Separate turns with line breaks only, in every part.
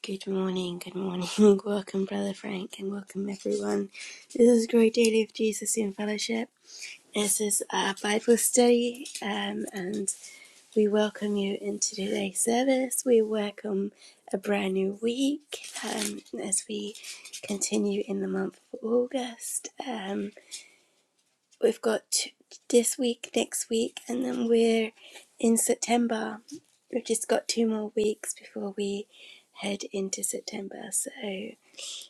Good morning, good morning. welcome, Brother Frank, and welcome, everyone. This is Great Daily of Jesus in Fellowship. This is our Bible study, um, and we welcome you into today's service. We welcome a brand new week um, as we continue in the month of August. Um, we've got t- this week, next week, and then we're in September. We've just got two more weeks before we head into September. So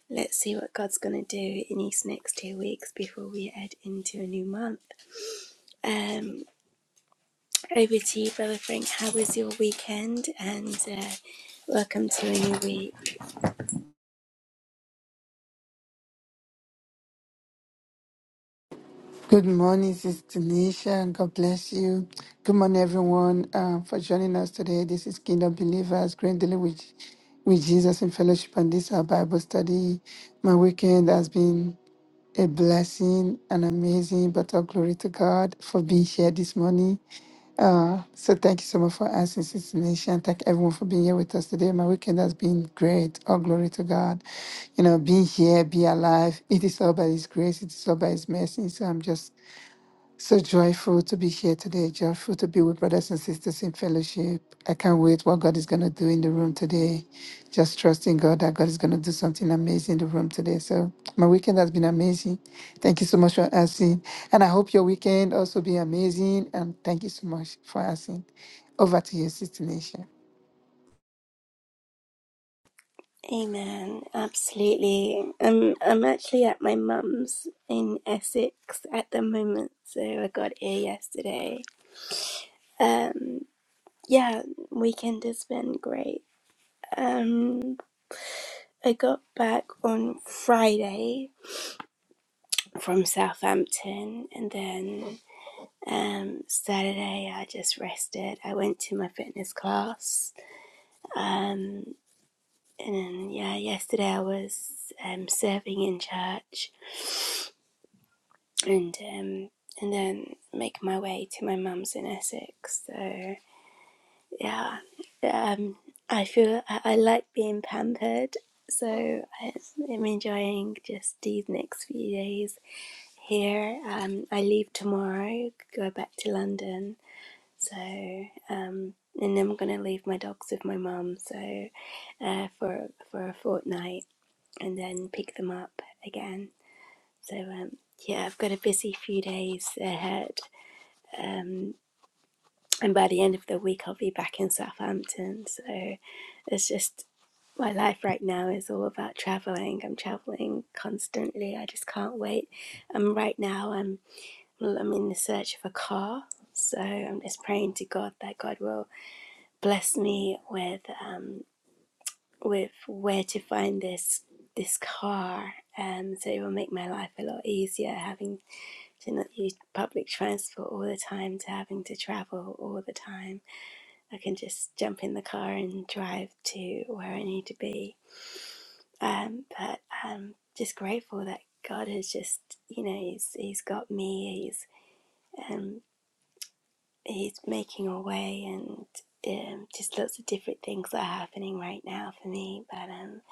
let's see what God's going to do in these next two weeks before we head into a new month. Um, over to you, Brother Frank. How was your weekend? And uh, welcome to a new week.
Good morning, Sister Nisha, and God bless you. Good morning, everyone, uh, for joining us today. This is Kingdom Believers, Grandly with, with Jesus in Fellowship, and this is our Bible study. My weekend has been a blessing and amazing, but all glory to God for being here this morning. Uh, so thank you so much for asking, Sister Nisha, and thank everyone for being here with us today. My weekend has been great. All glory to God. You know, being here, be alive, it is all by His grace, it is all by His mercy. So I'm just so joyful to be here today, joyful to be with brothers and sisters in fellowship. I can't wait what God is going to do in the room today. Just trusting God that God is going to do something amazing in the room today. So my weekend has been amazing. Thank you so much for asking. And I hope your weekend also be amazing. And thank you so much for asking. Over to you, Sister Nation.
Amen. Absolutely. Um, I'm actually at my mum's in Essex at the moment, so I got here yesterday. Um, yeah, weekend has been great. Um, I got back on Friday from Southampton, and then um, Saturday I just rested. I went to my fitness class. Um, and then, yeah, yesterday I was um, serving in church and um, and then make my way to my mum's in Essex. So yeah, um, I feel I, I like being pampered. So I, am enjoying just these next few days here. Um, I leave tomorrow, go back to London. So um, and then I'm gonna leave my dogs with my mum. So uh, for for a fortnight and then pick them up again. So um, yeah, I've got a busy few days ahead. Um, and by the end of the week, I'll be back in Southampton. So it's just my life right now is all about traveling. I'm traveling constantly. I just can't wait. Um, right now, I'm well, I'm in the search of a car. So I'm just praying to God that God will bless me with um, with where to find this this car. Um, so it will make my life a lot easier having to not use public transport all the time to having to travel all the time. I can just jump in the car and drive to where I need to be. Um, but I'm just grateful that God has just, you know, He's He's got me. He's um, He's making a way, and um, just lots of different things that are happening right now for me. But um,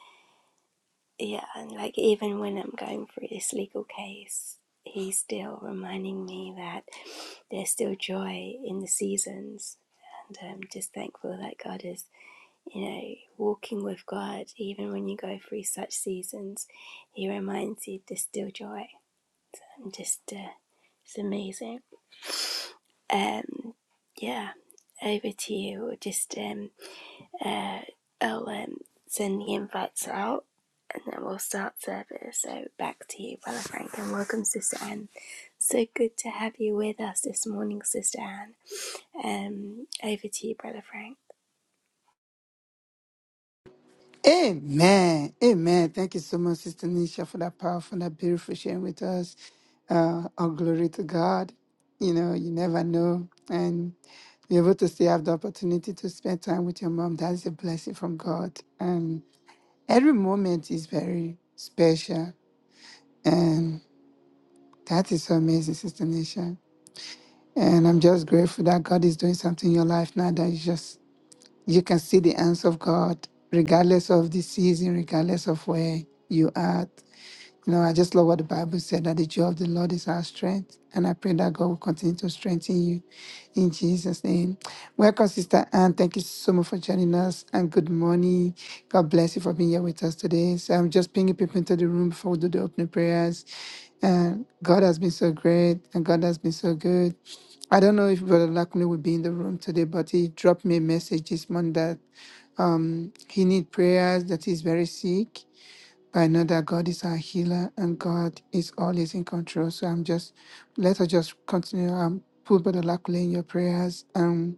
yeah, and like even when I'm going through this legal case, He's still reminding me that there's still joy in the seasons, and I'm just thankful that God is you know, walking with God, even when you go through such seasons, He reminds you to still joy. And just, uh, it's amazing. Um, yeah, over to you. Just, um, uh, I'll um, send the invites out and then we'll start service. So back to you, Brother Frank, and welcome, Sister Anne. So good to have you with us this morning, Sister Anne. Um, over to you, Brother Frank.
Amen. Amen. Thank you so much, Sister Nisha, for that powerful and that beautiful sharing with us. Uh, all glory to God. You know, you never know. And be able to still have the opportunity to spend time with your mom, that is a blessing from God. And every moment is very special. And that is so amazing, Sister Nisha. And I'm just grateful that God is doing something in your life now that you just you can see the hands of God, regardless of the season, regardless of where you are. You know, I just love what the Bible said that the joy of the Lord is our strength. And I pray that God will continue to strengthen you in Jesus' name. Welcome, Sister Anne. Thank you so much for joining us. And good morning. God bless you for being here with us today. So I'm just bringing people into the room before we do the opening prayers. And God has been so great and God has been so good. I don't know if Brother Lakunle will be in the room today, but he dropped me a message this morning that um, he need prayers, that he's very sick. I know that God is our healer and God is always in control. So I'm just let us just continue. Um, put Brother Lakule in your prayers. Um,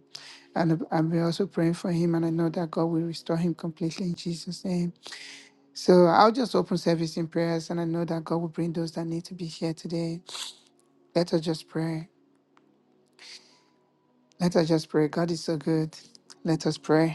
and I'm we're also praying for him, and I know that God will restore him completely in Jesus' name. So I'll just open service in prayers, and I know that God will bring those that need to be here today. Let us just pray. Let us just pray. God is so good. Let us pray.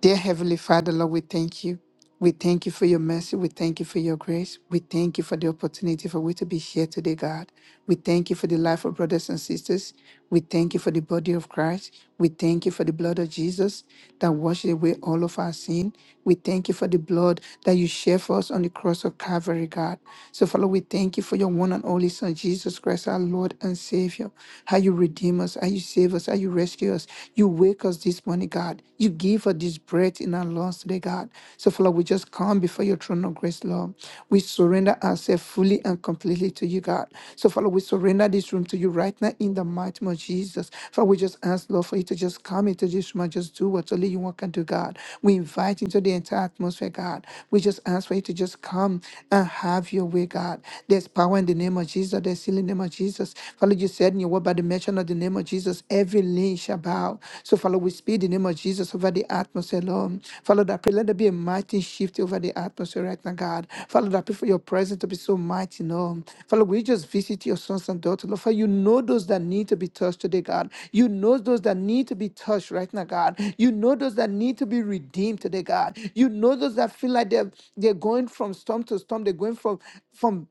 Dear Heavenly Father, Lord, we thank you. We thank you for your mercy. We thank you for your grace. We thank you for the opportunity for we to be here today, God. We thank you for the life of brothers and sisters. We thank you for the body of Christ. We thank you for the blood of Jesus that washes away all of our sin. We thank you for the blood that you shed for us on the cross of Calvary, God. So, Father, we thank you for your one and only Son, Jesus Christ, our Lord and Savior. How you redeem us, how you save us, how you rescue us. You wake us this morning, God. You give us this breath in our lungs today, God. So, Father, we just come before your throne of grace, Lord. We surrender ourselves fully and completely to you, God. So, Father, we surrender this room to you right now in the mighty name of Jesus. Father, we just ask, Lord, for you to just come into this room and just do what only you want can do, God. We invite into the entire atmosphere, God. We just ask for you to just come and have your way, God. There's power in the name of Jesus. There's healing in the name of Jesus. Father, you said in your word power by the mention of the name of Jesus. Every knee shall bow. So, Father, we speak the name of Jesus over the atmosphere, Lord. Father, that pray, let there be a mighty shift over the atmosphere right now, God. Father, that pray for your presence to be so mighty, Lord. Father, we just visit your sons and daughters, Lord. Father, you know those that need to be touched today, God. You know those that need to be touched right now, God. You know those that need to be redeemed today, God. You know those that feel like they're, they're going from storm to storm, they're going from from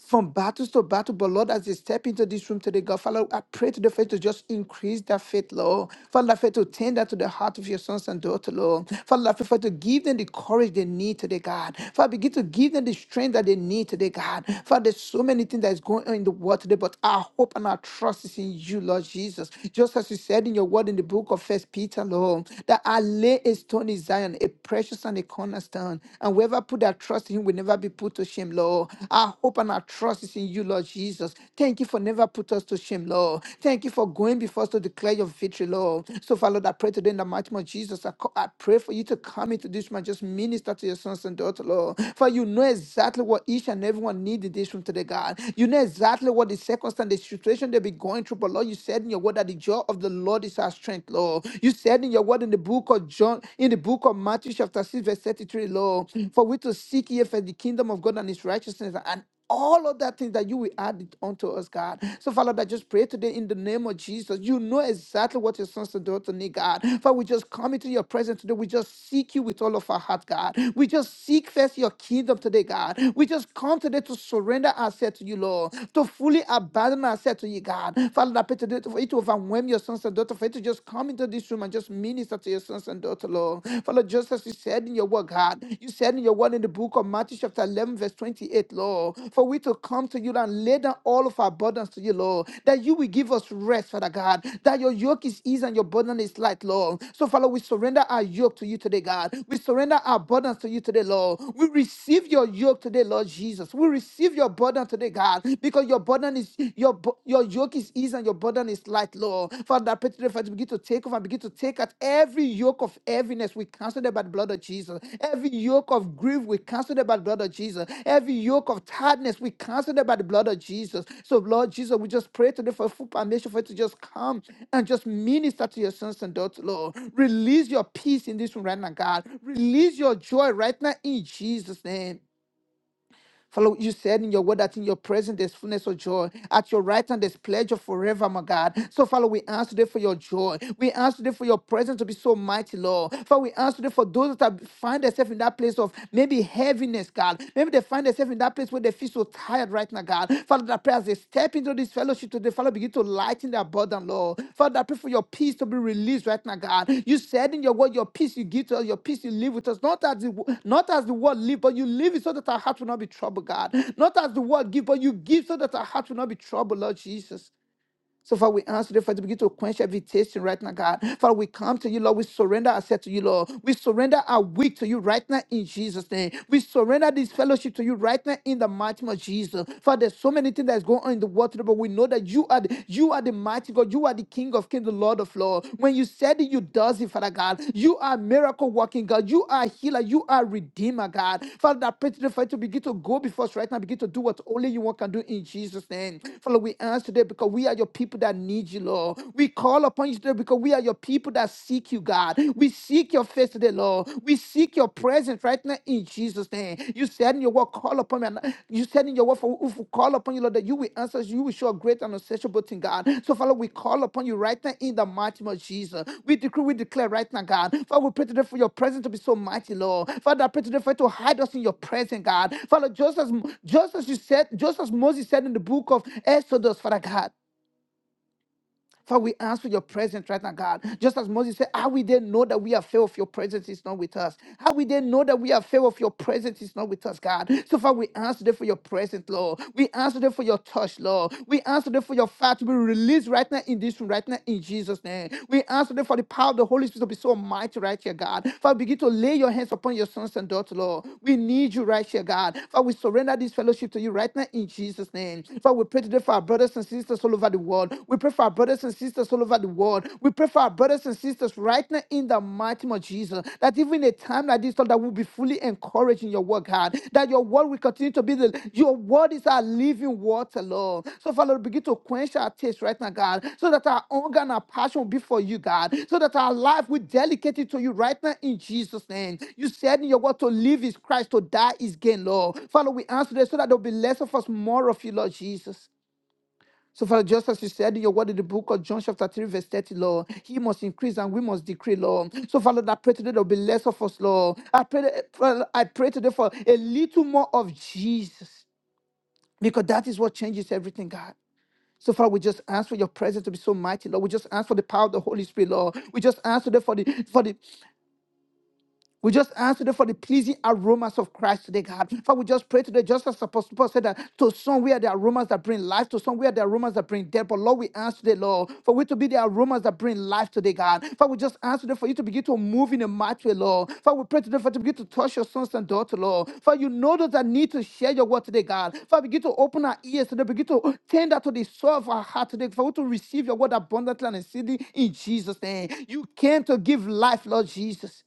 from battles to battle. But Lord, as they step into this room today, God, Father, I pray to the faith to just increase that faith, Lord. Father, I pray to tend that to the heart of your sons and daughters, Lord. Father, I pray for to give them the courage they need today, God. Father, begin to give them the strength that they need today, God. Father, there's so many things that is going on in the world today, but our hope and our trust is in you, Lord Jesus. Just as you said in your word in the book of First Peter, Lord, that I lay a stone in Zion, a precious and a cornerstone. And where whoever put their trust in him will never be put to shame, Lord. Our hope and our trust is in you, Lord Jesus. Thank you for never put us to shame, Lord. Thank you for going before us to declare your victory, Lord. So, Father, Lord, I pray today in the mighty name of Jesus. I, co- I pray for you to come into this man, just minister to your sons and daughters, Lord. For you know exactly what each and everyone need in this room today, God. You know exactly what the circumstance, the situation they be going through. But Lord, you said in your word that the joy of the Lord is our strength, Lord. You said in your word in the book book of John, in the book of Matthew, chapter 6, verse 33, Lord, for we to seek ye first the kingdom of God and his righteousness and all of that things that you will add it unto us, God. So, Father, that just pray today in the name of Jesus. You know exactly what your sons and daughters need, God. For we just come into your presence today. We just seek you with all of our heart, God. We just seek first your kingdom today, God. We just come today to surrender ourselves to you, Lord, to fully abandon ourselves to you, God. Father, that pray today for it to overwhelm over and whelm your sons and daughters. For you to just come into this room and just minister to your sons and daughters, Lord. Father, just as you said in your word, God, you said in your word in the book of Matthew, chapter 11, verse 28, Lord, for we to come to you and lay down all of our burdens to you, Lord, that you will give us rest, Father God, that your yoke is easy and your burden is light, Lord. So, Father, we surrender our yoke to you today, God. We surrender our burdens to you today, Lord. We receive your yoke today, Lord Jesus. We receive your burden today, God, because because your burden is your your yoke is easy and your burden is light, Lord. Father, I pray today, Father, begin to take off and begin to take out every yoke of heaviness. We cancel it by the blood of Jesus. Every yoke of grief, we cancel it by the blood of Jesus. Every yoke of tiredness, we cancel it by the blood of Jesus. So, Lord Jesus, we just pray today for full permission for you to just come and just minister to your sons and daughters, Lord. Release your peace in this room right now, God. Release your joy right now in Jesus' name. Father, you said in your word that in your presence there's fullness of joy. At your right hand there's pleasure forever, my God. So, Father, we ask today for your joy. We ask today for your presence to be so mighty, Lord. Father, we ask today for those that have- find themselves in that place of maybe heaviness, God. Maybe they find themselves in that place where they feel so tired right now, God. Father, Father, that I pray as they step into this fellowship today, Father, begin to lighten their burden, Lord. Father, I pray for your peace to be released right now, God. You said in your word, your peace you give to us, your peace you live with us, not as the, wo- not as the world live, but you live it so that our heart will not be troubled, God. Not as the world give, but you give so that our heart will not be troubled, Lord Jesus. So, Father, we ask today, Father, to begin to quench every tasting right now, God. Father, we come to you, Lord. We surrender ourselves to you, Lord. We surrender our week to you right now in Jesus' name. We surrender this fellowship to you right now in the mighty name of Jesus. Father, there's so many things that's going on in the world today, but we know that you are the, you are the mighty God. You are the King of Kings, the Lord of Lords. When you said it, you does it, Father God. You are miracle working God. You are healer. You are redeemer, God. Father, I pray today, Father, to begin to go before us right now. Begin to do what only you want can do in Jesus' name. Father, we ask today because we are your people that need you, Lord. We call upon you today because we are your people that seek you, God. We seek your face today, Lord. We seek your presence right now in Jesus' name. You said in your word, call upon me. and You said in your word, for if we call upon you, Lord, that you will answer us. You will show a great and unsearchable thing, God. So, Father, we call upon you right now in the mighty name of Jesus. We decree, we declare right now, God. Father, we pray today for your presence to be so mighty, Lord. Father, I pray today for you to hide us in your presence, God. Father, just as, just as you said, just as Moses said in the book of Exodus, Father God. Father, we ask for your presence right now, God. Just as Moses said, how we didn't know that we are fail of your presence is not with us. How we didn't know that we are fail of your presence is not with us, God. So far, we ask today for your presence, Lord. We ask today for your touch, Lord. We ask today for your fire to be released right now in this room, right now in Jesus' name. We ask today for the power of the Holy Spirit to be so mighty right here, God. Father, begin to lay your hands upon your sons and daughters, Lord. We need you right here, God. Father, we surrender this fellowship to you right now in Jesus' name. Father, we pray today for our brothers and sisters all over over the world. We pray for our brothers and sisters all over the world. We pray for our brothers and sisters right now in the mighty name of Jesus. That even a time like this, Lord, that we'll be fully encouraged in your work, God. That your word will continue to be the your word is our living water, Lord. So, Father, begin to quench our taste right now, God. So that our hunger and our passion will be for you, God. So that our life will dedicate it to you right now in Jesus' name. You said in your word to live is Christ, to die is gain, Lord. Father, we answer this so that there'll be less of us, more of you, Lord Jesus. So, Father, just as you said in your word in the book of John, chapter 3, verse 30, Lord, He must increase and we must decrease, Lord. So, Father, I pray today there will be less of us, Lord. I pray, Father, I pray today for a little more of Jesus because that is what changes everything, God. So, Father, we just ask for your presence to be so mighty, Lord. We just ask for the power of the Holy Spirit, Lord. We just ask today for the for the we just ask today for the pleasing aromas of Christ today, God. Father, we just pray today, just as Apostle Paul said that to some we are the aromas that bring life, to some we are the aromas that bring death. But Lord, we ask today, Lord, for we to be the aromas that bring life today, God. Father, we just ask today for you to begin to move in a mighty way, Lord. Father, we pray today for you to begin to touch your sons and daughters, Lord. Father, you know those that need to share your word today, God. Father, begin to open our ears today, begin to tend that to the soul of our heart today, for we to receive your word abundantly and exceedingly in Jesus' name. You came to give life, Lord Jesus.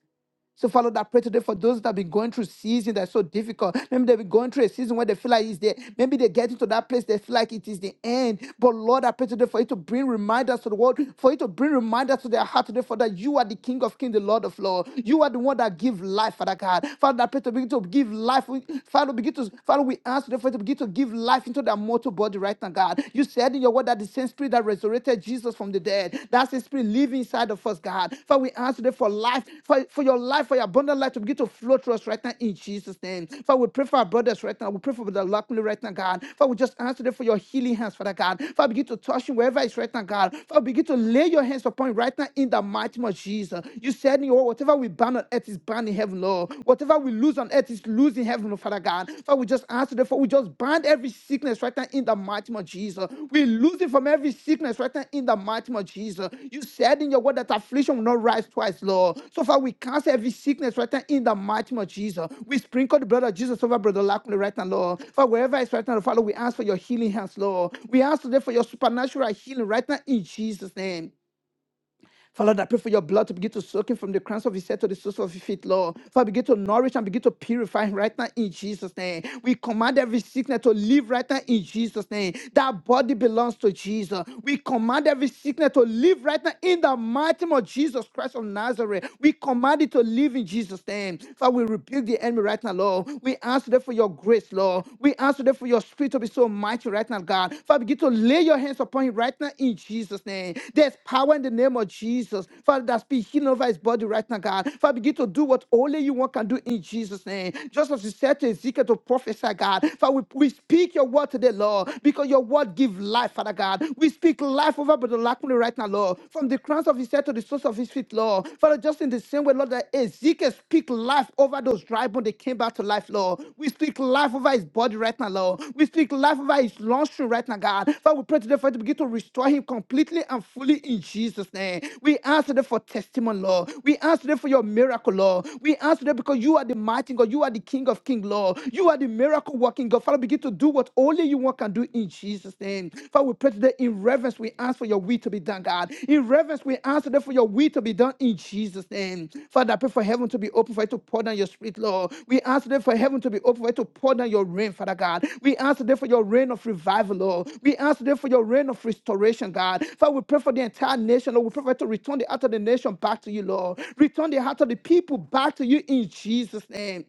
So, Father, I pray today for those that have been going through season that's so difficult. Maybe they've been going through a season where they feel like it's there. Maybe they get into that place, they feel like it is the end. But Lord, I pray today for you to bring reminders to the world, for you to bring reminders to their heart today, for that you are the King of Kings, the Lord of Lords. You are the one that give life, Father God. Father, I pray to begin to give life. Father, begin to Father, we ask today for you to begin to give life into their mortal body right now, God. You said in your word that the the same spirit that resurrected Jesus from the dead. That's the spirit living inside of us, God. Father, we ask today for life, for, for your life, for your abundant life to begin to flow through us right now in Jesus' name. Father, we pray for our brothers right now. We pray for the Lockley right now, God. Father, we just ask today for your healing hands, Father God. Father, begin to touch him wherever it's right now, God. Father, begin to lay your hands upon him right now in the mighty name of Jesus. You said in your word, whatever we ban on earth is banned in heaven, Lord. Whatever we lose on earth, earth is losing heaven, oh Father God. Father, we just ask today, for we just bind every sickness right now in the mighty name of Jesus. We lose it from every sickness right now in the mighty name of Jesus. You said in your word that affliction will not rise twice, Lord. So far, we cancel every sickness right now in the mighty name of Jesus. We sprinkle the blood of Jesus over Brother Lackley right now, Lord. For wherever it's right now, Father, we ask for your healing hands, Lord. We ask today for your supernatural healing right now in Jesus' name. Father, I pray for your blood to begin to soak him from the crowns of his head to the soles of his feet, Lord. Father, begin to nourish and begin to purify him right now in Jesus' name. We command every sickness to leave right now in Jesus' name. That body belongs to Jesus. We command every sickness to leave right now in the mighty name of Jesus Christ of Nazareth. We command it to live in Jesus' name. Father, we rebuke the enemy right now, Lord. We ask them for your grace, Lord. We ask them for your Spirit to be so mighty right now, God. Father, begin to lay your hands upon him right now in Jesus' name. There's power in the name of Jesus. Father, that's be healing over his body right now, God. Father, begin to do what only you want can do in Jesus' name. Just as you said to Ezekiel to prophesy, God. Father, we, we speak your word today, Lord, because your word gives life, Father God. We speak life over Brother Lakman right now, Lord. From the crowns of his head to the soles of his feet, Lord. Father, just in the same way, Lord, Lord, that Ezekiel speak life over those dry bones. They came back to life, Lord. We speak life over his body right now, Lord. We speak life over his lungs right now, God. Father, we pray today for you to begin to restore him completely and fully in Jesus' name. We ask today for testimony, Lord. We ask today for your miracle, Lord. We ask today because you are the mighty God. You are the King of King, Lord. You are the miracle working God. Father, begin to do what only you want can do in Jesus' name. Father, we pray today in reverence. We ask for your will to be done, God. In reverence, we ask today for your will to be done in Jesus' name. Father, I pray for heaven to be open for you to pour down your spirit, Lord. We ask today for heaven to be open for you to pour down your rain, Father God. We ask today for your rain of revival, Lord. We ask today for your rain of restoration, God. Father, we pray for the entire nation, Lord. We pray for you to return the heart of the nation back to you, Lord. Return the heart of the people back to you in Jesus' name.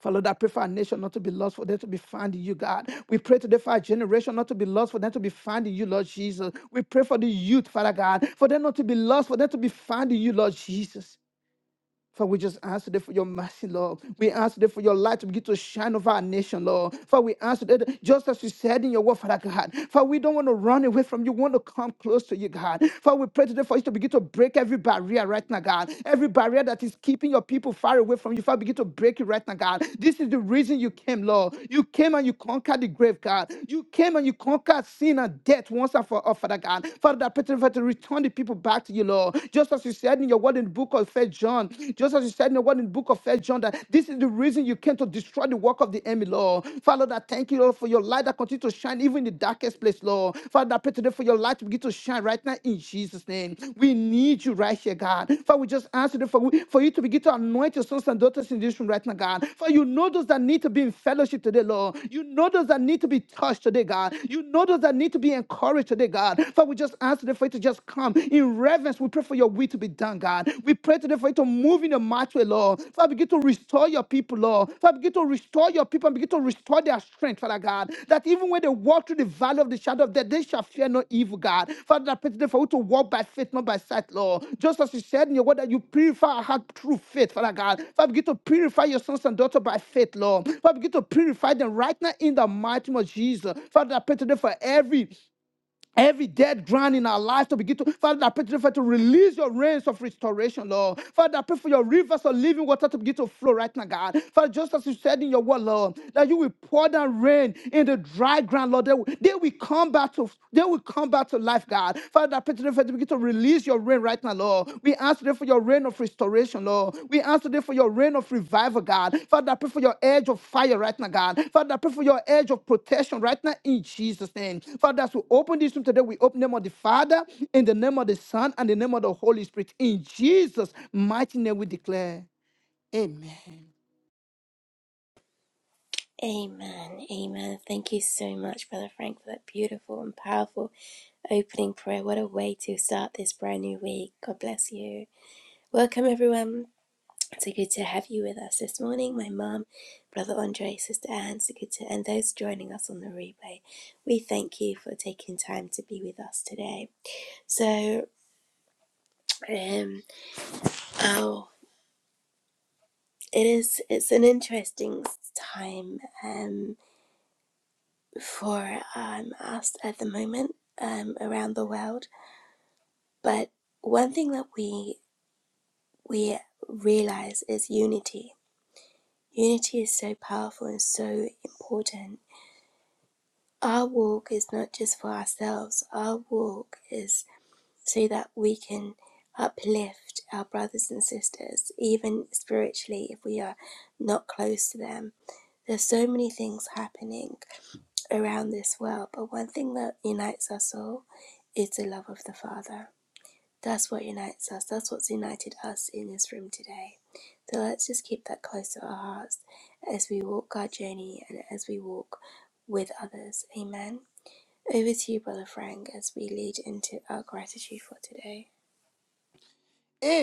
For Lord, I pray for our nation not to be lost, for them to be found in you, God. We pray today for our generation not to be lost, for them to be found in you, Lord Jesus. We pray for the youth, Father God, for them not to be lost, for them to be found in you, Lord Jesus. For we just ask today for your mercy, Lord. We ask today for your light to begin to shine over our nation, Lord. For we ask today, that just as you said in your word, Father God. For we don't want to run away from you. We want to come close to you, God. For we pray today for you to begin to break every barrier right now, God. Every barrier that is keeping your people far away from you. Father, begin to break it right now, God. This is the reason you came, Lord. You came and you conquered the grave, God. You came and you conquered sin and death once and for all, Father God. Father, I pray today for you to return the people back to you, Lord. Just as as you said in your word in the book of First John, just as you said in your word in the book of First John, that this is the reason you came to destroy the work of the enemy, Lord. Father, that thank you, Lord, for your light that continues to shine even in the darkest place, Lord. Father, I pray today for your light to begin to shine right now in Jesus' name. We need you right here, God. Father, we just ask you for, for you to begin to anoint your sons and daughters in this room right now, God. For you know those that need to be in fellowship today, Lord. You know those that need to be touched today, God. You know those that need to be encouraged today, God. Father, we just ask today for you for it to just come in reverence. We pray for your will to be done, God. We pray today for you to move in a mighty way, Lord. Father, begin to restore your people, Lord. Father, begin to restore your people and begin to restore their strength, Father God. That even when they walk through the valley of the shadow of death, they shall fear no evil, God. Father, I pray today for you to walk by faith, not by sight, Lord. Just as you said in your word that you purify our heart through faith, Father God. Father, begin to purify your sons and daughters by faith, Lord. Father, begin to purify them right now in the mighty name of Jesus. Father, I pray today for every Every dead ground in our lives to begin to, Father, I pray today, Father, to release your rains of restoration, Lord. Father, I pray for your rivers of living water to begin to flow right now, God. Father, just as you said in your word, Lord, that you will pour down rain in the dry ground, Lord. They will, they will come back to, they will come back to life, God. Father, I pray today, Father, to begin to release your rain right right now, Lord. We ask today for your reign of restoration, Lord. We ask today for your reign of revival, God. Father, I pray for your edge of fire right now, God. Father, I pray for your edge of protection right now in Jesus' name. Father, as we open this room today, we open the name of the Father, in the name of the Son, and the name of the Holy Spirit. In Jesus' mighty name, we declare. Amen.
Amen. Amen. Thank you so much, Brother Frank, for that beautiful and powerful opening prayer. What a way to start this brand new week. God bless you. Welcome, everyone. So good to have you with us this morning. My mom, Brother Andre, Sister Anne, so good to, and those joining us on the replay. We thank you for taking time to be with us today. So, um, oh, it is, it's an interesting time. Um, for um, us at the moment um, around the world. But one thing that we we realize is unity. Unity is so powerful and so important. Our walk is not just for ourselves. Our walk is so that we can uplift our brothers and sisters, even spiritually, if we are not close to them. There's so many things happening around this world, but one thing that unites us all It's the love of the Father. That's what unites us. That's what's united us in this room today. So let's just keep that close to our hearts as we walk our journey and as we walk with others. Amen. Over to you, Brother Frank, as we lead into our gratitude for today.
Eh,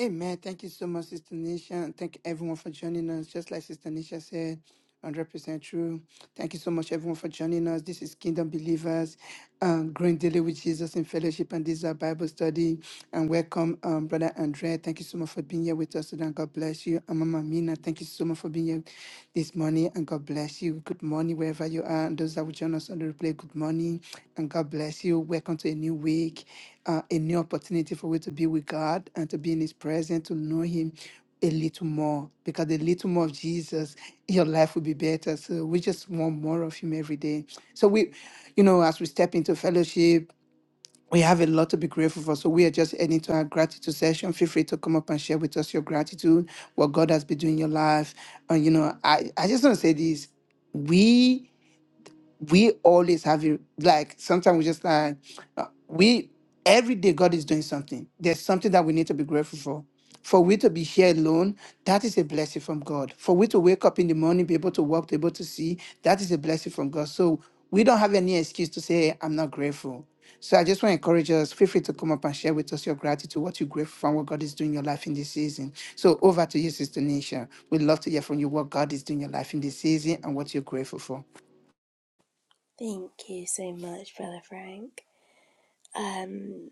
Amen. Thank you so much, Sister Nisha. And thank everyone for joining us. Just like Sister Nisha said, 100% true. Thank you so much, everyone, for joining us. This is Kingdom Believers, um, Growing Daily with Jesus in Fellowship, and this is our Bible study. And welcome, um, Brother Andrea. Thank you so much for being here with us today, and God bless you. And Mama Mina, thank you so much for being here this morning, and God bless you. Good morning, wherever you are. And those that will join us on the replay, good morning, and God bless you. Welcome to a new week, uh, a new opportunity for we to be with God and to be in His presence, to know Him a little more because a little more of Jesus, your life will be better. So we just want more of Him every day. So we, you know, as we step into fellowship, we have a lot to be grateful for. So we are just heading to our gratitude session. Feel free to come up and share with us your gratitude, what God has been doing in your life. And you know, I I just want to say this: we we always have it like sometimes we just like uh, we every day god is doing something there's something that we need to be grateful for for we to be here alone that is a blessing from god for we to wake up in the morning be able to walk be able to see that is a blessing from god so we don't have any excuse to say "Hey, i'm not grateful so i just want to encourage us feel free to come up and share with us your gratitude what you're grateful for and what god is doing in your life in this season so over to you sister nisha we'd love to hear from you what god is doing in your life in this season and what you're grateful for
Thank you so much, Brother Frank. Um,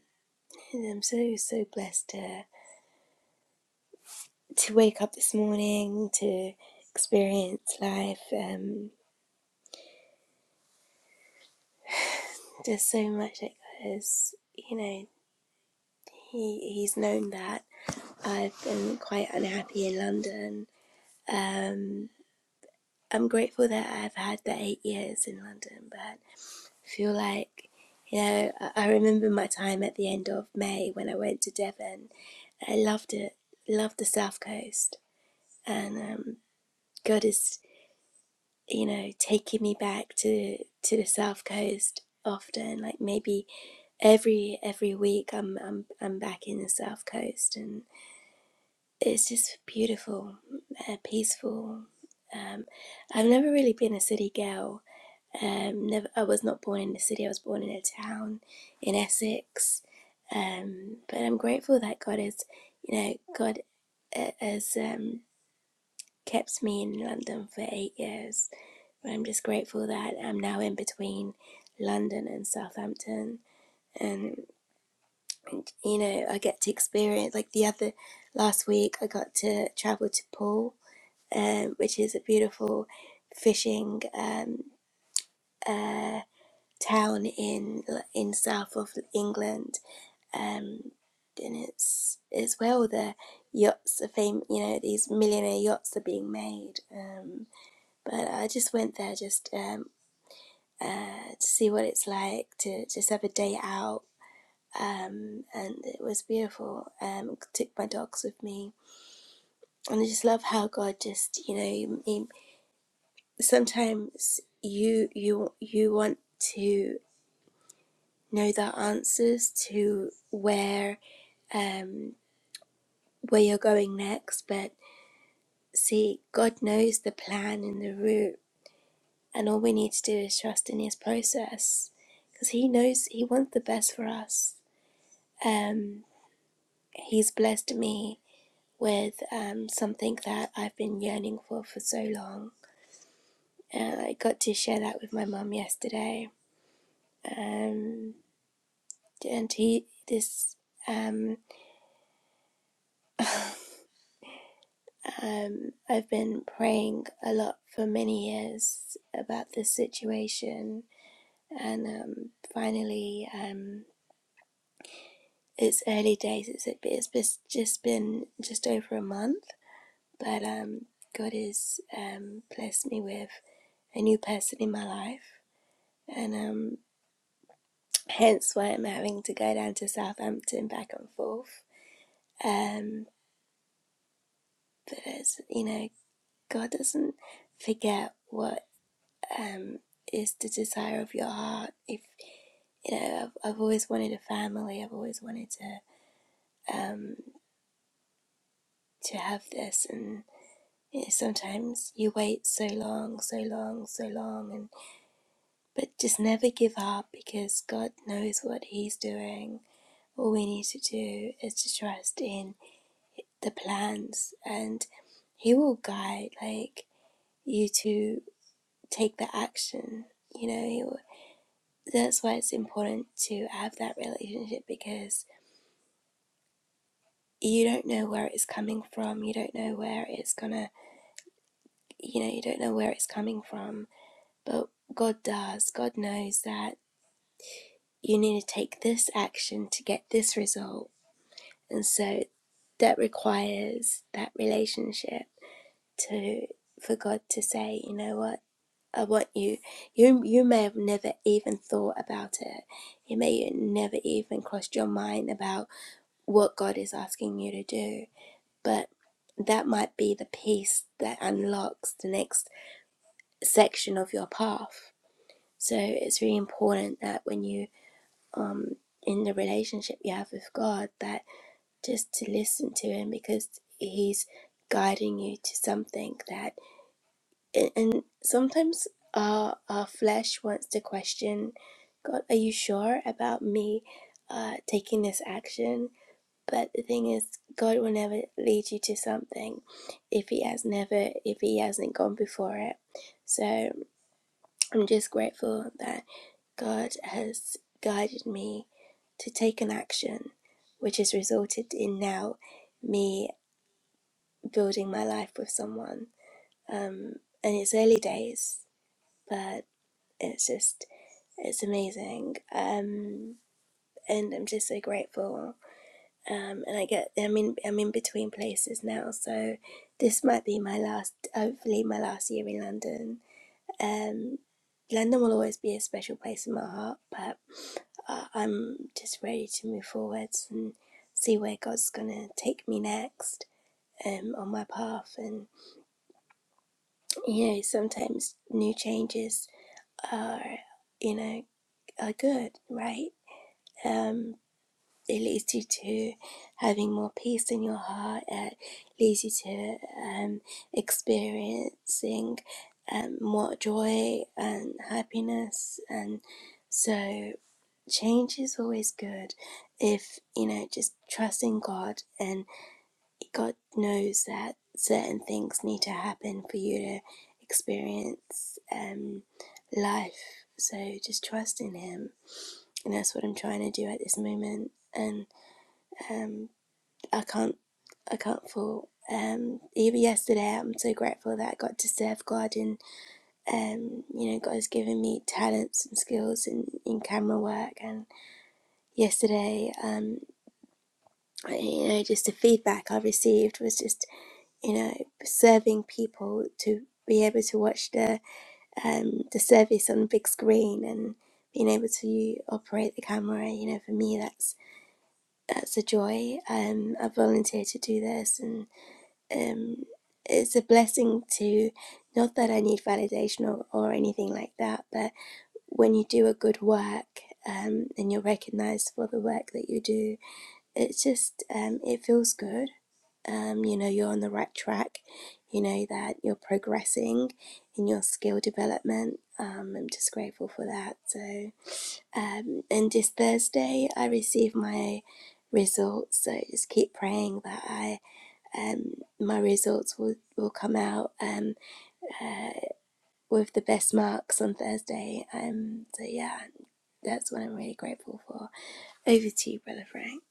I'm so so blessed to to wake up this morning to experience life. Um, there's so much that goes, you know. He he's known that I've been quite unhappy in London. Um, I'm grateful that I've had the eight years in London, but I feel like you know I, I remember my time at the end of May when I went to Devon. I loved it, loved the South Coast, and um, God is you know taking me back to to the South Coast often. Like maybe every every week I'm I'm I'm back in the South Coast and. it's just beautiful, uh, peaceful. Um, I've never really been a city girl. Um, never, I was not born in the city. I was born in a town in Essex. Um, but I'm grateful that God has, you know, God uh, has um, kept me in London for eight years. But I'm just grateful that I'm now in between London and Southampton, and and you know, I get to experience like the other last week. I got to travel to Paul um, which is a beautiful fishing um, uh, town in in south of England, um, and it's it's where all the yachts are fam- You know, these millionaire yachts are being made. Um, but I just went there just um, uh, to see what it's like to just have a day out. Um, and it was beautiful. Um, took my dogs with me, and I just love how God just you know he, sometimes you you you want to know the answers to where um where you're going next but see god knows the plan and the route and all we need to do is trust in his process because he knows he wants the best for us um he's blessed me with um something that i've been yearning for for so long and i got to share that with my mum yesterday Um. and he this um um I've been praying a lot for many years about this situation and um finally um it's early days it's it's bes- just been just over a month but um God has um blessed me with a new person in my life and um hence why I'm having to go down to Southampton back and forth um but as you know God doesn't forget what um, is the desire of your heart. If you know, I've, I've always wanted a family. I've always wanted to um, to have this, and you know, sometimes you wait so long, so long, so long, and but just never give up because God knows what He's doing. All we need to do is to trust in the plans, and He will guide. Like you to take the action. You know, He will that's why it's important to have that relationship because you don't know where it's coming from you don't know where it's gonna you know you don't know where it's coming from but god does god knows that you need to take this action to get this result and so that requires that relationship to for god to say you know what i want you you you may have never even thought about it You may have never even crossed your mind about what God is asking you to do. But that might be the piece that unlocks the next section of your path. So it's really important that when you um in the relationship you have with God that just to listen to him because he's guiding you to something that and, and sometimes our our flesh wants to question God are you sure about me uh taking this action But the thing is, God will never lead you to something if He has never, if He hasn't gone before it. So I'm just grateful that God has guided me to take an action, which has resulted in now me building my life with someone. Um, and it's early days, but it's just, it's amazing. Um, and I'm just so grateful um, and I get I'm in I'm in between places now, so this might be my last, hopefully my last year in London. Um, London will always be a special place in my heart, but uh, I'm just ready to move forwards and see where God's gonna take me next um, on my path. And you know, sometimes new changes are you know are good, right? Um, it leads you to having more peace in your heart. It leads you to um, experiencing um, more joy and happiness. And so, change is always good if you know just trusting God and God knows that certain things need to happen for you to experience um, life. So, just trust in Him. And that's what I'm trying to do at this moment. And um, I can't I can't fault. Um, even yesterday, I'm so grateful that I got to serve God and um, you know God has given me talents and skills in, in camera work. And yesterday, um, I- you know, just the feedback I received was just you know serving people to be able to watch the um, the service on the big screen and being able to operate the camera. You know, for me, that's that's a joy. Um, I volunteer to do this and um, it's a blessing to not that I need validation or, or anything like that, but when you do a good work um, and you're recognized for the work that you do, it's just um, it feels good. Um, you know, you're on the right track, you know, that you're progressing in your skill development. Um, I'm just grateful for that. So, um, and this Thursday, I receive my results. So, just keep praying that I um, my results will, will come out um, uh, with the best marks on Thursday. Um, so, yeah, that's what I'm really grateful for. Over to you, Brother Frank.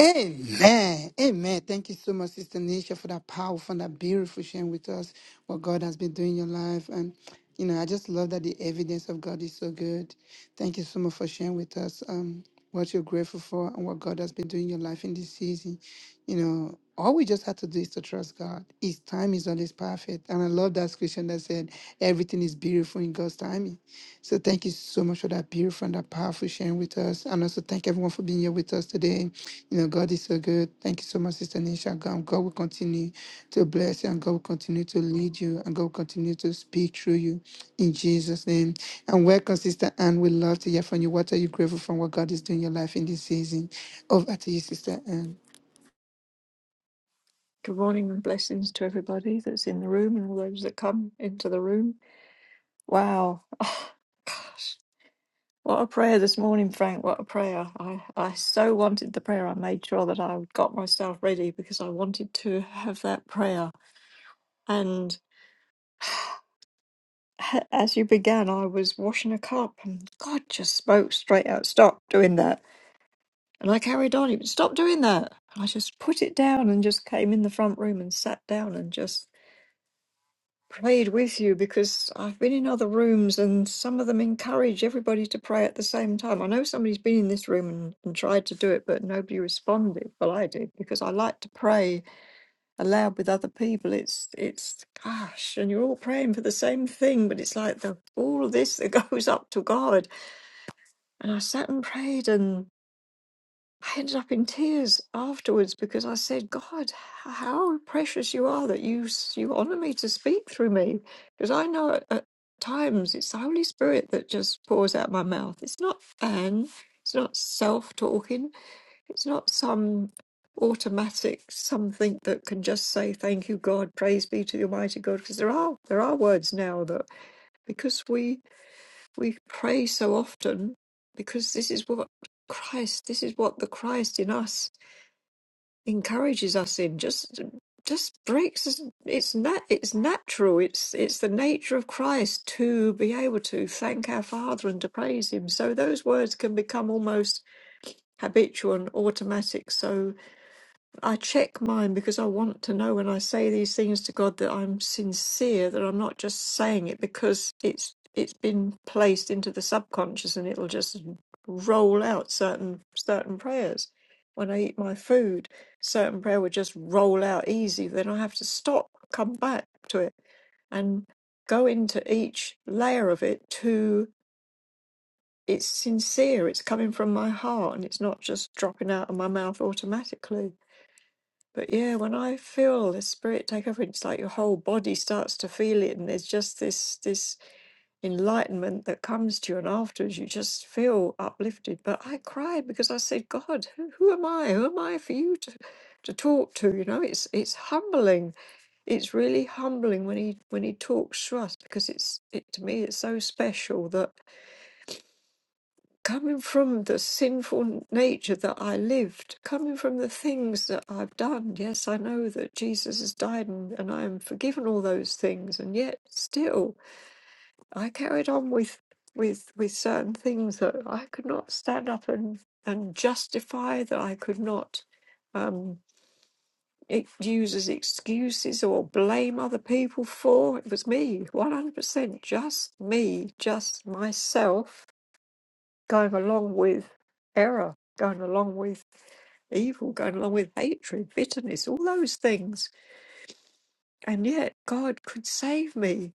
Amen. Amen. Thank you so much, Sister Nisha, for that powerful and that beautiful sharing with us what God has been doing in your life. And, you know, I just love that the evidence of God is so good. Thank you so much for sharing with us um, what you're grateful for and what God has been doing in your life in this season. You know, all we just have to do is to trust God. His time is always perfect. And I love that scripture that said, everything is beautiful in God's timing. So thank you so much for that beautiful and that powerful sharing with us. And also thank everyone for being here with us today. You know, God is so good. Thank you so much, Sister Nisha. God, God will continue to bless you and God will continue to lead you and God will continue to speak through you in Jesus' name. And welcome, Sister Anne. We love to hear from you. What are you grateful for? What God is doing in your life in this season? Over to you, Sister Anne.
Good morning and blessings to everybody that's in the room and all those that come into the room. Wow. Oh, gosh. What a prayer this morning, Frank. What a prayer. I, I so wanted the prayer. I made sure that I got myself ready because I wanted to have that prayer. And as you began, I was washing a cup and God just spoke straight out, stop doing that. And I carried on. He was, stop doing that. And I just put it down and just came in the front room and sat down and just prayed with you because I've been in other rooms and some of them encourage everybody to pray at the same time. I know somebody's been in this room and, and tried to do it, but nobody responded. Well, I did because I like to pray aloud with other people. It's it's gosh, and you're all praying for the same thing, but it's like the all of this that goes up to God. And I sat and prayed, and. I ended up in tears afterwards because I said, God, how precious you are that you, you honor me to speak through me. Because I know at, at times it's the Holy Spirit that just pours out my mouth. It's not Anne, it's not self talking, it's not some automatic something that can just say thank you god praise be to the almighty god because there are there are words now that because we we pray so often because this is what christ this is what the christ in us encourages us in just just breaks us it's nat it's natural it's it's the nature of christ to be able to thank our father and to praise him so those words can become almost habitual and automatic So. I check mine because I want to know when I say these things to God that I'm sincere, that I'm not just saying it because it's it's been placed into the subconscious and it'll just roll out certain certain prayers. When I eat my food, certain prayer would just roll out easy. Then I have to stop, come back to it, and go into each layer of it to it's sincere, it's coming from my heart, and it's not just dropping out of my mouth automatically. But yeah, when I feel the spirit take over, it's like your whole body starts to feel it, and there's just this this enlightenment that comes to you, and afterwards you just feel uplifted. But I cried because I said, God, who, who am I? Who am I for you to to talk to? You know, it's it's humbling. It's really humbling when he when he talks to us because it's it to me it's so special that coming from the sinful nature that I lived, coming from the things that I've done. Yes, I know that Jesus has died and, and I am forgiven all those things, and yet still I carried on with with with certain things that I could not stand up and and justify that I could not um e- use as excuses or blame other people for it was me 100% just me just myself going along with error, going along with evil, going along with hatred, bitterness, all those things. And yet, God could save me.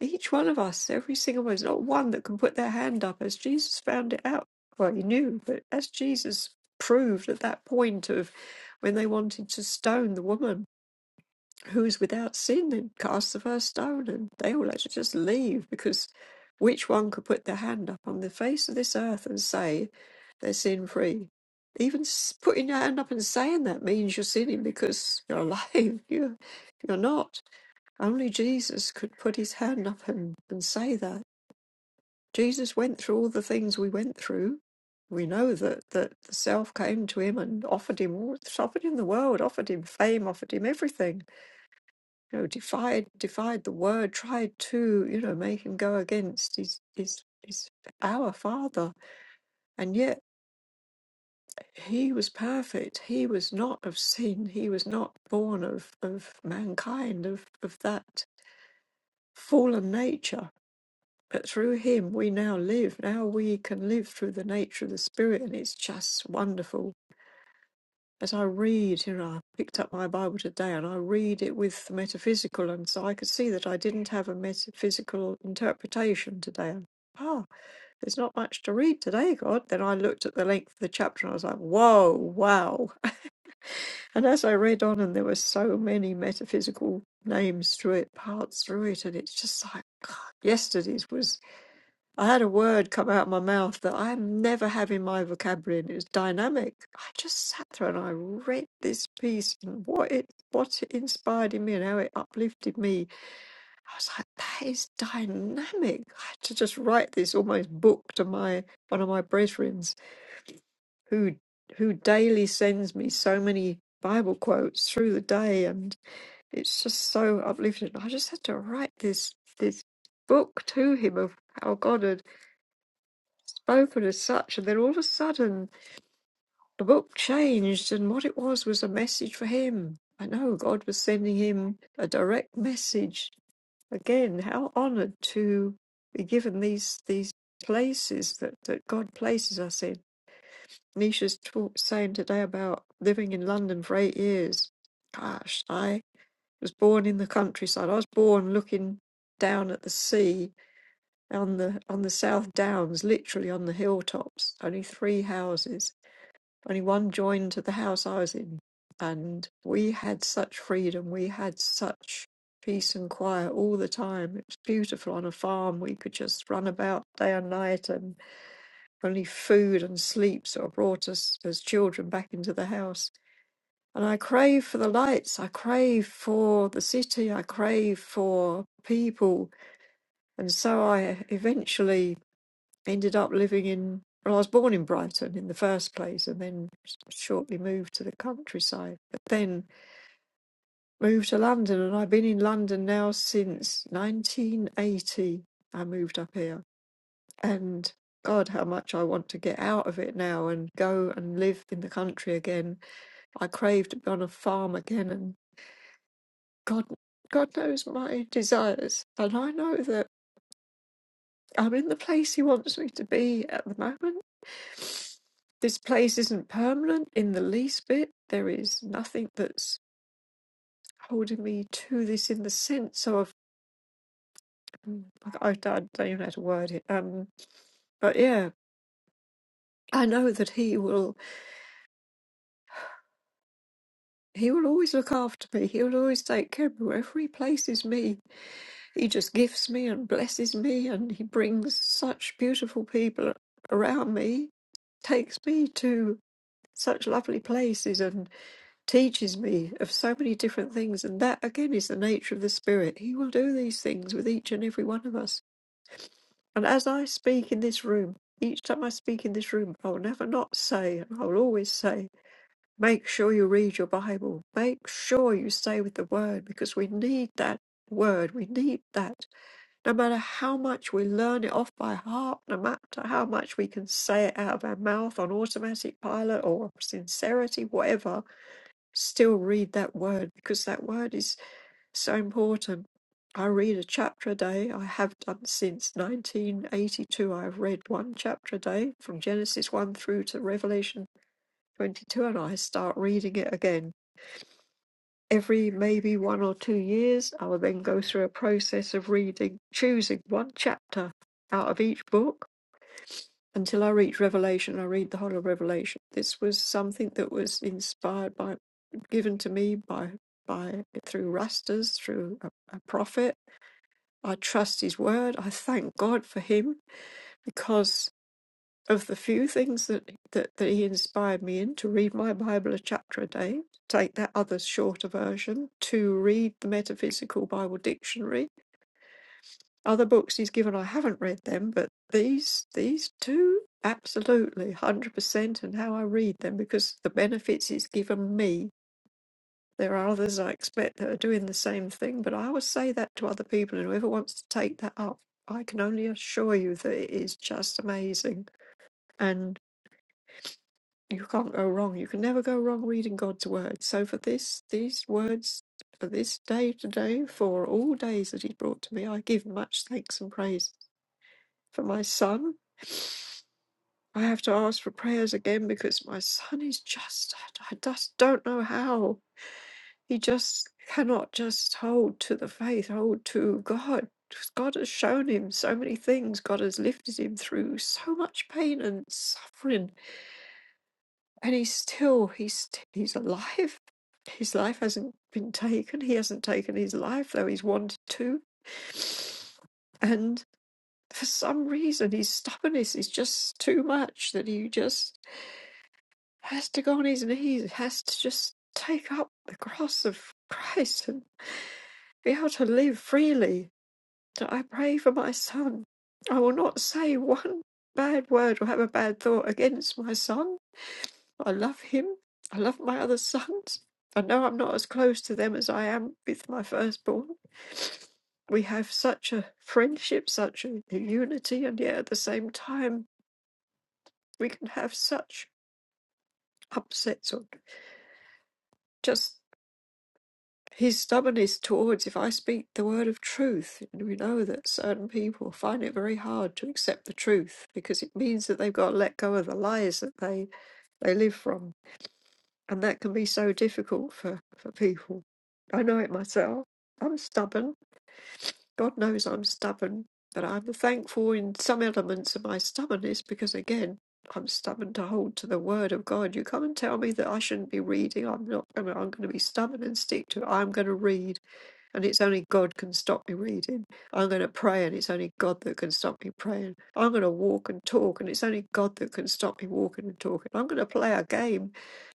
Each one of us, every single one, there's not one that can put their hand up as Jesus found it out. Well, he knew, but as Jesus proved at that point of when they wanted to stone the woman, who's without sin then cast the first stone and they all had to just leave because which one could put their hand up on the face of this earth and say they're sin free even s- putting your hand up and saying that means you're sinning because you're alive you're, you're not only jesus could put his hand up and, and say that jesus went through all the things we went through we know that, that the self came to him and offered him all- offered him the world offered him fame offered him everything you know, defied defied the word, tried to, you know, make him go against his his his our father. And yet he was perfect. He was not of sin. He was not born of, of mankind, of, of that fallen nature. But through him we now live. Now we can live through the nature of the spirit and it's just wonderful as I read, you know, I picked up my Bible today and I read it with metaphysical, and so I could see that I didn't have a metaphysical interpretation today. And, oh, there's not much to read today, God. Then I looked at the length of the chapter and I was like, whoa, wow. And as I read on, and there were so many metaphysical names through it, parts through it, and it's just like, God, yesterday's was. I had a word come out of my mouth that I never have in my vocabulary, and it was dynamic. I just sat there and I read this piece and what it what it inspired in me and how it uplifted me. I was like, that is dynamic. I had to just write this almost book to my one of my brethren who who daily sends me so many Bible quotes through the day, and it's just so uplifting. I just had to write this this book to him of how God had spoken as such, and then all of a sudden the book changed, and what it was was a message for him. I know God was sending him a direct message. Again, how honored to be given these these places that, that God places us in. Nisha's talk saying today about living in London for eight years. Gosh, I was born in the countryside. I was born looking down at the sea on the on the South Downs, literally on the hilltops, only three houses. only one joined to the house I was in, and we had such freedom. We had such peace and quiet all the time. It was beautiful on a farm. We could just run about day and night, and only food and sleep sort of brought us as children back into the house. And I crave for the lights. I crave for the city. I crave for people. And so I eventually ended up living in well, I was born in Brighton in the first place and then shortly moved to the countryside, but then moved to London and I've been in London now since 1980. I moved up here and God, how much I want to get out of it now and go and live in the country again. I crave to be on a farm again and God, God knows my desires. And I know that I'm in the place He wants me to be at the moment This place isn't permanent in the least bit. There is nothing that's holding me to this in the sense of mm, I, I don't even know how to word it. Um, but yeah, I know that He will. He will always look after me. He will always take care of me wherever He places me. He just gifts me and blesses me, and He brings such beautiful people around me takes me to such lovely places teaches me of so many different things. And that, again, is the nature of the Spirit. He will do these things with each and every one of us. And as I speak in this room, each time I speak in this room, I will never not say, and I will always say, make sure you read your Bible. Make sure you stay with the Word because we need that Word. We need that. No matter how much we learn it off by heart, no matter how much we can say it out of our mouth on automatic pilot or sincerity, whatever, still read that word because that word is so important. I read a chapter a day. I have done since 1982. I've read one chapter a day from Genesis 1 through to Revelation 22, and I start reading it again. Every maybe one or two years, I will then go through a process of reading, choosing one chapter out of each book until I reach Revelation, I read the whole of Revelation. This was something that was inspired by, given to me by, by through Rastas, through a, a prophet. I trust his word. I thank God for him because of the few things that, that, that he inspired me in to read my Bible a chapter a day, take that other shorter version, to read the Metaphysical Bible Dictionary, other books he's given, I haven't read them, but these these two, absolutely, one hundred percent, and how I read them because the benefits it's given me. There are others I expect that are doing the same thing, but I always say that to other people, and whoever wants to take that up, I can only assure you that it is just amazing, and you can't go wrong. You can never go wrong reading God's word. So for this, these words for this day today, for all days that He brought to me, I give much thanks and praise for my son. I have to ask for prayers again because my son is just, I just don't know how. He just cannot just hold to the faith, hold to God. God has shown him so many things. God has lifted him through so much pain and suffering. And he's still, he's, he's alive. His life hasn't been taken. He hasn't taken his life, though he's wanted to. And for some reason, his stubbornness is just too much that he just has to go on his knees, has to just take up the cross of Christ and be able to live freely. So I pray for my son. I will not say one bad word or have a bad thought against my son. I love him. I love my other sons. I know I'm not as close to them as I am with my firstborn. We have such a friendship, such a unity, and yet at the same time, we can have such upsets or just his stubbornness towards if I speak the word of truth, and we know that certain people find it very hard to accept the truth because it means that they've got to let go of the lies that they, they live from. And that can be so difficult for, for people. I know it myself. I'm stubborn. God knows I'm stubborn. But I'm thankful in some elements of my stubbornness because, again, I'm stubborn to hold to the word of God. You come and tell me that I shouldn't be reading. I'm not. gonna- I'm going to be stubborn and stick to it. I'm going to read and it's only God can stop me reading. I'm going to pray, and it's only God that can stop me praying. I'm going to walk and talk, and it's only God that can stop me walking and talking. I'm going to play a game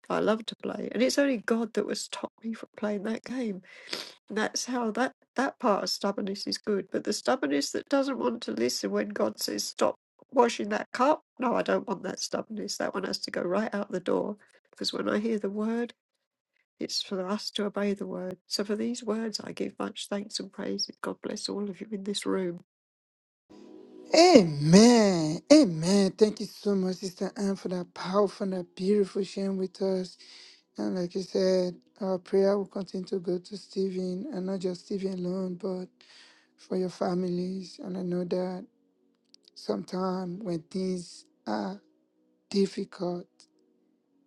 I love to play, and it's only God that will stop me from playing that game. And that's how that that part of stubbornness is good, but the stubbornness that doesn't want to listen when God says stop washing that cup. No, I don't want that stubbornness. That one has to go right out the door. Because when I hear the word, it's for us to obey the word. So for these words, I give much thanks and praises. God bless all of you in this room.
Amen. Amen. Thank you so much, Sister Anne, for that powerful and that beautiful sharing with us. And like you said, our prayer will continue to go to Stephen and not just Stephen alone, but for your families. And I know that sometimes when things are difficult,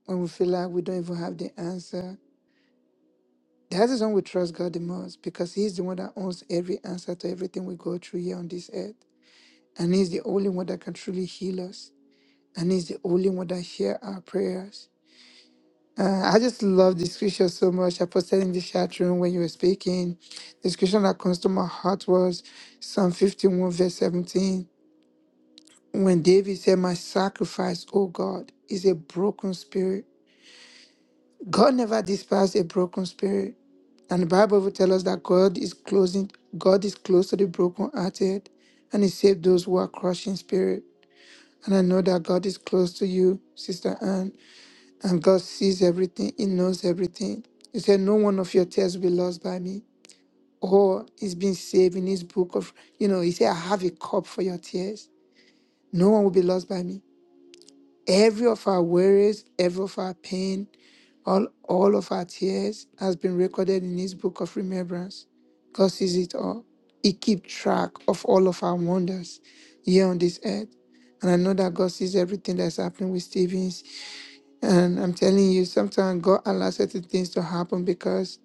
when we feel like we don't even have the answer, that is when we trust God the most because He's the one that owns every answer to everything we go through here on this earth. And He's the only one that can truly heal us. and he's the only one that hears our prayers. Uh, I just love the scripture so much. I posted in the chat room when you were speaking. The scripture that comes to my heart was Psalm 51, verse 17. When David said, My sacrifice, O God, is a broken spirit. God never despised a broken spirit. And the Bible will tell us that God is closing, God is close to the brokenhearted, and He saved those who are crushed in spirit. And I know that God is close to you, Sister Anne. And God sees everything, He knows everything. He said, No one of your tears will be lost by me. Or it's been saved in his book of, you know, he said, I have a cup for your tears. No one will be lost by me. Every of our worries, every of our pain, all all of our tears has been recorded in his book of remembrance. God sees it all. He keeps track of all of our wonders here on this earth. And I know that God sees everything that's happening with Stephen. And I'm telling you, sometimes God allows certain things to happen because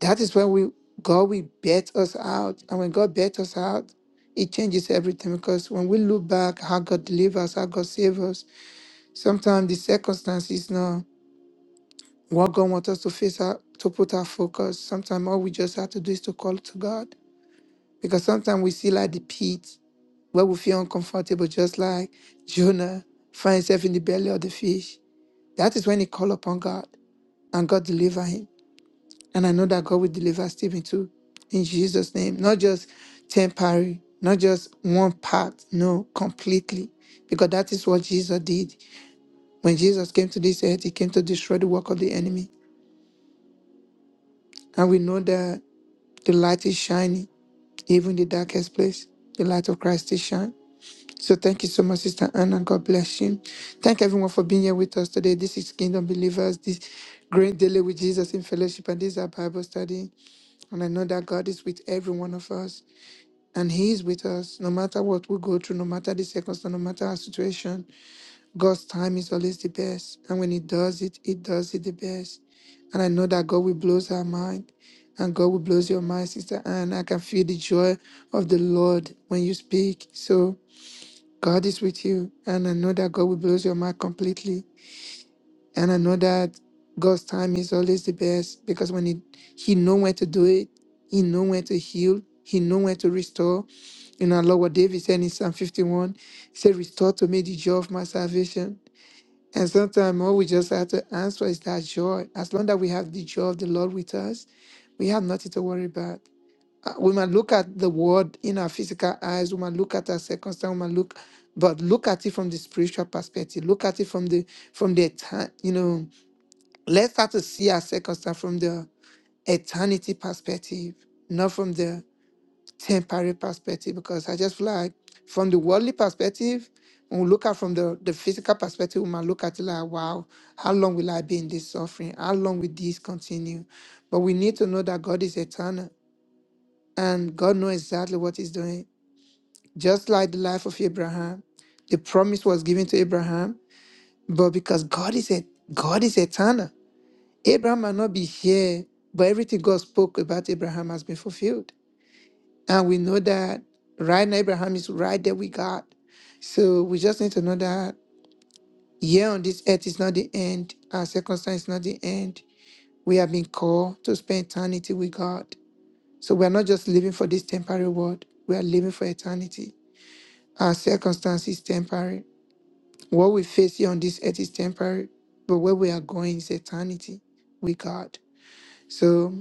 that is when we God will bet us out. And when God bet us out, it changes everything. Because when we look back how God delivers, how God saves us, sometimes the circumstance is not what God wants us to face out to put our focus. Sometimes all we just have to do is to call to God. Because sometimes we see like the pit where we feel uncomfortable, just like Jonah finds himself in the belly of the fish. That is when he called upon God and God delivered him. And I know that God will deliver Stephen too in Jesus' name. Not just temporary, not just one part, no, completely. Because that is what Jesus did. When Jesus came to this earth, he came to destroy the work of the enemy. And we know that the light is shining, even the darkest place. The light of Christ is shining. So thank you so much, Sister Anna. God bless you. Thank everyone for being here with us today. This is Kingdom Believers, this great daily with Jesus in fellowship, and this is our Bible study. And I know that God is with every one of us. And He is with us no matter what we go through, no matter the circumstance, no matter our situation. God's time is always the best. And when He does it, He does it the best. And I know that God will blow our mind. And God will blow your mind, sister. And I can feel the joy of the Lord when you speak. So God is with you. And I know that God will blow your mind completely. And I know that God's time is always the best because when he, he know when to do it, he know when to heal, he know when to restore. You know, Lord, what David said in Psalm 51, he said, restore to me the joy of my salvation. And sometimes all we just have to answer is that joy. As long as we have the joy of the Lord with us, we have nothing to worry about. Uh, We might look at the world in our physical eyes, we might look at our circumstance, we might look, but look at it from the spiritual perspective. Look at it from the from the time, you know, Let's start to see our circumstance from the eternity perspective, not from the temporary perspective, because I just feel like from the worldly perspective, when we look at from the, the physical perspective, we might look at it like, wow, how long will I be in this suffering? How long will this continue? But we need to know that God is eternal and God knows exactly what He's doing. Just like the life of Abraham, the promise was given to Abraham, but because God is a God is eternal. Abraham might not be here, but everything God spoke about Abraham has been fulfilled. And we know that right now, Abraham is right there with God. So we just need to know that here on this earth is not the end, our circumstance is not the end. We have been called to spend eternity with God. So we are not just living for this temporary world, we are living for eternity. Our circumstance is temporary. What we face here on this earth is temporary, but where we are going is eternity with God. So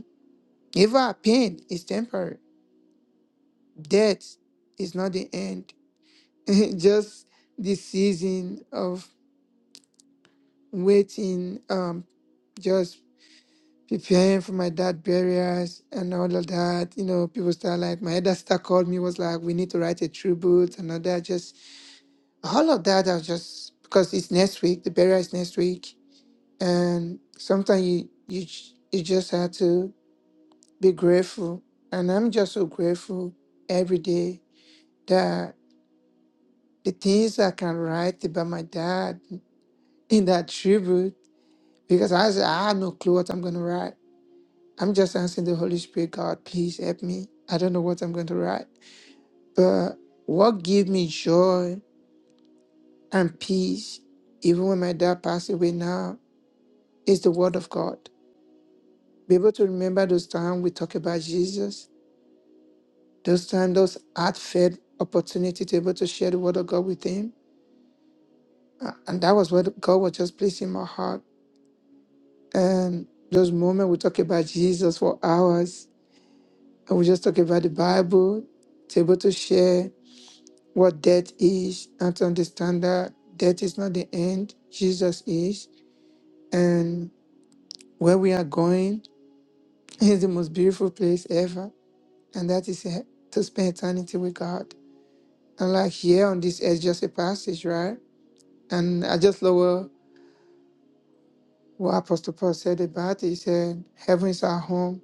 Even pain is temporary. Death is not the end. just the season of waiting, um, just preparing for my dad burials and all of that. You know, people start like my elder sister called me, was like, We need to write a tribute and all that. Just all of that I was just because it's next week, the burial is next week. And sometimes you you j- you just have to be grateful. And I'm just so grateful every day the things I can write about my dad in that tribute because I, said, I have no clue what I'm going to write. I'm just asking the Holy Spirit, God, please help me. I don't know what I'm going to write. But what gave me joy and peace, even when my dad passed away now, is the Word of God. Be able to remember those times we talk about Jesus, those times, those heartfelt opportunity to be able to share the Word of God with Him. Uh, And that was what God was just placing in my heart And those moments we talk about Jesus for hours, and we just talk about the Bible, to able to share what death is, and to understand that death is not the end, Jesus is, and where we are going is the most beautiful place ever, and that is he- to spend eternity with God. And like here on this earth, just a passage, right? And I just love what what Apostle Paul said about it. He said, Heaven is our home,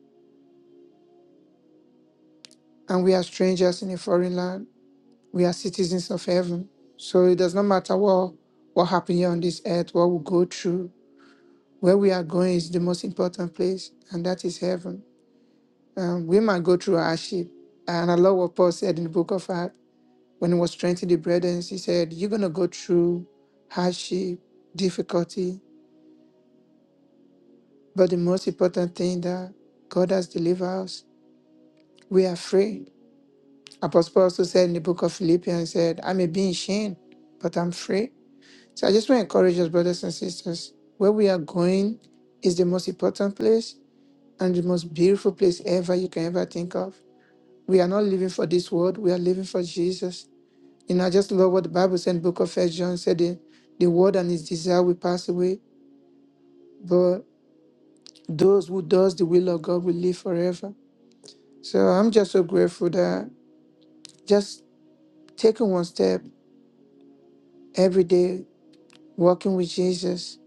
and we are strangers in a foreign land. We are citizens of heaven. So it does not matter what what happened here on this earth, what we go through. Where we are going is the most important place, and that is heaven. Um, we might go through hardship. And I love what Paul said in the book of Acts when he was strengthening the brethren. He said, You're going to go through hardship, difficulty, but the most important thing that God has delivered us, we are free. Apostle Paul also said in the book of Philippians, he said, I may be in shame, but I'm free. So I just want to encourage us, brothers and sisters, where we are going is the most important place and the most beautiful place ever you can ever think of. We are not living for this world, we are living for Jesus. You know, I just love what the Bible said in the book of First John said the, the word and its desire will pass away, but those who does the will of God will live forever. So I'm just so grateful that just taking one step every day, walking with Jesus,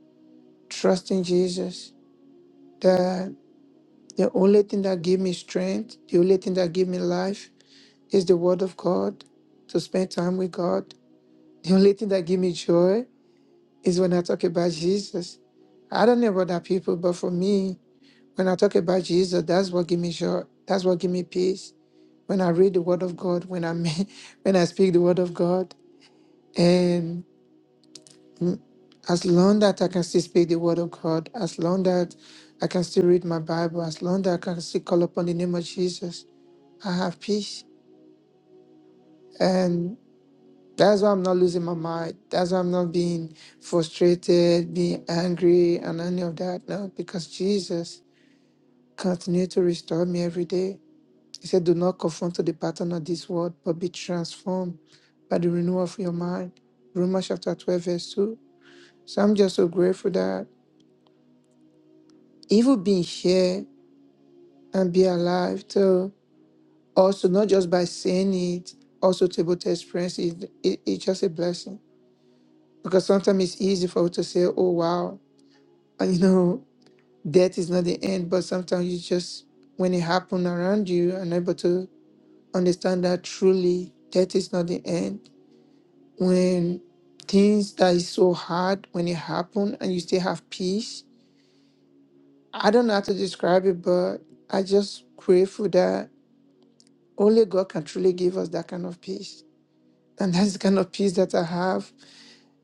trusting Jesus, The only thing that give me strength, the only thing that give me life is the word of God, to spend time with God. The only thing that give me joy is when I talk about Jesus. I don't know about other people, but for me, when I talk about Jesus, that's what give me joy. That's what give me peace. When I read the word of God, when I when I speak the word of God, and mm, as long that I can still speak the word of God, as long that I can still read my Bible, as long that I can still call upon the name of Jesus, I have peace. And that's why I'm not losing my mind. That's why I'm not being frustrated, being angry, and any of that. No, because Jesus continued to restore me every day. He said, Do not conform to the pattern of this world, but be transformed by the renewal of your mind. Romans chapter 12, verse 2. So I'm just so grateful that even being here and be alive to also not just by saying it, also to be able to experience it, it- it's just a blessing. because sometimes it's easy for you to say, "Oh wow, and, you know, death is not the end." But sometimes you just, when it happens around you, are able to understand that truly death is not the end. When things that is so hard when it happen and you still have peace, I don't know how to describe it, but I just grateful that only God can truly give us that kind of peace, and that's the kind of peace that I have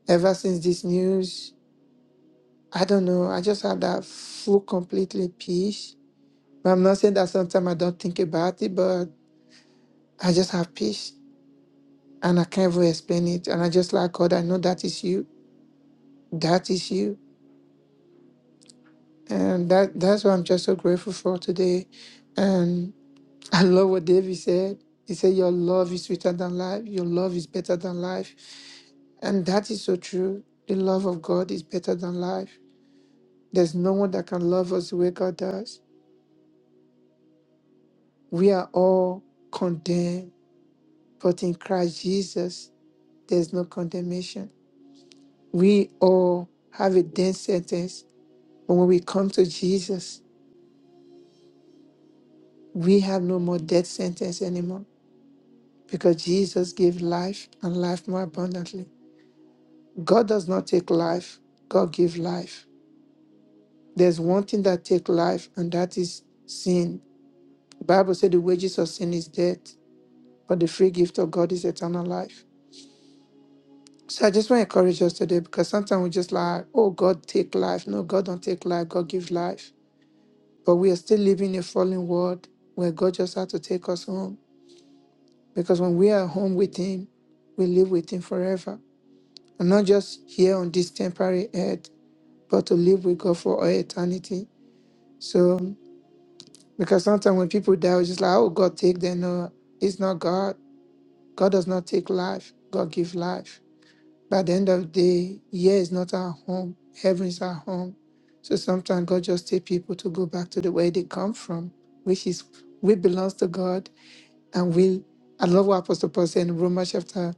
ever since this news. I don't know. I just had that full, completely peace. But I'm not saying that sometimes I don't think about it, but I just have peace and I can't even explain it. And I just like God, I know that is you. That is you. And that that's what I'm just so grateful for today. And I love what David said. He said, Your love is sweeter than life. Your love is better than life. And that is so true. The love of God is better than life. There's no one that can love us the way God does. We are all condemned But in Christ Jesus, there's no condemnation. We all have a death sentence, but when we come to Jesus, we have no more death sentence anymore because Jesus gave life and life more abundantly. God does not take life, God gives life. There's one thing that takes life, and that is sin. The Bible said the wages of sin is death, but the free gift of God is eternal life. So I just want to encourage us today because sometimes we just like, oh, God take life. No, God don't take life. God gives life. But we are still living in a fallen world where God just had to take us home. Because when we are home with Him, we live with Him forever. And not just here on this temporary earth, but to live with God for all eternity. So, because sometimes when people die, we're just like, oh, God take them. No, it's not God. God does not take life. God gives life. By the end of the day, here is not our home, heaven is our home. So sometimes God just takes people to go back to the way they come from, which is we belong to God and we I love what Apostle Paul said in Romans chapter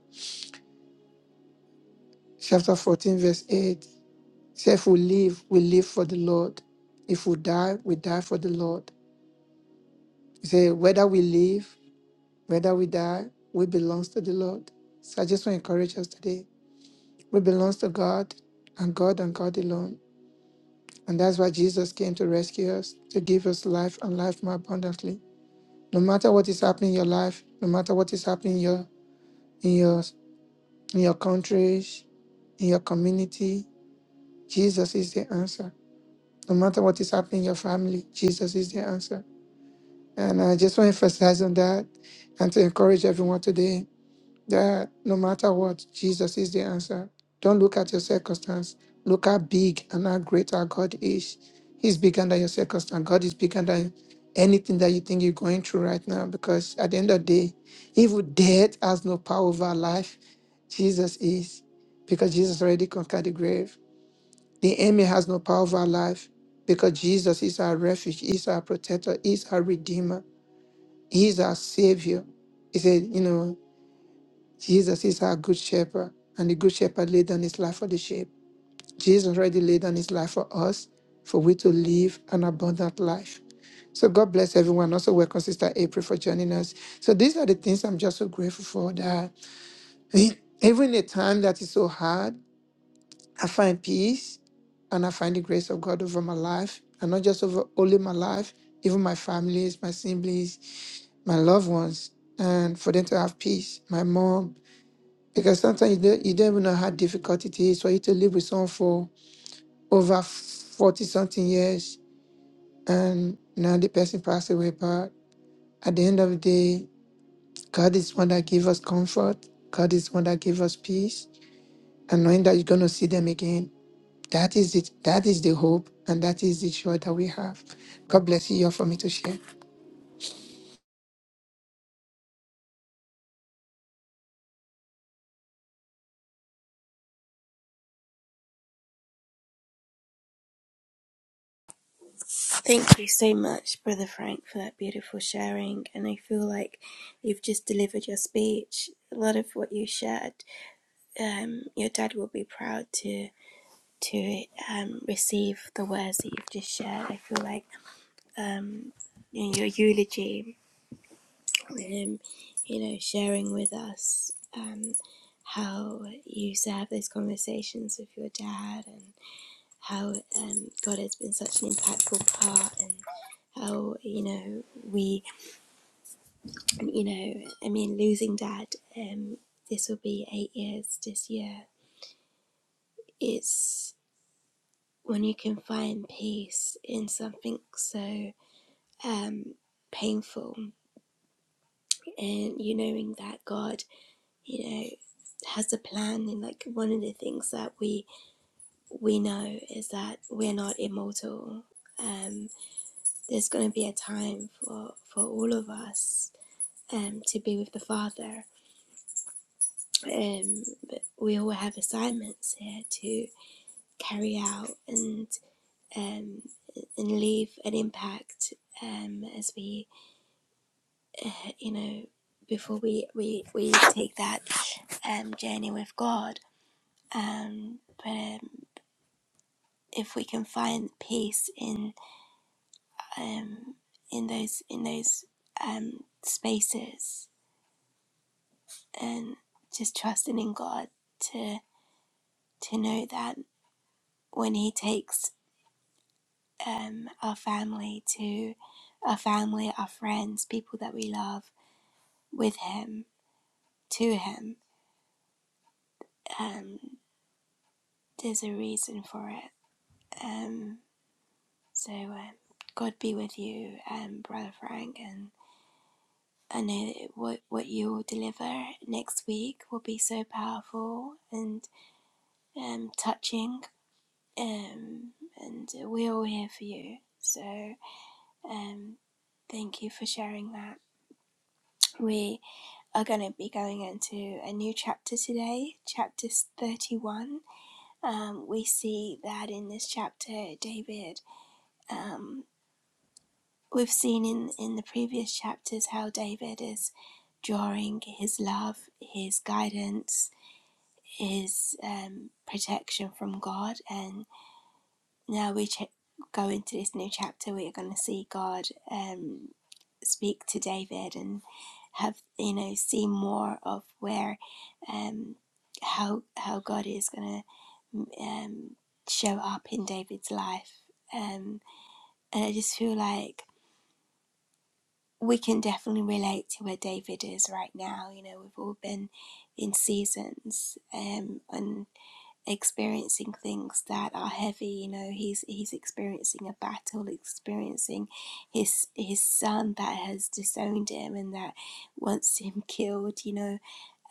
chapter 14, verse 8. He said, if we live, we live for the Lord. If we die, we die for the Lord. He said, whether we live, whether we die, we belong to the Lord. So I just want to encourage us today. We belong to God and God and God alone. And that's why Jesus came to rescue us, to give us life and life more abundantly. No matter what is happening in your life, no matter what is happening in your in your in your countries, in your community, Jesus is the answer. No matter what is happening in your family, Jesus is the answer. And I just want to emphasize on that and to encourage everyone today. that no matter what, Jesus is the answer. Don't look at your circumstance. Look how big and how great our God is. He's bigger than your circumstance. God is bigger than anything that you think you're going through right now. Because at the end of the day, even death has no power over our life. Jesus is. Because Jesus already conquered the grave. The enemy has no power over our life. Because Jesus is our refuge, is our protector, is our redeemer, is our savior. He said, you know. Jesus is our good shepherd, and the good shepherd laid down his life for the sheep. Jesus already laid down his life for us, for we to live an abundant life. So God bless everyone. Also, welcome Sister April for joining us. So these are the things I'm just so grateful for that even in a time that is so hard, I find peace and I find the grace of God over my life. And not just over only my life, even my families, my siblings, my loved ones, and for them to have peace. My mom, because sometimes you don't, you don't even know how difficult it is for you to live with someone for over 40 something years and now the person passed away. But at the end of the day, God is one that gives us comfort. God is one that gives us peace. And knowing that you're going to see them again, that is it. That is the hope and that is the joy that we have. God bless you all for me to share.
Thank you so much, Brother Frank, for that beautiful sharing. And I feel like you've just delivered your speech. A lot of what you shared, um, your dad will be proud to to um, receive the words that you've just shared. I feel like um, your eulogy um, you know, sharing with us um, how you used to have those conversations with your dad and how um, God has been such an impactful part and how, you know, we, you know, I mean, losing dad, um, this will be eight years this year. It's when you can find peace in something so um, painful and you knowing that God you know has a plan and like one of the things that we we know is that we're not immortal um there's going to be a time for for all of us um to be with the father um but we all have assignments here to carry out and um and leave an impact um as we uh, you know before we we we take that um journey with god um but um, if we can find peace in um, in those in those um, spaces and just trusting in God to to know that when He takes um, our family to our family, our friends, people that we love with Him to Him, um, there's a reason for it. Um, so uh, God be with you, um, brother Frank, and I know that what what you will deliver next week will be so powerful and um, touching, um, and we're all here for you. So um, thank you for sharing that. We are going to be going into a new chapter today, chapter 31. Um, we see that in this chapter, David, um, we've seen in, in the previous chapters how David is drawing his love, his guidance, Is um, protection from God. And now we ch- go into this new chapter, we are going to see God um, speak to David and have, you know, see more of where, um, how, how God is going to um, show up in David's life. Um, and I just feel like we can definitely relate to where David is right now. You know, we've all been in seasons um, and experiencing things that are heavy you know he's he's experiencing a battle experiencing his his son that has disowned him and that wants him killed you know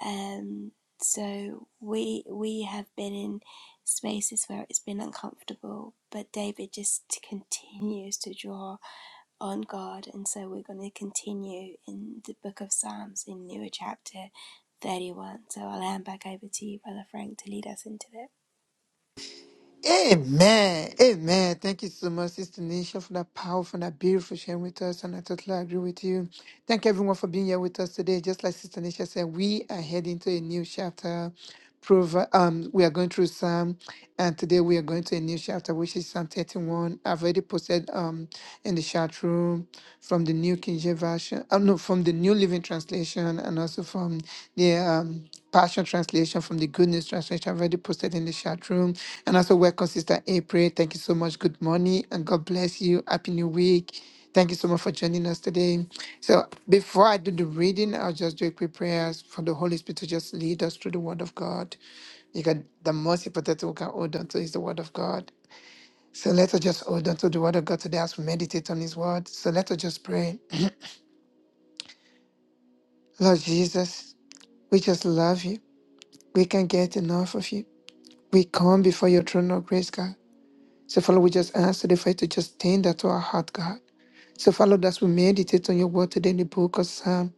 um so we we have been in spaces where it's been uncomfortable but david just continues to draw on god and so we're going to continue in the book of psalms in newer chapter 31 so i'll hand back over to you brother frank to lead us into it
Amen. Amen. Thank you so much, Sister Nisha, for that powerful and that beautiful sharing with us. And I totally agree with you. Thank everyone for being here with us today. Just like Sister Nisha said, we are heading to a new chapter. Prov- um, we are going through Psalm, and today we are going to a new chapter, which is Psalm 31. I've already posted um in the chat room from the New King James version, uh, no, from the New Living Translation and also from the um, Passion Translation, from the Good News Translation. I've already posted in the chat room. And also, welcome, Sister April. Thank you so much. Good morning and God bless you. Happy New Week. Thank you so much for joining us today. So, before I do the reading, I'll just do a quick prayers for the Holy Spirit to just lead us through the Word of God. You got the most important thing we can hold on to is the Word of God. So, let us just hold on to the Word of God today as we meditate on His Word. So, let us just pray. Lord Jesus, we just love you. We can't get enough of you. We come before your throne of grace, God. So, Father, we just ask today for you to just tend that to our heart, God. So, Father, as we meditate on your word today in the book of Psalm,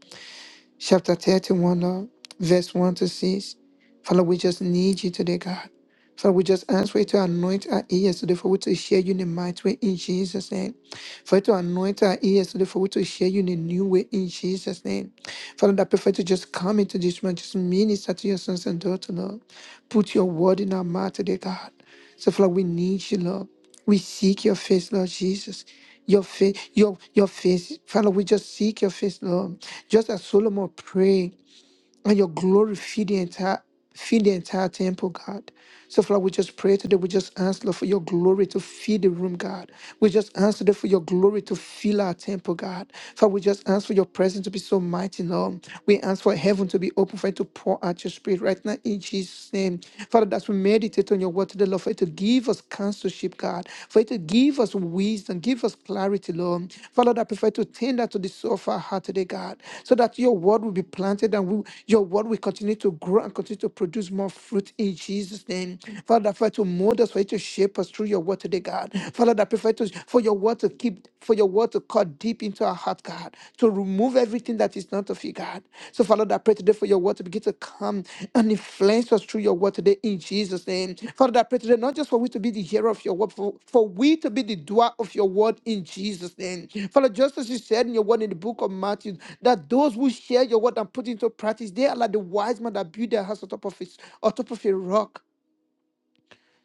chapter 31, Lord, verse 1 to 6, Father, we just need you today, God. So we just ask for you to anoint our ears today for we to hear you in a mighty way in Jesus' name. For you to anoint our ears today for we to hear you in a new way in Jesus' name. Father, I prefer to just come into this man, just minister to your sons and daughters, Lord. Put your word in our mouth today, God. So, Father, we need you, Lord. We seek your face, Lord Jesus. Your face, your your face, Father. We just seek your face, Lord. Just as Solomon prayed. Let your glory feed the entire feed the entire temple, God. So, Father, we just pray today. We just ask, Lord, for your glory to feed the room, God. We just ask today for your glory to fill our temple, God. Father, we just ask for your presence to be so mighty, Lord. We ask for heaven to be open for it to pour out your spirit right now in Jesus' name. Father, as we meditate on your word today, Lord, for it to give us counsel apostleship, God. For you to give us wisdom, give us clarity, Lord. Father, I prefer to tender to the soul of our heart today, God, so that your word will be planted and we, your word will continue to grow and continue to produce more fruit in Jesus' name. Father, I pray to mold us, for you to shape us through your word today, God. Father, I prefer to for your word to keep, for your word to cut deep into our heart, God, to remove Remove everything that is not of you, God. So, Father, Lord, I pray today for your word to begin to come and influence us through your word today in Jesus' name. Father, I pray today not just for we to be the hearer of your word, for, for we to be the doer of your word in Jesus' name. Father, just as you said in your word in the book of Matthew, that those who share your word and put into practice, they are like the wise man that built their house on top of, his, on top of a rock.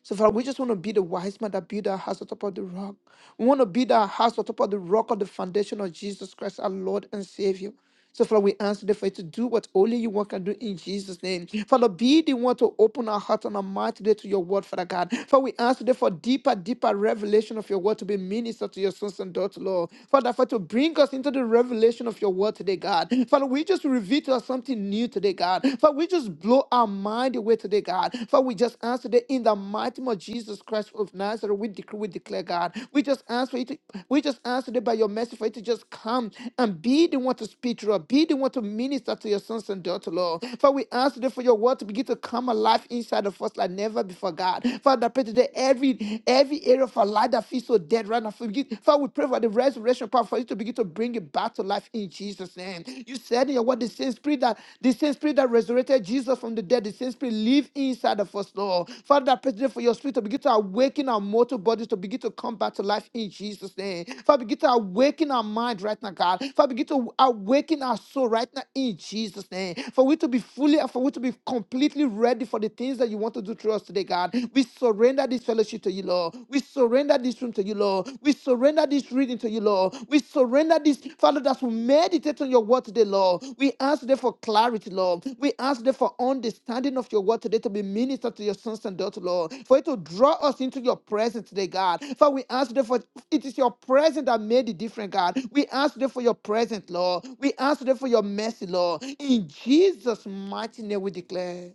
So, Father, we just want to be the wise man that build our house on top of the rock. We want to build our house on top of the rock of the foundation of Jesus Christ, our Lord and Savior. So, Father, we ask today for you to do what only you want can do in Jesus' name. Father, be the one to open our heart and our mind today to your word, Father God. Father, we ask today for deeper, deeper revelation of your word to be ministered to your sons and daughters, Lord. Father, for to bring us into the revelation of your word today, God. Father, we just reveal to us something new today, God. God. Father, we just blow our mind away today, God. Father, we just ask today in the mighty name of Jesus Christ of Nazareth, we decree, we declare, God. We just ask for you to, we just ask today by your mercy for you to just come and be the one to speak to us, be the one to minister to your sons and daughters, Lord. Father, we ask today for your word to begin to come alive inside of us like never before, God. Father, I pray today every every area of our life that feels so dead right now. Forgive, Father, we pray for the resurrection power for you to begin to bring it back to life in Jesus' name. You said in your word, the same spirit that the same spirit that resurrected Jesus from the dead, the same spirit live inside of us, Lord. Father, I pray today for your spirit to begin to awaken our mortal bodies to begin to come back to life in Jesus' name. Father, begin to awaken our mind right now, God. Father, begin to awaken our soul right now in Jesus' name. For we to be fully and for we to be completely ready for the things that you want to do through us today, God. We surrender this fellowship to you, Lord. We surrender this room to you, Lord. We surrender this reading to you, Lord. We surrender this, Father, that we meditate on your word today, Lord. We ask there for clarity, Lord. We ask there for understanding of your word today to be ministered to your sons and daughters, Lord. For it to draw us into your presence today, God. For we ask there for it is your presence that made it different, God. We ask there for your presence, Lord. We ask there for your mercy, Lord. In Jesus' mighty name we declare.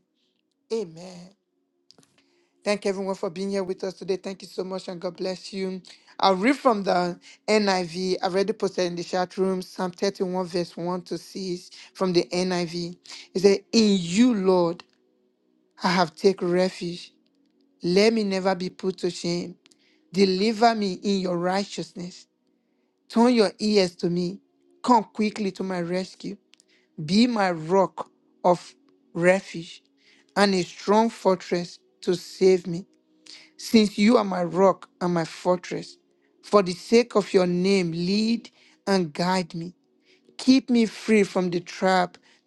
Amen. Thank everyone for being here with us today. Thank you so much and God bless you. I'll read from the NIV. I V. I already posted in the chat room Psalm 31, verse 1 to 6 from the NIV. It says, In you, Lord,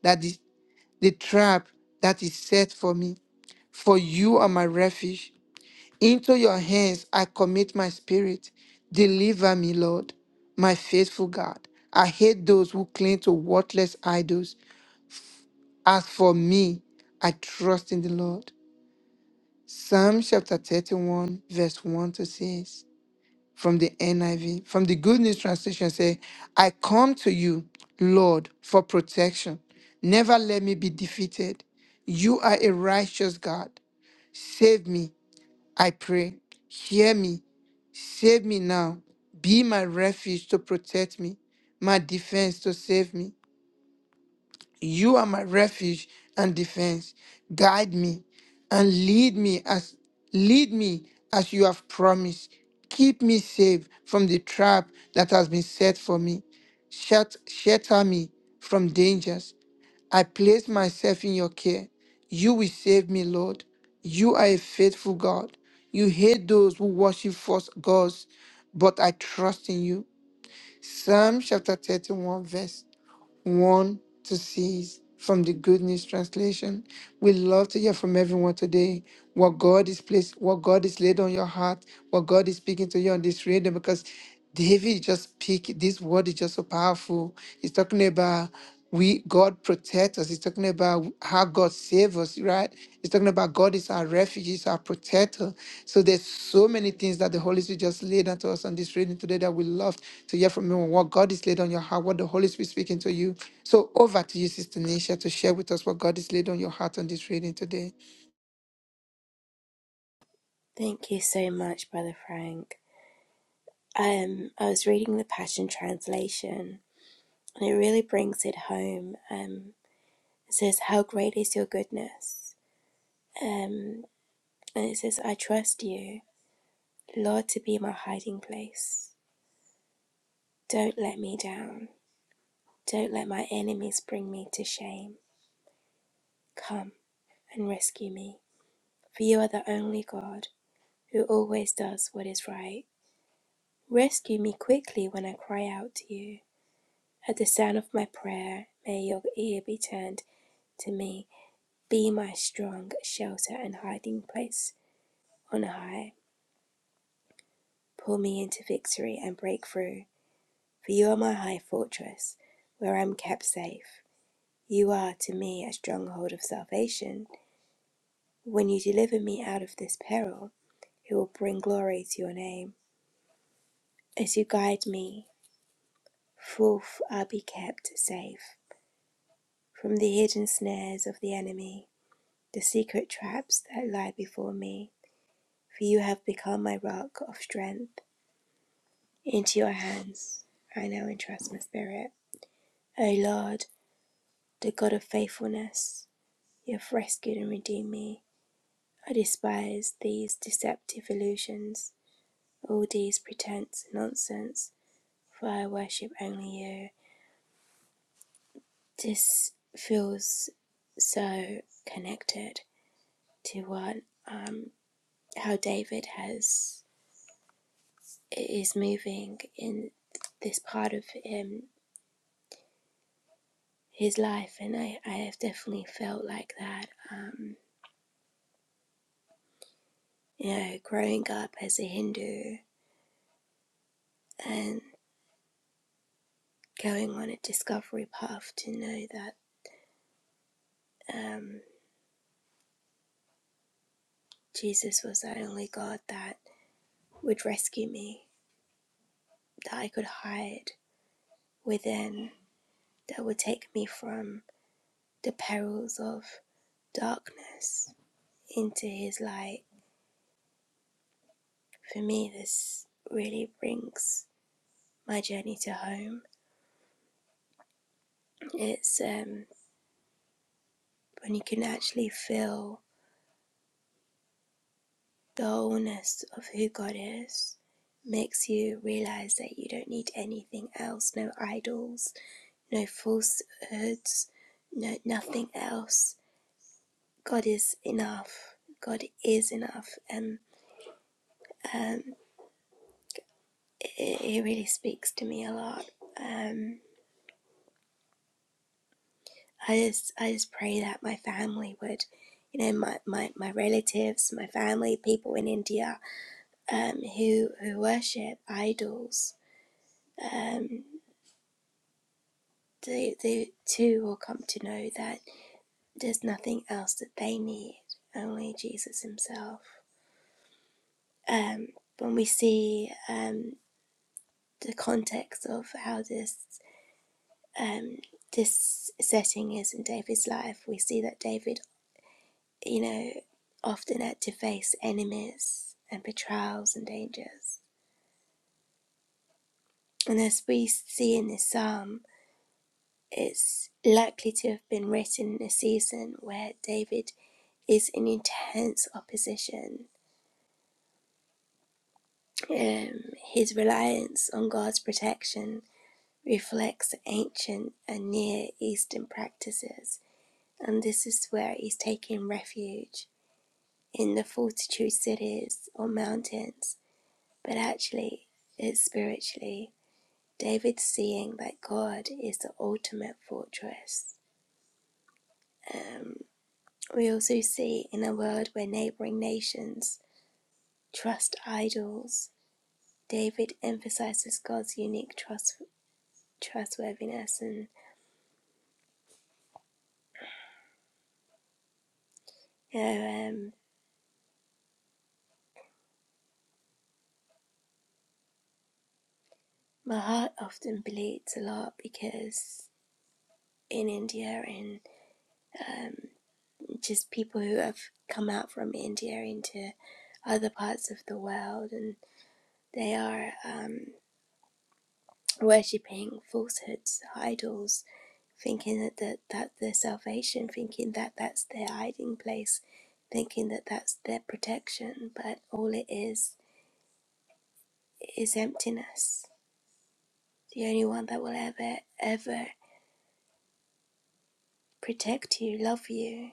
that that me the Lord, my God, I do, me. I trust." 1, verse 1 to 6. from the NIV, from the Good News Translation, say, I come to you, Lord, for protection. Never let me be defeated. You are a righteous God. Save me, I pray. Hear me, save me now. Be my refuge to protect me, my defense to save me. You are my refuge and defense. Guide me and lead me as lead me as you have promised. Keep me safe from the trap that has been set for me. Shut, shelter me from dangers. I place myself in your care. You will save me, Lord. You are a faithful God. You hate those who worship false gods, but I trust in you. Psalm chapter 31, verse one to six from the Good News Translation. We love to hear from everyone today what God is placed, what God is laid on your heart, what God is speaking to you on this radio because David just picked this word is just so powerful. He's talking about we God protect us. He's talking about how God save us, right? He's talking about God is our refuge, is our protector. So there's so many things that the Holy Spirit just laid unto us on this reading today that we love to hear from you and what God is laid on your heart, what the Holy Spirit speaking to you. So over to you, Sister Nisha, to share with us what God is laid on your heart on this reading today.
Thank you so much, Brother Frank. Um, I was reading the Passion Translation, and it really brings it home. Um, it says, "How great is your goodness?" Um, and it says, "I trust you, Lord, to be my hiding place. Don't let me down. Don't let my enemies bring me to shame. Come and rescue me, for you are the only God who always does what is right. Rescue me quickly when I cry out to you." At the sound of my prayer, may your ear be turned to me. Be my strong shelter and hiding place on high. Pull me into victory and break through. For you are my high fortress, where I am kept safe. You are to me a stronghold of salvation. When you deliver me out of this peril, it will bring glory to your name. As you guide me, forth I'll be kept safe from the hidden snares of the enemy, the secret traps that lie before me. for you have become my rock of strength. Into your hands I now entrust my spirit. O Lord, the God of faithfulness, you have rescued and redeemed me. I despise these deceptive illusions, all these pretense and nonsense, for I worship only you. This feels so connected to what um, how David has is moving in this part of him his life, and I, I have definitely felt like that. Um, you know, growing up as a Hindu and going on a discovery path to know that um, Jesus was the only God that would rescue me, that I could hide within, that would take me from the perils of darkness into his light. For me, this really brings my journey to home. It's um, when you can actually feel The wholeness of who God is makes you realize that you don't need anything else no idols, no falsehoods, no, nothing else. God is enough. God is enough. And um, it, it really speaks to me a lot. Um, I just I just pray that my family would, you know, my, my, my relatives, my family, people in India um, who who worship idols. Um, they, they too will come to know that there's nothing else that they need, only Jesus Himself. Um, when we see um, the context of how this um, this setting is in David's life, we see that David, you know, often had to face enemies and betrayals and dangers. And as we see in this psalm, it's likely to have been written in a season where David is in intense opposition Um, his reliance on God's protection reflects ancient and Near Eastern practices, and this is where he's taking refuge in the fortitude cities or mountains. But actually, it's spiritually. David's seeing that God is the ultimate fortress. Um, we also see in a world where neighboring nations trust idols, David emphasizes God's unique trust, trustworthiness and Yeah, um, my heart often bleeds a lot because in India and um, just people who have come out from India into other parts of the world and they are um, worshipping falsehoods, idols, thinking that, that that's their salvation, thinking that that's their hiding place, thinking that that's their protection, but all it is is emptiness. The only one that will ever, ever protect you, love you,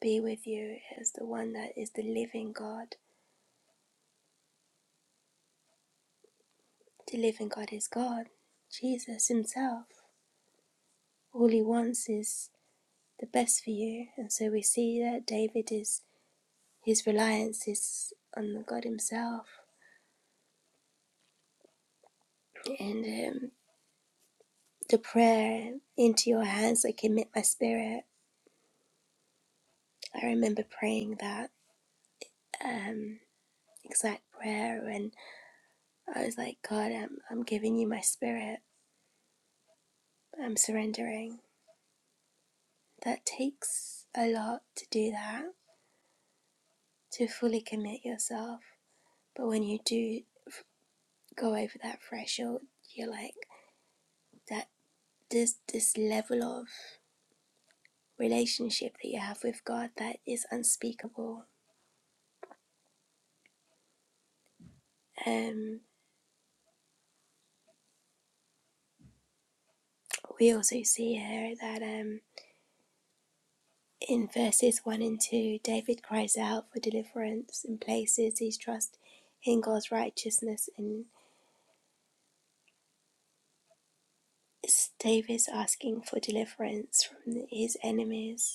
be with you as the one that is the living God. The living God is God, Jesus Himself. All He wants is the best for you. And so we see that David is, his reliance is on God Himself. And um, the prayer, into your hands I commit my spirit. I remember praying that um, exact prayer and I was like, God, I'm, I'm giving you my spirit. I'm surrendering. That takes a lot to do that to fully commit yourself. But when you do go over that threshold, you're like that this this level of relationship that you have with God that is unspeakable. Um, we also see here that um, in verses one and two, David cries out for deliverance and places his trust in God's righteousness, and David's asking for deliverance from his enemies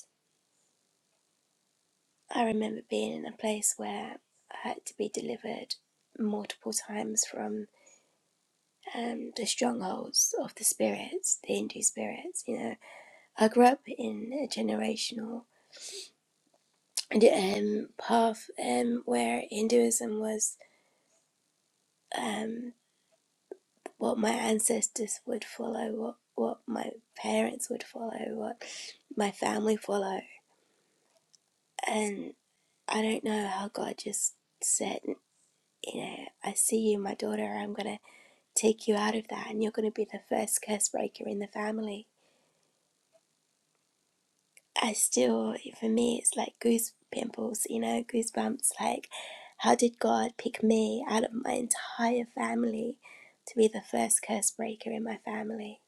I remember being in a place where I had to be delivered multiple times from um, the strongholds of the spirits, the Hindu spirits. You know, I grew up in a generational um, path um, where Hinduism was um, what my ancestors would follow, what what my parents would follow, what my family follow, and I don't know how God just said, you know, I see you, my daughter. I'm gonna take you out of that and you're going to be the first curse breaker in the family. I still, for me, it's like goose pimples, you know, goosebumps. Like, how did God pick me out of my entire family to be the first curse breaker in my family?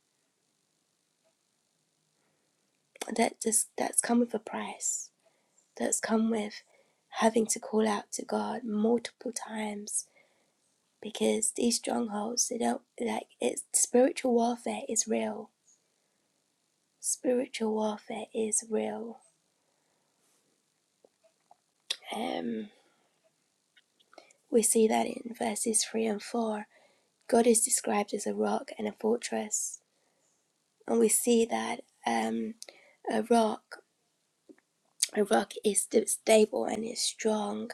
That just, that's come with a price. That's come with having to call out to God multiple times because these strongholds, they don't, like, it's spiritual warfare is real. Spiritual warfare is real. Um, We see that in verses 3 and 4, God is described as a rock and a fortress. And we see that um, a rock, a rock is stable and is strong,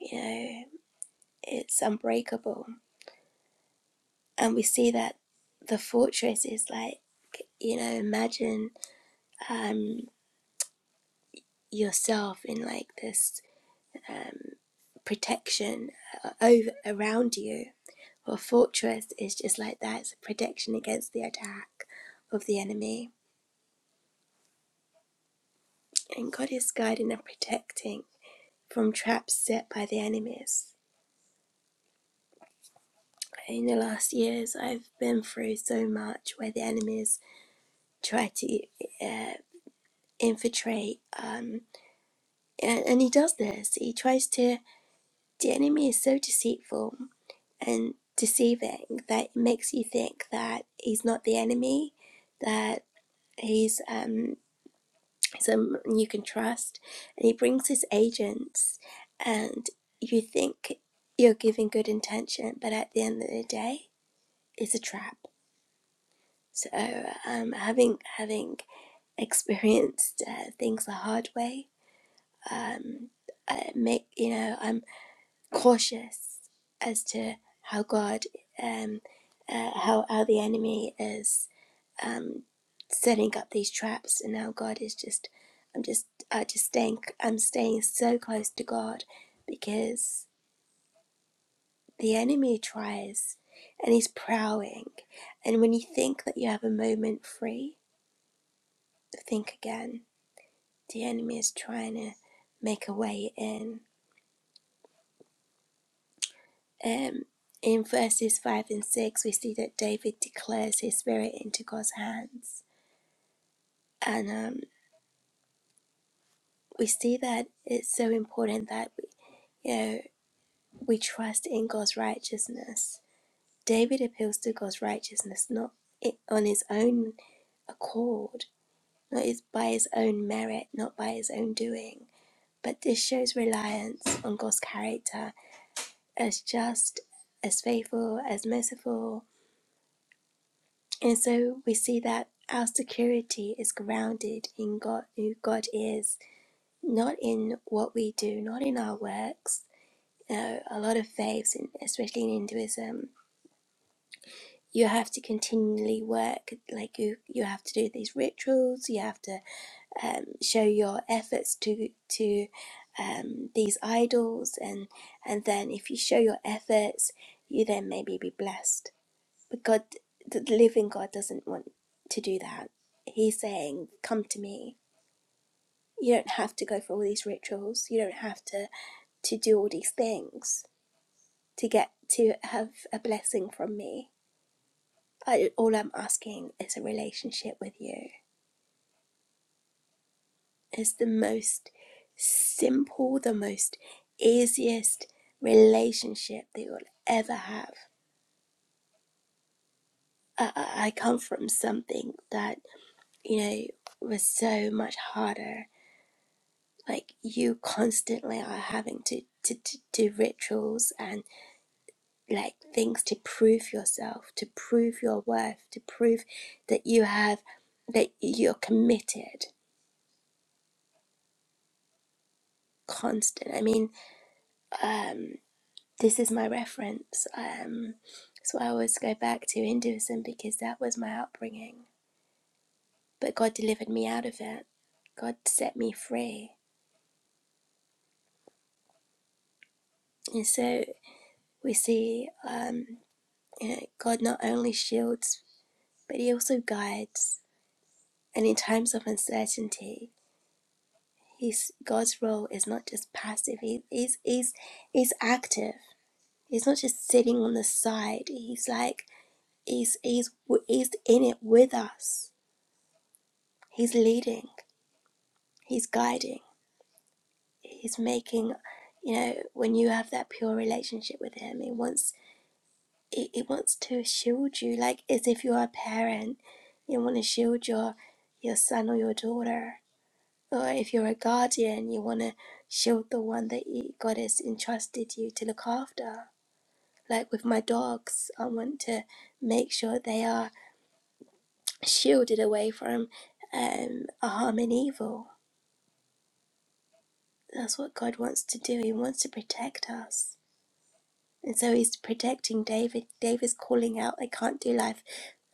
you know, it's unbreakable. And we see that the fortress is like, you know, imagine um, yourself in like this um, protection uh, over around you. Well, fortress is just like that. It's a protection against the attack of the enemy and God is guiding and protecting from traps set by the enemies. In the last years, I've been through so much where the enemies try to uh, infiltrate, um, and, and he does this. He tries to. The enemy is so deceitful and deceiving that it makes you think that he's not the enemy, that he's um, someone you can trust. And he brings his agents, and you think you're giving good intention, but at the end of the day, it's a trap. So, um, having having experienced uh, things the hard way, um, I make you know I'm cautious as to how God, um, uh, how how the enemy is. um, setting up these traps, and now God is just, I'm just, I just staying, I'm staying so close to God because the enemy tries and he's prowling. And when you think that you have a moment free, think again. The enemy is trying to make a way in. Um, in verses 5 and 6, we see that David declares his spirit into God's hands. And um, we see that it's so important that, we, you know. we trust in God's righteousness. David appeals to God's righteousness, not on his own accord, not by his own merit, not by his own doing. But this shows reliance on God's character as just, as faithful, as merciful. And so we see that our security is grounded in God, who God is, not in what we do, not in our works. You know, a lot of faiths, in- especially in Hinduism, you have to continually work like you you have to do these rituals you have to um, show your efforts to to um, these idols and and then if you show your efforts you then maybe be blessed but god the living god doesn't want to do that he's saying come to me you don't have to go for all these rituals you don't have to to do all these things to get to have a blessing from me I, all I'm asking is a relationship with you. It's the most simple, the most easiest relationship that you'll ever have. I, I I come from something that, you know, was so much harder. Like, you constantly are having to, to, to do rituals and like things to prove yourself, to prove your worth, to prove that you have, that you're committed, constant. I mean, um, this is my reference. Um, so I always go back to Hinduism because that was my upbringing. But God delivered me out of it. God set me free. And so we see um, you know, God not only shields, but He also guides. And in times of uncertainty, His God's role is not just passive. He, he's he's he's active. He's not just sitting on the side. He's like he's he's he's in it with us. He's leading. He's guiding. He's making, you know, when you have that pure relationship with Him, He wants He, he wants to shield you, like as if you're a parent. You want to shield your your son or your daughter, or if you're a guardian, you want to shield the one that you, God has entrusted you to look after. Like with my dogs, I want to make sure they are shielded away from um, harm and evil. That's what God wants to do. He wants to protect us And so he's protecting David. David's calling out, I can't do life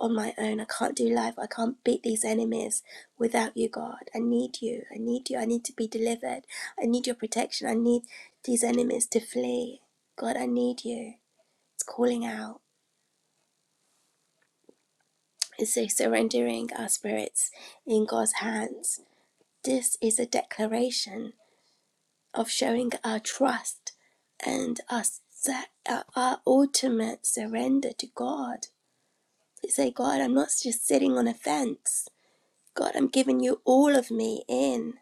on my own. I can't do life. I can't beat these enemies without you, God. I need you. I need you. I need to be delivered. I need your protection. I need these enemies to flee. God, I need you. It's calling out. It's so surrendering our spirits in God's hands. This is a declaration of showing our trust and our, our our ultimate surrender to God But say, God, I'm not just sitting on a fence. God, I'm giving you all of me in.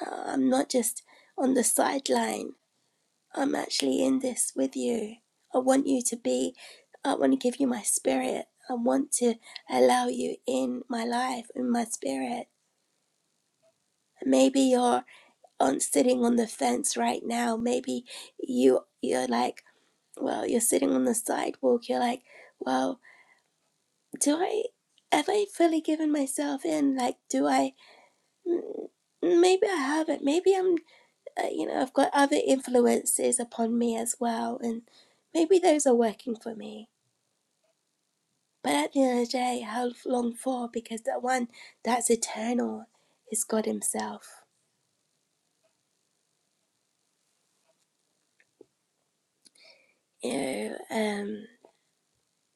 Uh, I'm not just on the sideline. I'm actually in this with you. I want you to be, I want to give you my spirit. I want to allow you in my life, in my spirit. Maybe you're on sitting on the fence right now. Maybe you you're like, well, you're sitting on the sidewalk. You're like, well, do I have I fully given myself in? Like, do I Mm, Maybe I haven't. Maybe I'm, uh, you know, I've got other influences upon me as well, and maybe those are working for me. But at the end of the day, how long for? Because the one that's eternal is God Himself. You know, um,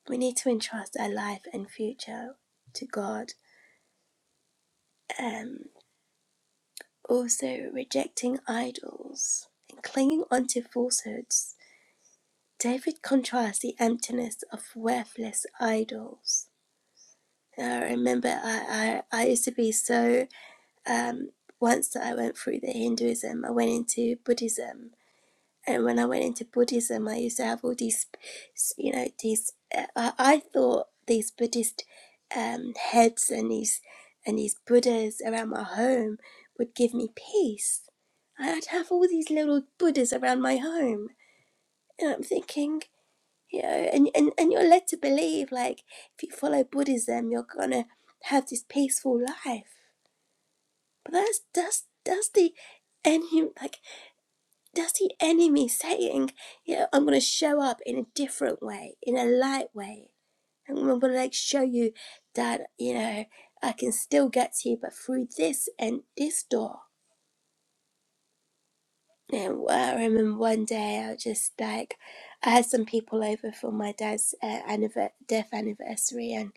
we need to entrust our life and future to God. Um, also, rejecting idols and clinging onto falsehoods. David contrasts the emptiness of worthless idols I remember I, I, I used to be so, um, once I went through the Hinduism, I went into Buddhism. And when I went into Buddhism, I used to have all these, you know, these, uh, I, I thought these Buddhist um, heads and these, and these Buddhas around my home would give me peace. I'd have all these little Buddhas around my home. And I'm thinking, you know and, and and you're led to believe like if you follow buddhism you're gonna have this peaceful life but that's that's that's the enemy like that's the enemy saying you know i'm gonna show up in a different way in a light way and i'm gonna like show you that you know i can still get to you but through this and this door and I remember one day I was just like, I had some people over for my dad's uh, anniver- death anniversary, and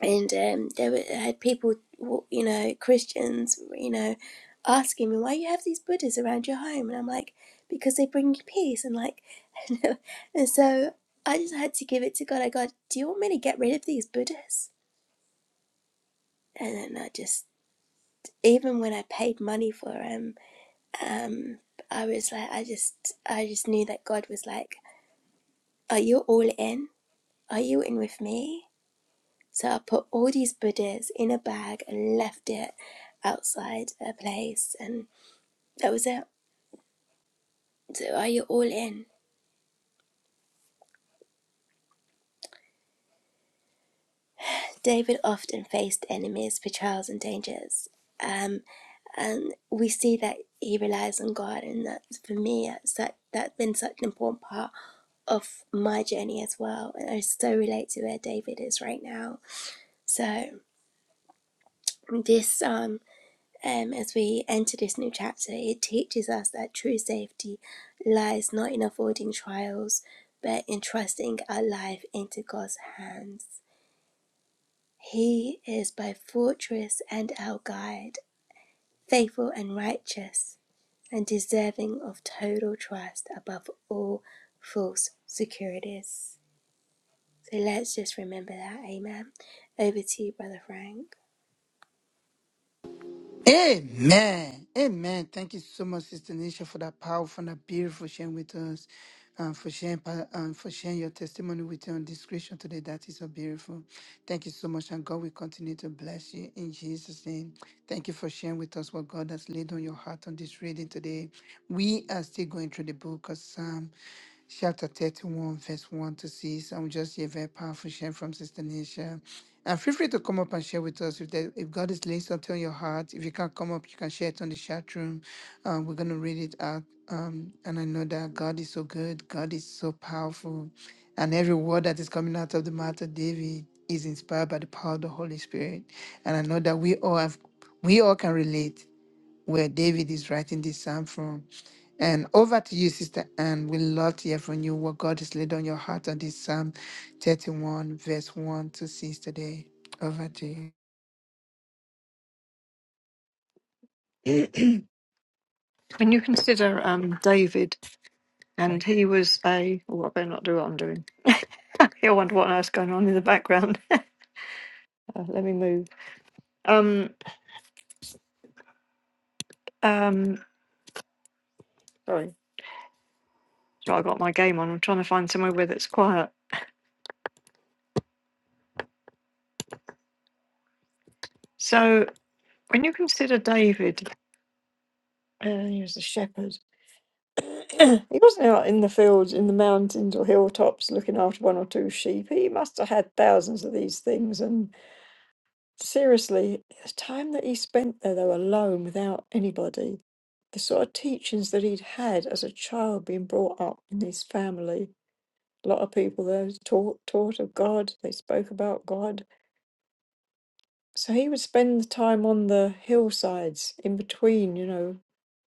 and um, there were I had people, you know, Christians, you know, asking me why you have these Buddhas around your home, and I'm like, because they bring you peace, and like, and so I just had to give it to God. I go, do you want me to get rid of these Buddhas? And then I just, even when I paid money for them, um, I was like, I just, I just knew that God was like, are you all in? Are you in with me? So I put all these Buddhas in a bag and left it outside a place, and that was it. So are you all in? David often faced enemies for trials and dangers. Um, and we see that he relies on God, and that for me, that's, that, that's been such an important part of my journey as well. And I so relate to where David is right now. So, this psalm um, as we enter this new chapter, it teaches us that true safety lies not in avoiding trials, but in trusting our life into God's hands. He is both fortress and our guide, faithful and righteous, and deserving of total trust above all false securities. So let's just remember that. Amen. Over to you, Brother Frank.
Amen. Amen. Thank you so much, Sister Nisha, for that powerful and that beautiful sharing with us, and for sharing pa- and for sharing your testimony with your discretion today. That is so beautiful. Thank you so much, and God will continue to bless you in Jesus' name. Thank you for sharing with us what God has laid on your heart on this reading today. We are still going through the book of Psalm chapter 31, verse 1 to 6. And we just hear very powerful share from Sister Nisha. And feel free to come up and share with us if, there, if God is laying something on your heart. If you can't come up, you can share it on the chat room. Uh, we're going to read it out. Um, and I know that God is so good, God is so powerful. And every word that is coming out of the mouth of David is inspired by the power of the Holy Spirit. And I know that we all have, we all can relate where David is writing this psalm from. And over to you, Sister Anne. We love to hear from you what God has laid on your heart on this Psalm 31, verse 1 to 6 today. Over to you.
Um, David, and he was a. Oh, I better not do what I'm doing. I wonder what else going on in the background. Uh, let me move. Um, um, sorry, so I got my game on. I'm trying to find somewhere where that's quiet. So when you consider David, uh, he was a shepherd. He wasn't out in the fields, in the mountains or hilltops looking after one or two sheep. He must have had thousands of these things. And seriously, the time that he spent there, though, alone without anybody, the sort of teachings that he'd had as a child being brought up in his family. A lot of people there taught, taught of God, they spoke about God. So he would spend the time on the hillsides in between, you know,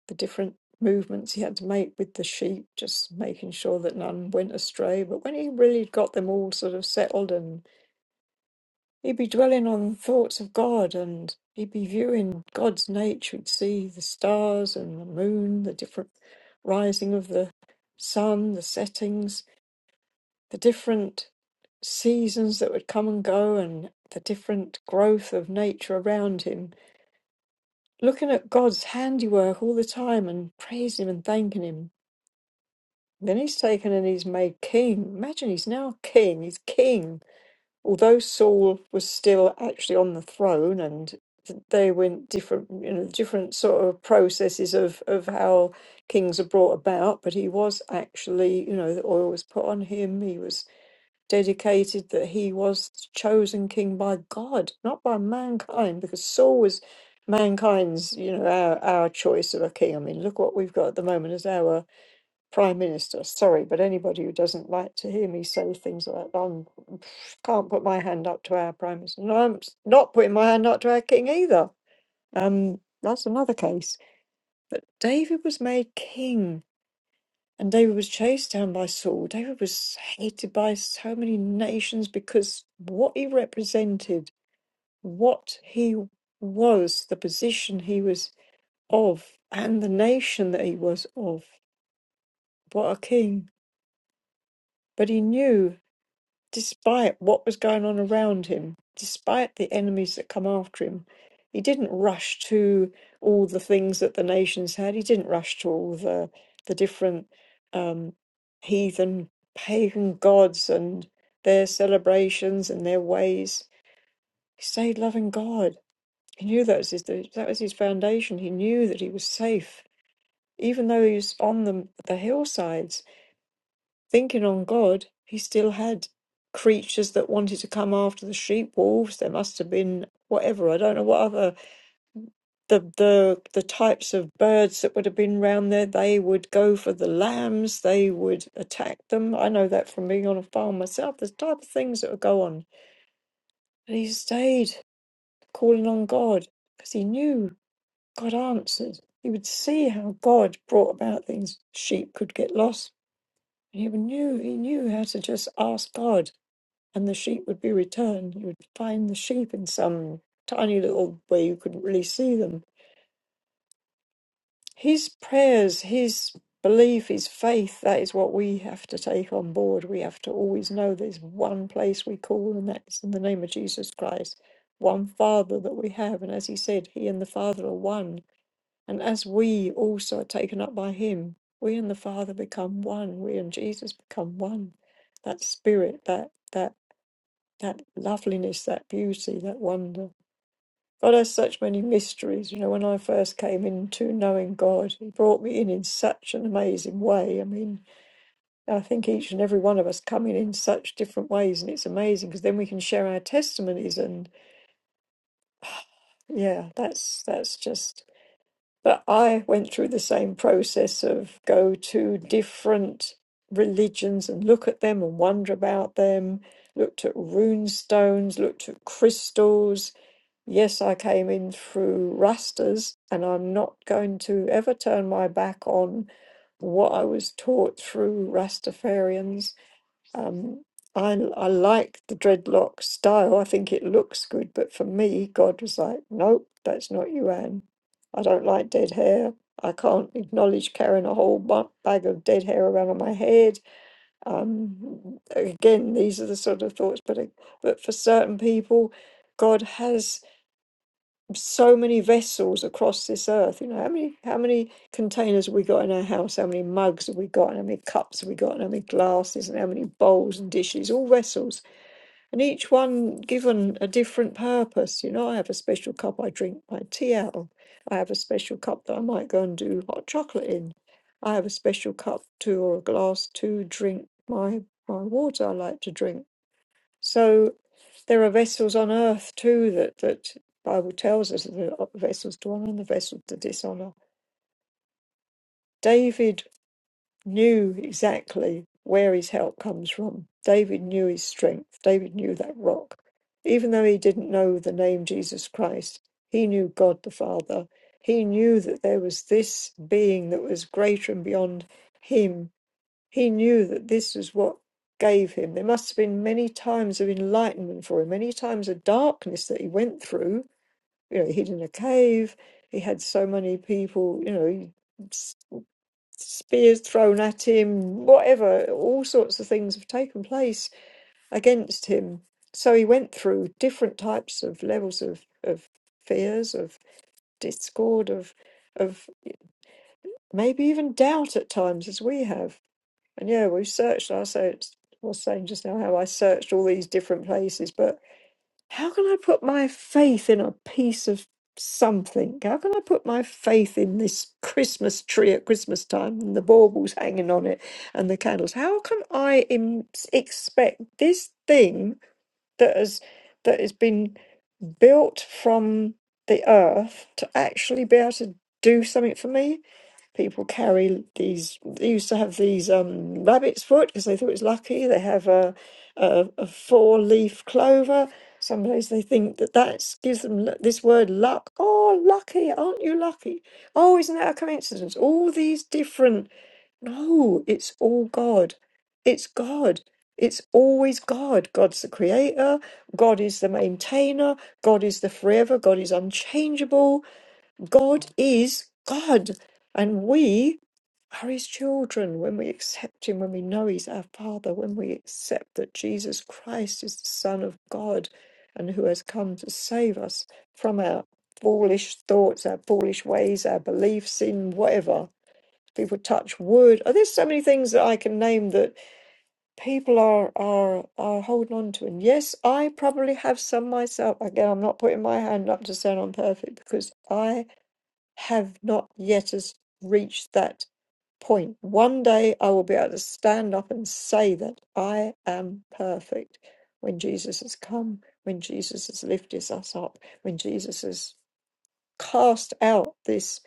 the different movements he had to make with the sheep, just making sure that none went astray. But when he really got them all sort of settled, and he'd be dwelling on thoughts of God, and he'd be viewing God's nature, he'd see the stars and the moon, the different rising of the sun, the settings, the different seasons that would come and go, and the different growth of nature around him. Looking at God's handiwork all the time and praising Him and thanking Him Then he's taken and he's made king. Imagine he's now king. He's king. Although Saul was still actually on the throne and th- they went different, you know, different sort of processes of, of how kings are brought about, but he was actually, you know, the oil was put on him. He was dedicated that he was chosen king by God, not by mankind, because Saul was mankind's, you know, our, our choice of a king. I mean, look what we've got at the moment as our prime minister. Sorry, but anybody who doesn't like to hear me say things like that, I'm, can't put my hand up to our prime minister. And I'm s- not putting my hand up to our king either. Um, that's another case. But David was made king, and David was chased down by Saul. David was hated by so many nations because what he represented, what he was, the position he was of, and the nation that he was of. What a king! But he knew. despite what was going on around him, despite the enemies that come after him, he didn't rush to all the things that the nations had. He didn't rush to all the the different um, heathen pagan gods and their celebrations and their ways. He stayed loving God. He knew that was his that was his foundation. He knew that he was safe, even though he was on the the hillsides Thinking on God, he still had creatures that wanted to come after the sheep, wolves. There must have been whatever. I don't know what other the the the types of birds that would have been round there. They would go for the lambs. They would attack them. I know that from being on a farm myself. The type of things that would go on. And he stayed calling on God because he knew God answered. He would see how God brought about things. Sheep could get lost. He knew he knew how to just ask God and the sheep would be returned. You would find the sheep in some tiny little way you couldn't really see them. His prayers, his belief, his faith, that is what we have to take on board. We have to always know there's one place we call, and that is in the name of Jesus Christ, one Father that we have. And as he said, he and the Father are one. And as we also are taken up by him, we and the Father become one. We and Jesus become one. That spirit, that that that loveliness, that beauty, that wonder. God has such many mysteries. You know, when I first came into knowing God, He brought me in in such an amazing way. I mean, I think each and every one of us come in in such different ways, and it's amazing because then we can share our testimonies. And yeah, that's that's just. But I went through the same process of go to different religions and look at them and wonder about them. Looked at rune stones, looked at crystals, Yes, I came in through rasters, and I'm not going to ever turn my back on what I was taught through Rastafarians. Um, I, I like the dreadlock style. I think it looks good, but for me, God was like, nope, that's not you, Anne. I don't like dead hair. I can't acknowledge carrying a whole bu- bag of dead hair around on my head. Um, again, these are the sort of thoughts, but, uh, but for certain people, God has so many vessels across this earth. You know, how many how many containers have we got in our house? How many mugs have we got? And how many cups have we got? And how many glasses? And how many bowls and dishes? All vessels, and each one given a different purpose. You know, I have a special cup I drink my tea out of. I have a special cup that I might go and do hot chocolate in. I have a special cup to or a glass to drink my my water I like to drink so there are vessels on earth too that that Bible tells us that there are vessels to honor and the vessels to dishonor. David knew exactly where his help comes from. David knew his strength. David knew that rock. Even though he didn't know the name Jesus Christ, he knew God the Father. He knew that there was this being that was greater and beyond him he knew that this was what gave him. There must have been many times of enlightenment for him, many times of darkness that he went through. You know, he hid in a cave. He had so many people, you know, spears thrown at him, whatever, all sorts of things have taken place against him. So he went through different types of levels of, of fears, of discord, of of maybe even doubt at times as we have And yeah, we've searched. I said, I was saying just now how I searched all these different places, but how can I put my faith in a piece of something? How can I put my faith in this Christmas tree at Christmas time and the baubles hanging on it and the candles? How can I Im- expect this thing that has that has been built from the earth to actually be able to do something for me? people carry these they used to have these um rabbit's foot because they thought it was lucky they have a a, a four leaf clover some days they think that that gives them lu- this word luck oh lucky aren't you lucky oh isn't that a coincidence all these different no it's all god it's god it's always god god's the creator god is the maintainer god is the forever god is unchangeable God is God, and we are His children when we accept Him, when we know He's our Father, when we accept that Jesus Christ is the Son of God and who has come to save us from our foolish thoughts, our foolish ways, our beliefs in whatever. People touch wood. Oh, there's so many things that I can name that people are are are holding on to. And yes, I probably have some myself. Again, I'm not putting my hand up to sound I'm perfect because I have not yet as reached that point. One day I will be able to stand up and say that I am perfect when Jesus has come, when Jesus has lifted us up, when Jesus has cast out this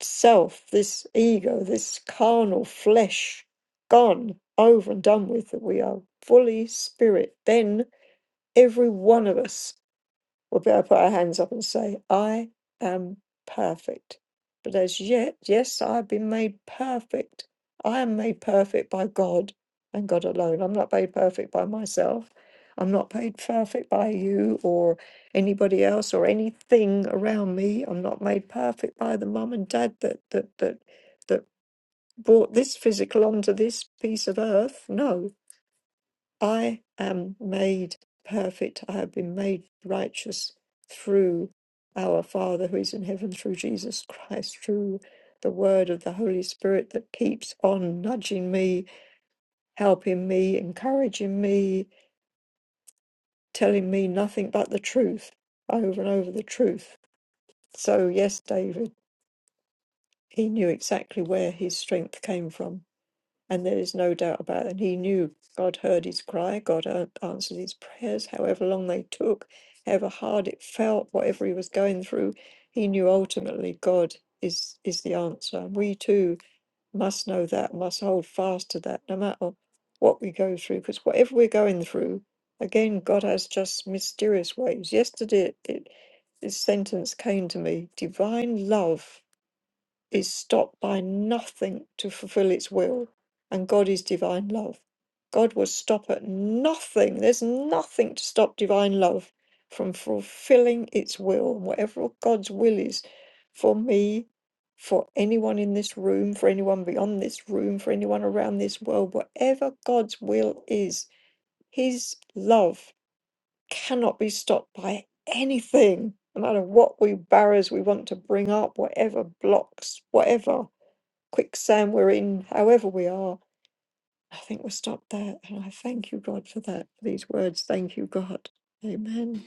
self, this ego, this carnal flesh, gone over and done with, that we are fully spirit. Then every one of us. We'll be able to put our hands up and say, I am perfect. But as yet, yes, I have been made perfect. I am made perfect by God and God alone. I'm not made perfect by myself. I'm not made perfect by you or anybody else or anything around me. I'm not made perfect by the mum and dad that that that that brought this physical onto this piece of earth. No. I am made perfect. I have been made righteous through our Father who is in heaven, through Jesus Christ, through the word of the Holy Spirit that keeps on nudging me, helping me, encouraging me, telling me nothing but the truth over and over the truth. So, yes, David, he knew exactly where his strength came from. And there is no doubt about it. He knew God heard his cry, God a- answered his prayers, however long they took, however hard it felt, whatever he was going through. He knew ultimately God is, is the answer. And we too must know that, must hold fast to that, no matter what we go through, because whatever we're going through, again, God has just mysterious ways. Yesterday, it, it, this sentence came to me divine love is stopped by nothing to fulfill its will, and God is divine love. God will stop at nothing. There's nothing to stop divine love from fulfilling its will. whatever God's will is for me, for anyone in this room, for anyone beyond this room, for anyone around this world, whatever God's will is, His love cannot be stopped by anything, no matter what we barriers we want to bring up, whatever blocks, whatever quicksand we're in, however we are, I think we're stopped there. And I thank you, God, for that, for these words. Thank you, God. Amen.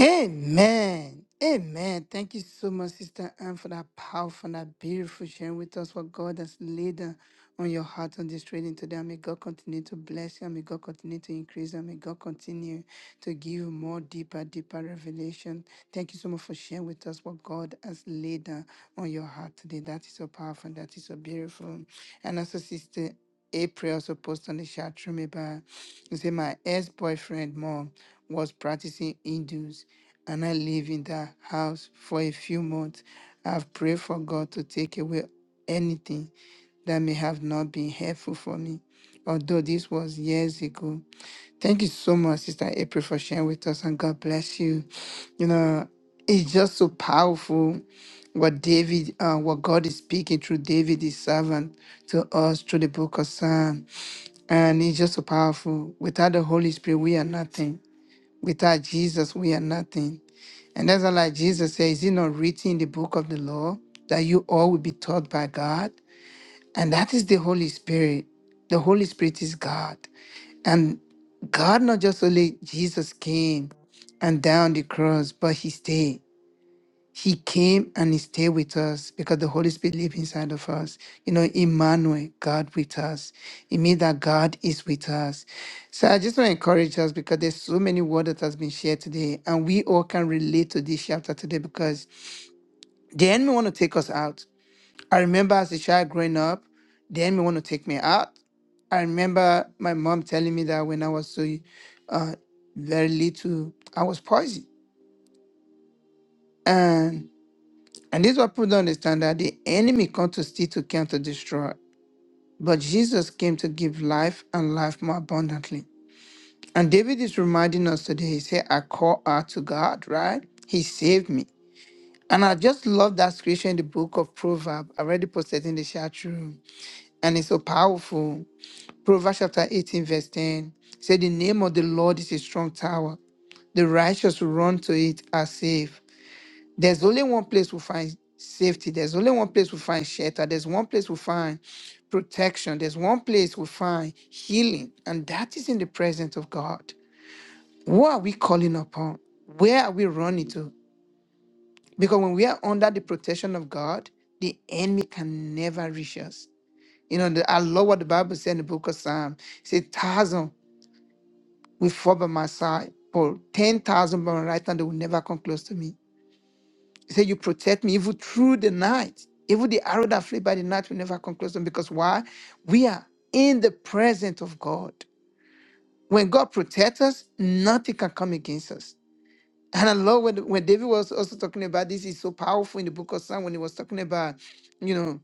Amen. Amen. Thank you so much, Sister Anne, for that powerful and that beautiful sharing with us what God has laid on on your heart on this training today. And may God continue to bless you. And may God continue to increase. you. And may God continue to give you more deeper, deeper revelation. Thank you so much for sharing with us what God has laid on on your heart today. That is so powerful. and That is so beautiful. And also, Sister. April also posted on the chat room about, he my ex-boyfriend mom was practicing Hindus and I lived in that house for a few months. I've prayed for God to take away anything that may have not been helpful for me. Although this was years ago, Thank you so much, Sister April, for sharing with us, and God bless you. You know, it's just so powerful what David, uh, what God is speaking through David, his servant, to us through the book of Psalm. And it's just so powerful. Without the Holy Spirit, we are nothing. Without Jesus, we are nothing. And that's why, like Jesus says, is it not written in the book of the law that you all will be taught by God? And that is the Holy Spirit. The Holy Spirit is God. And God, not just only Jesus came and down the cross, but He stayed. He came and He stayed with us because the Holy Spirit lives inside of us. You know, Emmanuel, God with us. It means that God is with us. So I just want to encourage us because there's so many word that has been shared today, and we all can relate to this chapter today because the enemy want to take us out. I remember as a child growing up, the enemy want to take me out. I remember my mom telling me that when I was so uh, very little, I was poisoned. And and this is what people don't understand that the enemy comes to steal, to kill, to destroy. But Jesus came to give life and life more abundantly. And David is reminding us today. He said, I call out to God, right? He saved me. And I just love that scripture in the book of Proverbs. I already posted in the chat room. And it's so powerful. Proverbs chapter 18, verse 10 said, The name of the Lord is a strong tower. The righteous will run to it are safe. There's only one place we find safety. There's only one place we find shelter. There's one place we find protection. There's one place we find healing. And that is in the presence of God. What are we calling upon? Where are we running to? Because when we are under the protection of God, the enemy can never reach us. You know, the, I love what the Bible said in the book of Psalm. It's a thousand. will fall by my side, but 10,000 by my right hand, they will never come close to me. He said, You protect me even through the night. Even the arrow that flew by the night will never come close to me because why? We are in the presence of God. When God protects us, nothing can come against us. And I love when, when David was also talking about this, is so powerful in the book of Psalm when he was talking about, you know,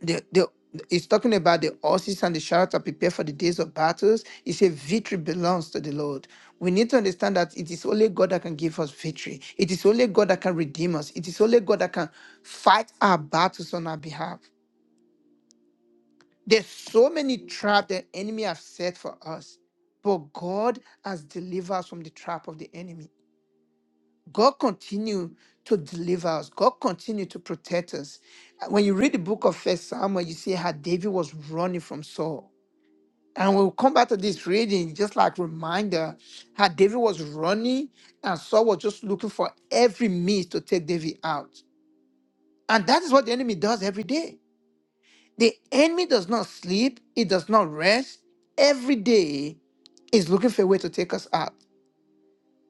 the, the it's talking about the horses and the chariots are prepared for the days of battles. It says victory belongs to the Lord. We need to understand that it is only God that can give us victory. It is only God that can redeem us. It is only God that can fight our battles on our behalf. There's so many traps the enemy have set for us, but God has delivered us from the trap of the enemy. God continue to deliver us. God continue to protect us. When you read the book of First Samuel, you see how David was running from Saul And we'll come back to this reading, just like reminder how David was running and Saul was just looking for every means to take David out. And that is what the enemy does every day. The enemy does not sleep, it does not rest. Every day is looking for a way to take us out.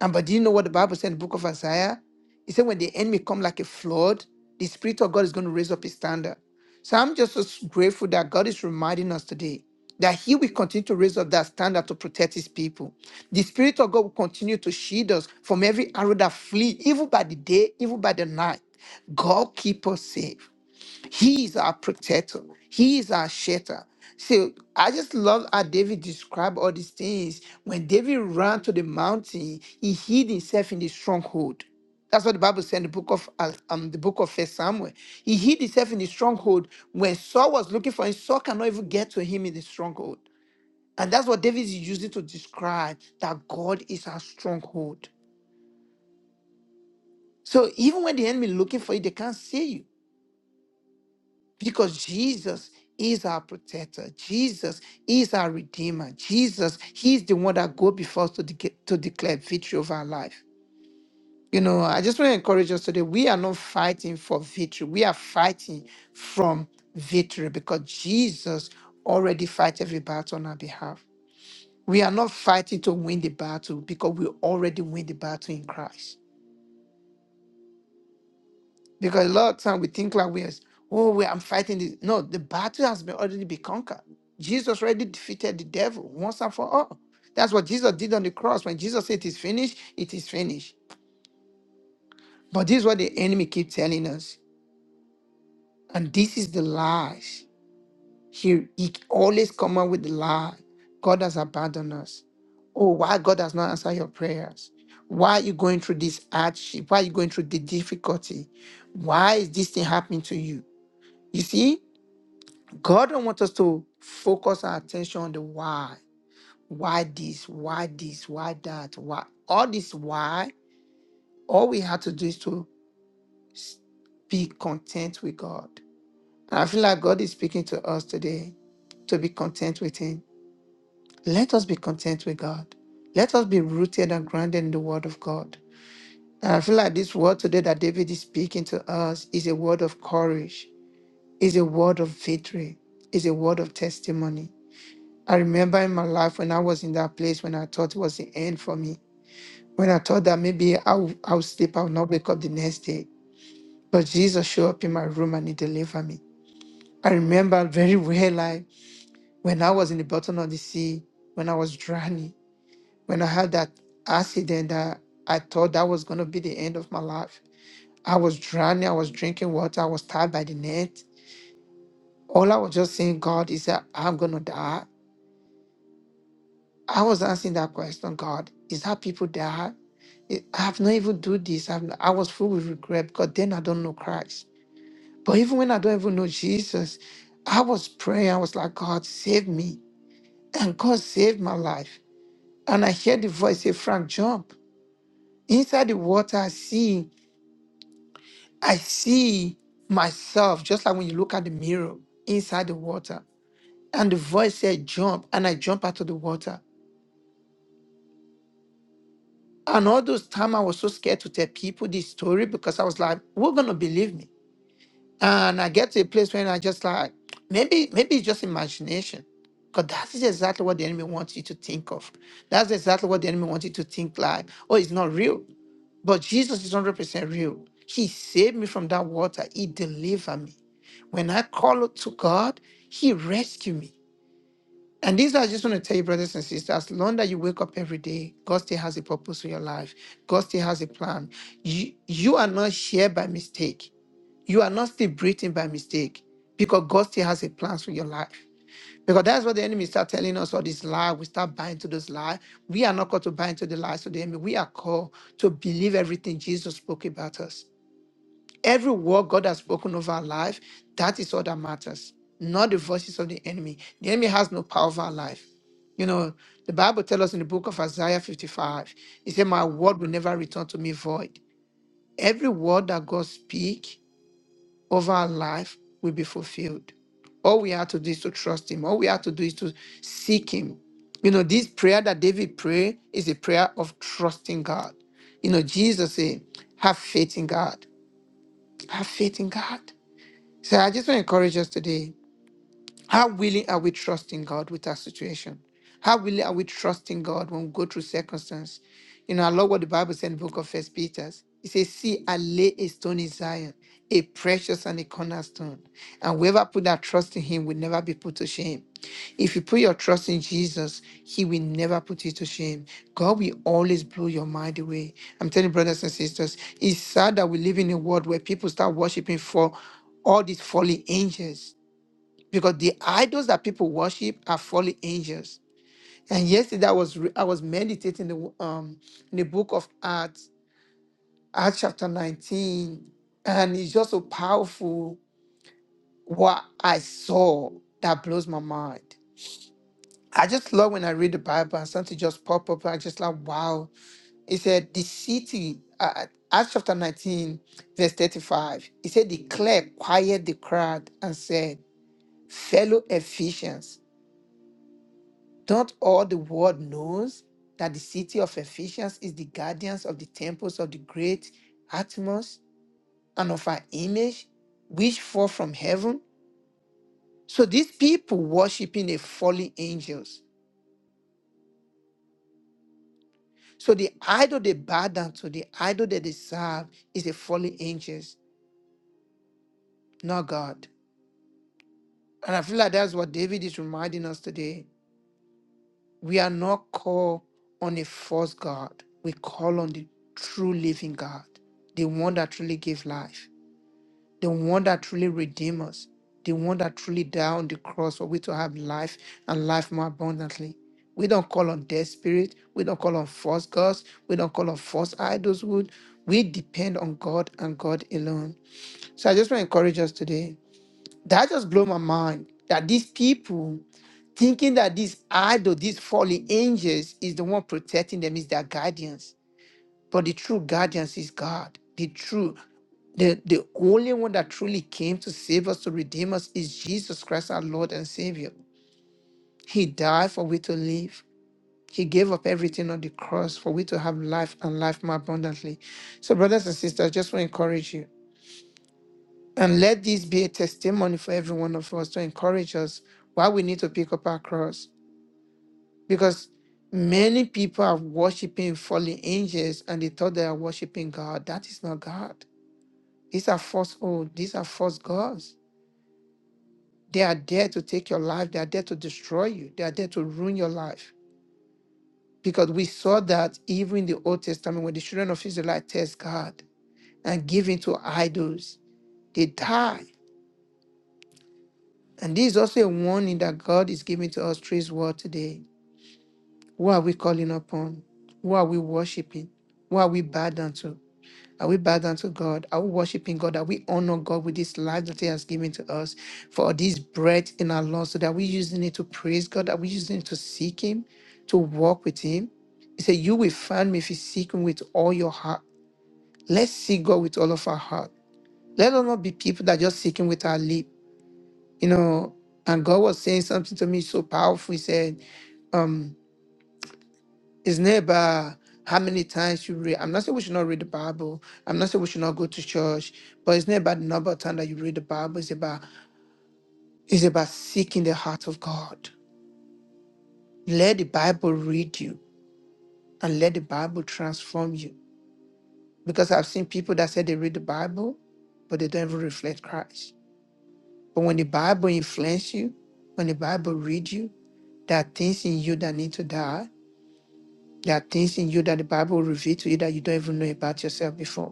And but do you know what the Bible said in the book of Isaiah? It said, when the enemy come like a flood, the Spirit of God is going to raise up his standard. So I'm just so grateful that this day and night. God, He, He is our shelter. So David described all these things when David he, he stronghold. That's what the book of First Samuel he showed when and that Jesus encourage us today. We are not fighting for victory. We are fighting from victory because Jesus already fight every battle on our behalf. We are not fighting to win the battle because we already win the battle in Christ. Because a lot of time we think like we are, oh, we I'm fighting this. No, the battle has been already been conquered. Jesus already defeated the devil once and for all. That's what Jesus did on the cross. When Jesus said it is finished, it is finished. But this is what the enemy keep telling us. And this is the lies. He, he always come up with the lie. God has abandoned us. Oh, why God has not answered your prayers? Why are you going through this hardship? Why are you going through the difficulty? Why is this thing happening to you? You see, God don't want us to focus our attention on the why. Why this? Why this? Why that? Why? All this why. All we have to do is to be content with God. And I feel like God is speaking to us today to be content with Him. Let us be content with God. Let us be rooted and grounded in the Word of God. And I feel like this word today that David is speaking to us is a word of courage, is a word of victory, is a word of testimony I remember in my life when I was in that place when I thought it was the end for me, when I thought that maybe I'll, I'll sleep, I'll not wake up the next day. But Jesus showed up in my room and he delivered me. I remember very well, like when I was in the bottom of the sea, when I was drowning, when I had that accident that I thought that was going to be the end of my life. I was drowning, I was drinking water, I was tied by the net. All I was just saying, God, is that I'm going to die. I was asking that question, God, is that people that I I have not even do this? I've not- I was full with regret because then I don't know Christ. But even when I don't even know Jesus, I was praying. I was like, God, save me. And God saved my life. And I heard the voice say, Frank, jump. Inside the water, I see, I see myself, just like when you look at the mirror inside the water. And the voice said, jump. And I jump out of the water. And all those time I was so scared to tell people this story because I was like, "Who's gonna believe me?" And I get to a place when I just like, maybe maybe it's just imagination, because that is exactly what the enemy wants you to think of. That's exactly what the enemy wants you to think like, "Oh, it's not real," but Jesus is one hundred percent real. He saved me from that water. He delivered me. When I call out to God, He rescued me. And this I just want to tell you, brothers and sisters, as long that you wake up every day, God still has a purpose for your life. God still has a plan. You, you are not here by mistake. You are not still breathing by mistake because God still has a plan for your life. Because that's what the enemy start telling us all this lie. We start buying to those lie. We are not called to buy into the lies of the enemy. We are called to believe everything Jesus spoke about us. Every word God has spoken over our life, that is all that matters, not the voices of the enemy. The enemy has no power over our life. You know, the Bible tells us in the book of Isaiah 55, it said, My word will never return to me void. Every word that God speaks over our life will be fulfilled. All we have to do is to trust Him. All we have to do is to seek Him. You know, this prayer that David prayed is a prayer of trusting God. You know, Jesus said, Have faith in God. Have faith in God. So I just want to encourage us today. How willing are we trusting God with our situation? How willing are we trusting God when we go through circumstance? You know, I love what the Bible said in the book of First Peter. It says, See, I lay a stone in Zion, a precious and a cornerstone. And whoever put their trust in him will never be put to shame. If you put your trust in Jesus, he will never put you to shame. God will always blow your mind away. I'm telling you, brothers and sisters, it's sad that we live in a world where people start worshiping for all these fallen angels because the idols that people worship are fallen angels. And yesterday I was re- I was meditating the, um in the book of Acts, Acts chapter 19, and it's just so powerful what I saw that blows my mind. I just love when I read the Bible and something just pop up. I just like wow. It said the city, uh, Acts chapter 19, verse 35. It said, the clerk quiet the crowd and said, fellow Ephesians. Don't all the world knows that the city of Ephesus is the guardians of the temples of the great Atmos and of her image, which fall from heaven? So these people worshiping a fallen angels. So the idol they bow down to, the idol that they serve is a fallen angels, not God. And I feel like that's what David is reminding us today. We are not called on a false God. We call on the true living God, the one that truly gives life. the one that truly redeemed us, the one that truly died on the cross for we to have life and life more abundantly. We don't call on dead spirit. We don't call on false gods. We don't call on false idols. Would we depend on God and God alone? So I just want to encourage us today. That just blew my mind that these people thinking that this idol, these fallen angels, is the one protecting them, is their guardians. But the true guardians is God. The true. The, the only one that truly came to save us, to redeem us, is Jesus Christ, our Lord and Savior. He died for we to live. He gave up everything on the cross for we to have life and life more abundantly. So, brothers and sisters, I just want to encourage you. And let this be a testimony for every one of us to encourage us why we need to pick up our cross. Because many people are worshiping fallen angels and they thought they are worshiping God. That is not God. These are false, oh, these are false gods. They are there to take your life. They are there to destroy you. They are there to ruin your life. Because we saw that even in the Old Testament, when the children of Israel test God and give in to idols, they die. And this is also a warning that God is giving to us through His word today. Who are we calling upon? Who are we worshiping? Who are we bowed down to? Are we bowed down to God? Are we worshiping God? Are we honor God with this life that He has given to us for this breath in our lungs? So that we using it to praise God? Are we using it to seek Him, to walk with Him? He said, You will find me if you seek Him with all your heart. Let's seek God with all of our heart. Let us not be people that just seek Him with our lip. You know, and God was saying something to me so powerful. He said, um, it's not about how many times you read. I'm not saying we should not read the Bible. I'm not saying we should not go to church. But it's not about the number of times that you read the Bible. It's about it's about seeking the heart of God. Let the Bible read you and let the Bible transform you. Because I've seen people that said they read the Bible, but they don't even reflect Christ. But when the Bible influences you, when the Bible reads you, there are things in you that need to die. There are things in you that the Bible will reveal to you that you don't even know about yourself before.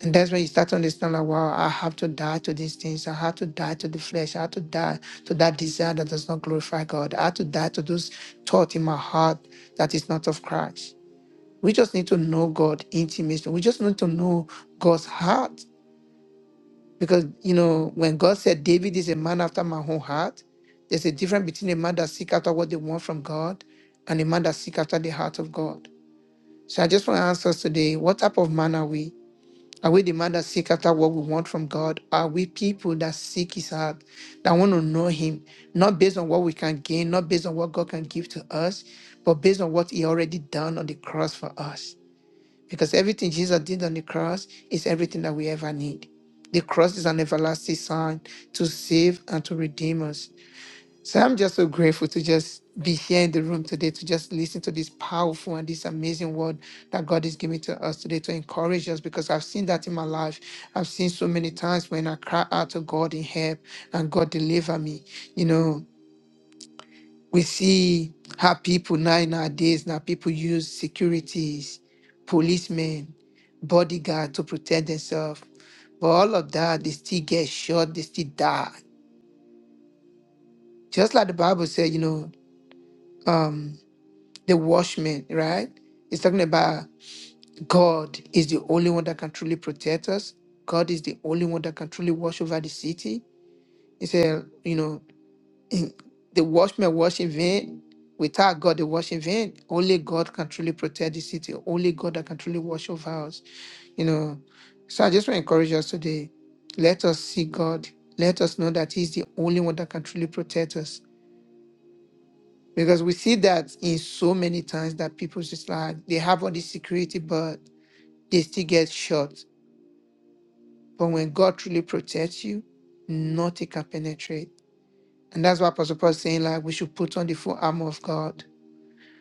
And that's when you start to understand like, wow, I have to die to these things. I have to die to the flesh. I have to die to that desire that does not glorify God. I have to die to those thoughts in my heart that is not of Christ. We just need to know God intimately. We just need to know God's heart. Because, you know, when God said, David is a man after my own heart, there's a difference between a man that seek after what they want from God and a man that seek after the heart of God. So I just want to ask us today, what type of man are we? Are we the man that seek after what we want from God? Are we people that seek his heart, that want to know him, not based on what we can gain, not based on what God can give to us, but based on what he already done on the cross for us? Because everything Jesus did on the cross is everything that we ever need. The cross is an everlasting sign to save and to redeem us. So I'm just so grateful to just be here in the room today to just listen to this powerful and this amazing word that God is giving to us today to encourage us because I've seen that in my life. I've seen so many times when I cry out to God in help and God deliver me. You know, we see how people now nowadays now people use securities, policemen, bodyguard to protect themselves. But all of that, they still get shot, they still die. Just like the Bible said, you know, um, the watchman, right? He's talking about God is the only one that can truly protect us. God is the only one that can truly watch over the city. He said, you know, in, the watchman watch in vain. Without God, they watch in vain. Only God can truly protect the city. Only God that can truly watch over us. You know, so I just want to encourage us today. Let us see God. Let us know that He's the only one that can truly protect us Because we see that in so many times that people just like they have all this security, but they still get shot. But when God truly protects you, nothing can penetrate. And that's why Apostle Paul is saying, like, we should put on the full armor of God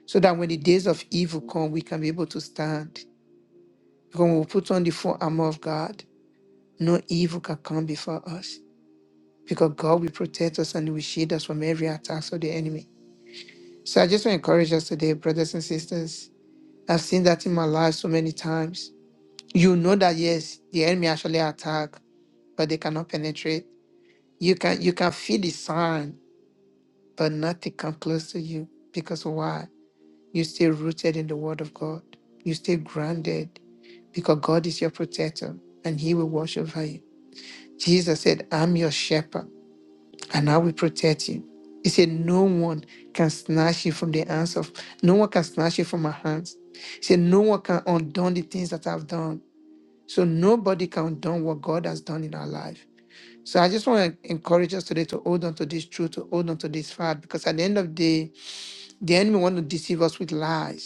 so that when the days of evil come, we can be able to stand. Because when we put on the full armor of God, no evil can come before us. Because God will protect us and will shield us from every attack of the enemy. So I just want to encourage us today, brothers and sisters. I've seen that in my life so many times you know that yes, the enemy actually attack, but they cannot penetrate. You can you can feel the sign, but nothing come close to you. Because why? You stay rooted in the word of God. You stay grounded because God is your protector and He will watch over you. Jesus said, I'm your shepherd and I will protect you. He said, No one can snatch you from the hands of no one can snatch you from my hands. He said, No one can undo the things that I've done. So nobody can do what God has done in our life. So I just want to encourage us today to hold on to this truth, to hold on to this fact, because at the end of the day, the enemy want to deceive us with lies.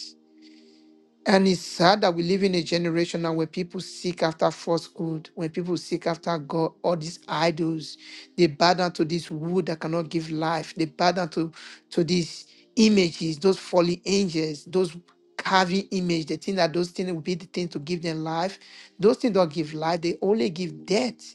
And it's sad that we live in a generation now where people seek after falsehood, when people seek after God, all these idols, they bow down to this wood that cannot give life. They bow down to, to these images, those fallen angels, those carving image, they think that those things will be the thing to give them life. Those things don't give life, they only give death.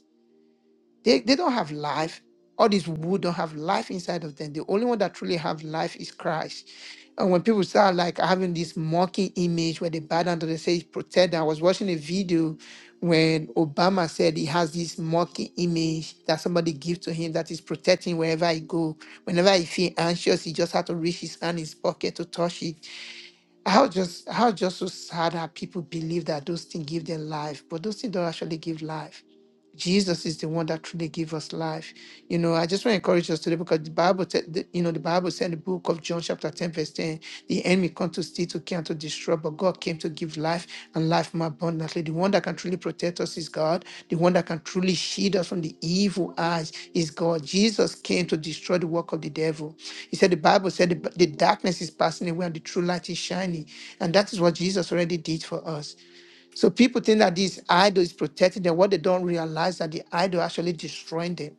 They, they don't have life. All these wood don't have life inside of them. The only one that truly have life is Christ. And when people start like having this mocking image where they bow down to the say protect, them. I was watching a video when Obama said he has this mocking image that somebody gives to him that is protecting wherever he go. Whenever he feel anxious, he just had to reach his hand in his pocket to touch it. How just how just so sad that people believe that those things give them life, but those things don't actually give life. Jesus is the one that truly gives us life. You know, I just want to encourage us today because the Bible, te- the- you know, the Bible said in the book of John, chapter 10, verse 10, the enemy come to steal, to kill, and to destroy, but God came to give life and life more abundantly. The one that can truly protect us is God. The one that can truly shield us from the evil eyes is God. Jesus came to destroy the work of the devil. He said, the Bible said the, the darkness is passing away and the true light is shining. And that is what Jesus already did for us. So people think that this idol is protecting them. What they don't realize that the idol actually destroying them.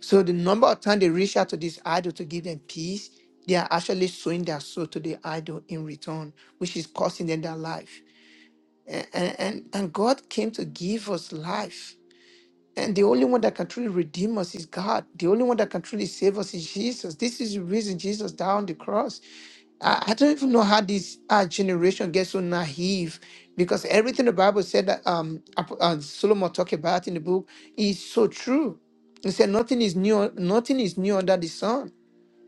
So the number of times they reach out to this idol to give them peace, they are actually sowing their soul to the idol in return, which is costing them their life. And, and, and and God came to give us life. And the only one that can truly redeem us is God. The only one that can truly save us is Jesus. This is the reason Jesus died on the cross. I, I don't even know how this our generation gets so naive because everything the Bible said that um, Ap- uh, Solomon talked about in the book is so true. He said nothing is new, nothing is new under the sun.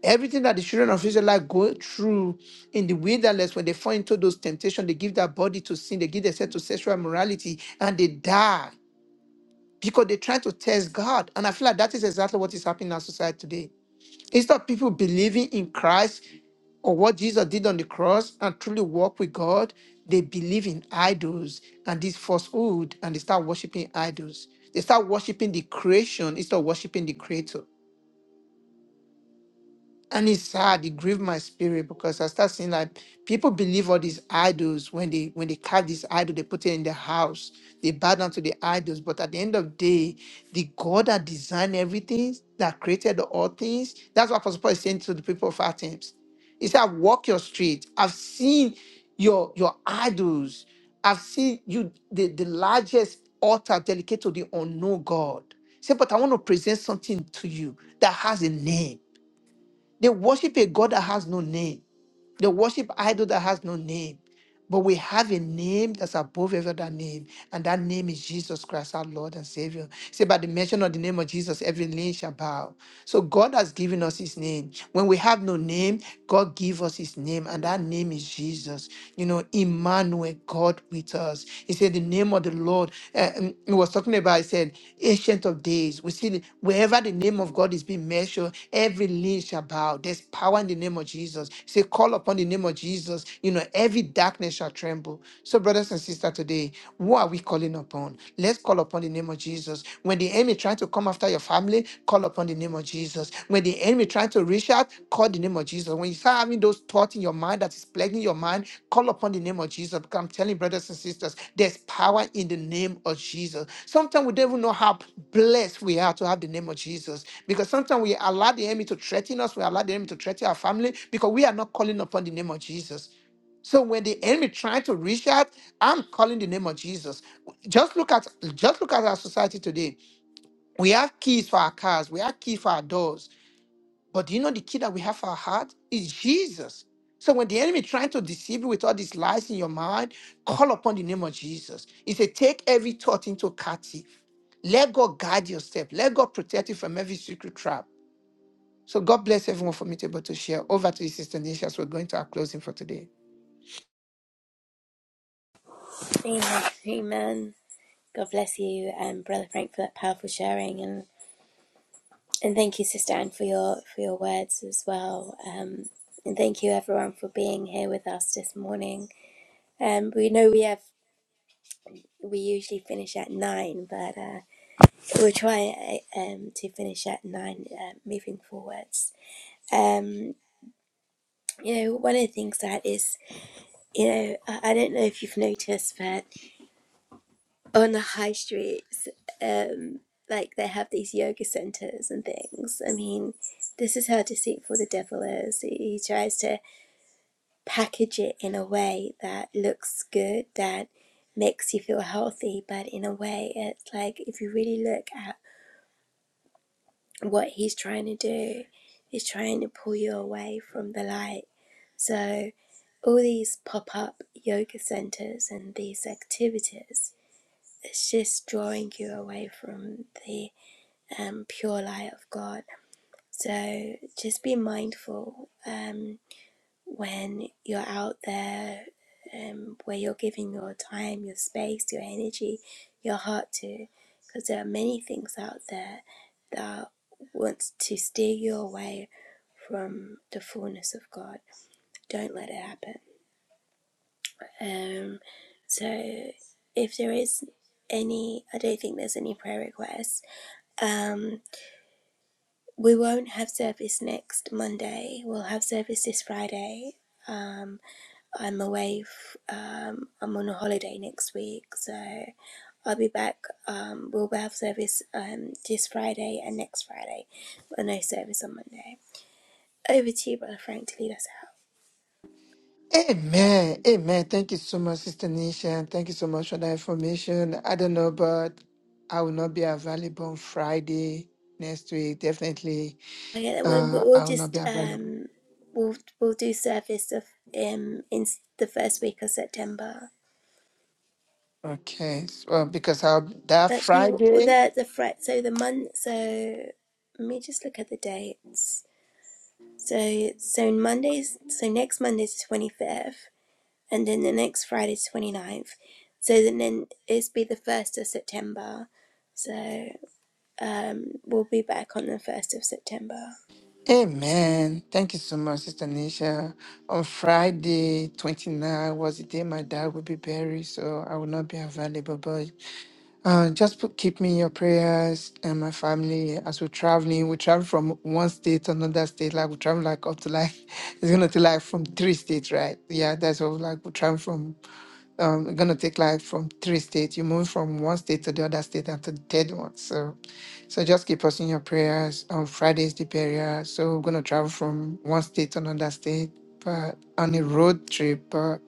Everything that the children of Israel go through in the wilderness when they fall into those temptations, they give their body to sin, they give themselves to sexual immorality, and they die because they try to test God. And I feel like that is exactly what is happening in our society today. Instead of people believing in Christ or what Jesus did on the cross and truly walk with God, they believe in idols and this falsehood and they start worshiping idols. They start worshiping the creation instead of worshiping the creator. And it's sad, it grieved my spirit because I start seeing like people believe all these idols when they when they carve this idol, they put it in their house, they bow down to the idols. But at the end of the day, the God that designed everything, that created all things, that's what Apostle Paul is saying to the people of Athens. He said, I walk your street. I've seen your your idols. I've seen you the, the largest altar dedicated to the unknown God. He said, but I want to present something to you that has a name. They worship a God that has no name. They worship idol that has no name. But we have a name that's above every other name, and that name is Jesus Christ, our Lord and Savior. Say, by the mention of the name of Jesus, every knee shall bow. So God has given us His name. When we have no name, God give us His name, and that name is Jesus. You know, Emmanuel, God with us. He said, the name of the Lord. Uh, um, he was talking about. He said, Ancient of Days. We see the- wherever the name of God is being mentioned, every knee shall bow bow. There's power in the name of Jesus. Say, call upon the name of Jesus. You know, every darkness shall tremble. So, brothers and sisters, today, what are we calling upon? Let's call upon the name of Jesus. When the enemy trying to come after your family, call upon the name of Jesus. When the enemy trying to reach out, call the name of Jesus. When you start having those thoughts in your mind that is plaguing your mind, call upon the name of Jesus. Because I'm telling you, brothers and sisters, there's power in the name of Jesus. Sometimes we don't even know how blessed we are to have the name of Jesus. Because sometimes we allow the enemy to threaten us, we allow the enemy to threaten our family because we are not calling upon the name of Jesus. So when the enemy trying to reach out, I'm calling the name of Jesus. Just look at just look at our society today. We have keys for our cars, we have keys for our doors. But do you know the key that we have for our heart is Jesus. So when the enemy trying to deceive you with all these lies in your mind, call upon the name of Jesus. He said, take every thought into captive. Let God guide your step. Let God protect you from every secret trap. So God bless everyone for being able to share. Over to you, Sister Nisha. So we're going to our closing for today.
Amen. Amen. God bless you, um, Brother Frank, for that powerful sharing. and. And thank you, Sister Anne, for your for your words as well. Um, and thank you everyone for being here with us this morning. Um, we know we have we usually finish at nine, but uh, we'll try uh, um, to finish at nine uh, moving forwards. Um, you know, one of the things that is, you know, I, I don't know if you've noticed, but on the high streets, um, like they have these yoga centers and things. I mean, this is how deceitful the devil is. He, he tries to package it in a way that looks good, that makes you feel healthy, but in a way, it's like if you really look at what he's trying to do, he's trying to pull you away from the light. So, all these pop up yoga centers and these activities, it's just drawing you away from the um, pure light of God. So, just be mindful. Um, when you're out there um, where you're giving your time, your space, your energy, your heart to. Because there are many things out there that want to steer you away from the fullness of God. Don't let it happen. Um, so, if there is any, I don't think there's any prayer requests. Um, we won't have service next Monday. We'll have service this Friday. Um, I'm away. F- um, I'm on a holiday next week, so I'll be back. Um, we'll have service um, this Friday and next Friday, but no service on Monday. Over to you, brother Frank, to lead us out.
Amen. Amen. Thank you so much, Sister Nisha. Thank you so much for that information. I don't know, but I will not be available on Friday next week. Definitely,
Okay, then we'll,
uh,
we'll
I will not
just
be available.
um, we'll we'll do service of um in s- the first week of September.
Okay. So, uh, because I'll that
Actually, w-
Friday.
the the fret. So the month. So let me just look at the dates. So so Monday's so next Monday's the twenty fifth. and then the next Friday twenty ninth, So then, then it's be the 1st of September. So um, we'll be back on the 1st of September.
Amen. Thank you so much, Sister Nisha. On Friday, 29 was the day my dad will be buried, so I will not be available. But Uh, just put, keep me in your prayers and my family as we're traveling. We travel from one state to another state. Like we travel like up to like it's gonna take like from three states, right? Yeah, that's what like we travel from. Um, gonna take like from three states. You move from one state to the other state after the third one. So, so just keep us in your prayers. On Friday's the burial, so we're gonna travel from one state to another state, but on a road trip.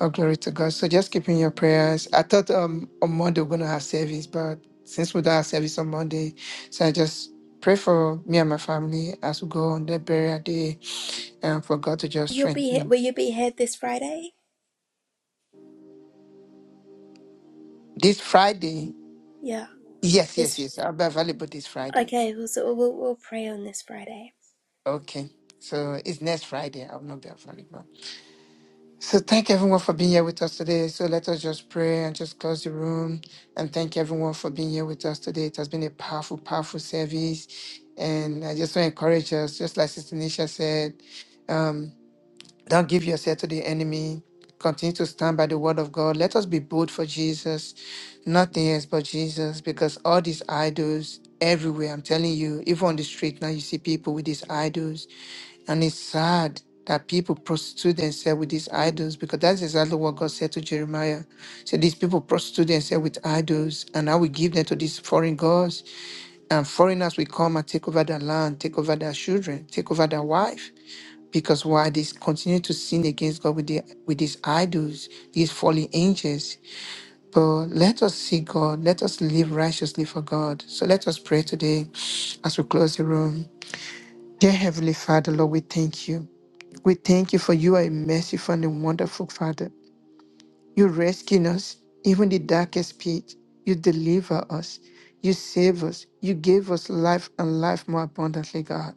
Oh, glory to God. So just keep in your prayers. I thought um on Monday we're gonna have service, but since we don't have service on Monday, so I just pray for me and my family as we go on that burial day and for God to just
You'll be
strengthen
here,
them.
will you be here this Friday?
This Friday.
Yeah.
Yes, yes,
This
yes. I'll be available this Friday.
okay, we'll, so we'll, we'll pray on this Friday.
Okay. So it's next Friday. I'll not be available. So thank everyone for being here with us today. So let us just pray and just close the room and thank everyone for being here with us today. It has been a powerful, powerful service. And I just want to encourage us, just like Sister Nisha said, um, don't give yourself to the enemy. Continue to stand by the word of God. Let us be bold for Jesus, nothing else but Jesus, because all these idols everywhere, I'm telling you, even on the street now, you see people with these idols and it's sad that people prostitute themselves with these idols because that's exactly what God said to Jeremiah. He said, These people prostitute themselves with idols, and I will give them to these foreign gods. And foreigners will come and take over their land, take over their children, take over their wife. Because why they continue to sin against God with, the, with these idols, these fallen angels. But let us see God. Let us live righteously for God. So let us pray today as we close the room. Dear Heavenly Father, Lord, we thank you. We thank you for you are a merciful and wonderful Father. You rescue us, even the darkest pit. You deliver us. You save us. You gave us life and life more abundantly, God.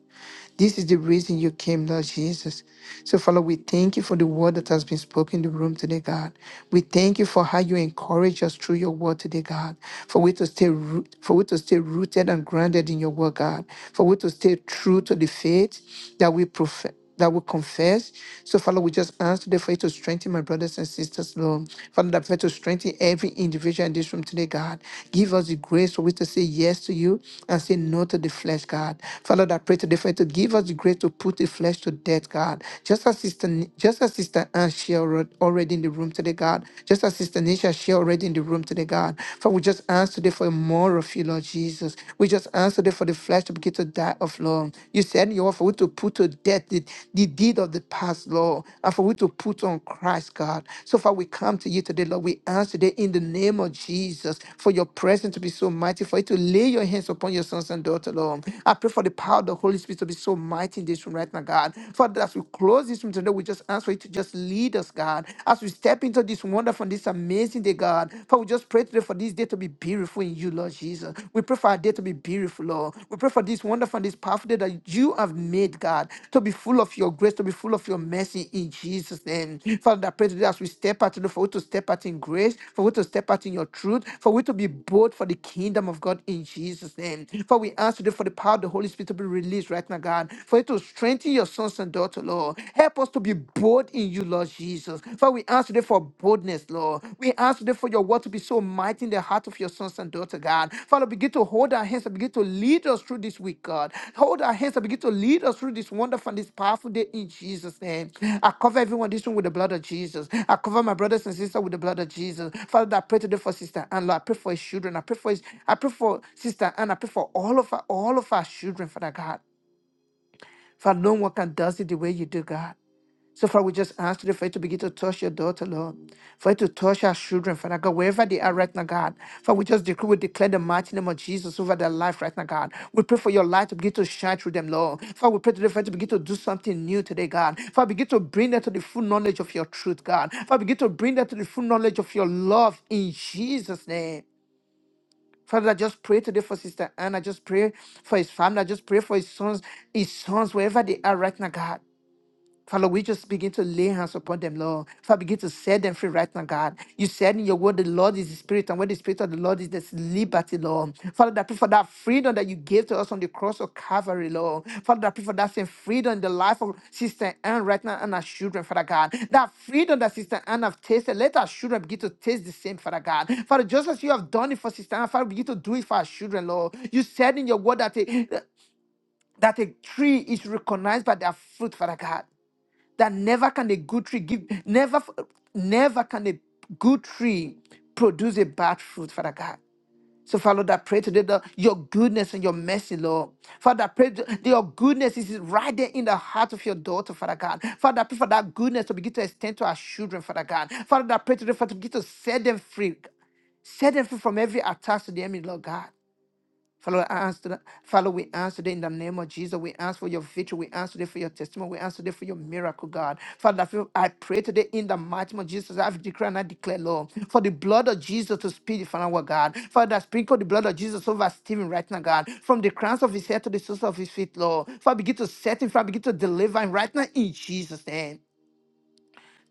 This is the reason you came, Lord Jesus. So, Father, we thank you for the word that has been spoken in the room today, God. We thank you for how you encourage us through your word today, God. For we to stay root, for we to stay rooted and grounded in your word, God. For we to stay true to the faith that we profess that will confess. So, Father, we just ask today for you to strengthen my brothers and sisters, Lord. Father, that for you to strengthen every individual in this room today, God. Give us the grace for we to say yes to you and say no to the flesh, God. Father, that I pray today for you to give us the grace to put the flesh to death, God. Just as Sister, just as Sister Anne shared alre- already in the room today, God. Just as Sister Nisha shared already in the room today, God. Father, we just ask today for more of you, Lord Jesus. We just ask answer that for the flesh to begin to die of Lord. You said you want for we to put to death the, the deed of the past, Lord, and for we to put on Christ, God. So far we come to you today, Lord. We ask today in the name of Jesus for your presence to be so mighty, for you to lay your hands upon your sons and daughters, Lord. I pray for the power of the Holy Spirit to be so mighty in this room right now, God. Father, as we close this room today, we just ask for you to just lead us, God, as we step into this wonderful, this amazing day, God. Father, we just pray today for this day to be beautiful in you, Lord Jesus. We pray for our day to be beautiful, Lord. We pray for this wonderful and this powerful day that you have made, God, to be full of your grace, to be full of your mercy in Jesus' name. Father, I pray today as we step out today, for we to step out in grace, for we to step out in your truth, for we to be bold for the kingdom of God in Jesus' name. For we ask today for the power of the Holy Spirit to be released right now, God, for it to strengthen your sons and daughters, Lord. Help us to be bold in you, Lord Jesus. Father, we ask today for boldness, Lord. We ask today for your word to be so mighty in the heart of your sons and daughters, God. Father, begin to hold our hands and begin to lead us through this week, God. Hold our hands and begin to lead us through this wonderful and this powerful day in Jesus' name. I cover everyone in this room with the blood of Jesus. I cover my brothers and sisters with the blood of Jesus. Father, I pray today for Sister Anne, Lord. I pray for his children. I pray for his, I pray for Sister Anne. I pray for all of our, all of our children, Father God. Father, no one can does it the way you do, God. So, Father, we just ask today for you to begin to touch your daughter, Lord. For you to touch our children, Father God, wherever they are right now, God. Father, we just decree, we declare the mighty name of Jesus over their life right now, God. We pray for your light to begin to shine through them, Lord. Father, we pray today for you to begin to do something new today, God. Father, begin to bring them to the full knowledge of your truth, God. Father, begin to bring them to the full knowledge of your love in Jesus' name. Father, I just pray today for Sister Anna. I just pray for his family. I just pray for his sons, his sons, wherever they are right now, God. Father, we just begin to lay hands upon them, Lord. Father, begin to set them free right now, God. You said in your word, the Lord is the Spirit, and where the Spirit of the Lord is, there's liberty, Lord. Father, I pray for that freedom that you gave to us on the cross of Calvary, Lord. Father, I pray for that same freedom in the life of Sister Anne right now and our children, Father God. That freedom that Sister Anne have tasted, let our children begin to taste the same, Father God. Father, just as you have done it for Sister Anne, Father, begin to do it for our children, Lord. You said in your word that a, that a tree is recognized by their fruit, Father God that never can a good tree give never never can a good tree produce a bad fruit father god so father Lord, I pray today that your goodness and your mercy lord father I pray that your goodness is right there in the heart of your daughter father god father I pray for that goodness to begin to extend to our children father god father I pray today for to begin to set them free Set them free from every attack to the enemy, Lord God. Father, I ask that, Father, we ask today in the name of Jesus. We ask for your victory. We ask today for your testimony. We ask today for your miracle, God. Father, I feel- I pray today in the mighty name of Jesus. i declare and I declare, Lord, for the blood of Jesus to speak for our God. Father, sprinkle the blood of Jesus over Stephen right now, God. From the crowns of his head to the soles of his feet, Lord. Father, begin to set him, Father, begin to deliver him right now in Jesus' name.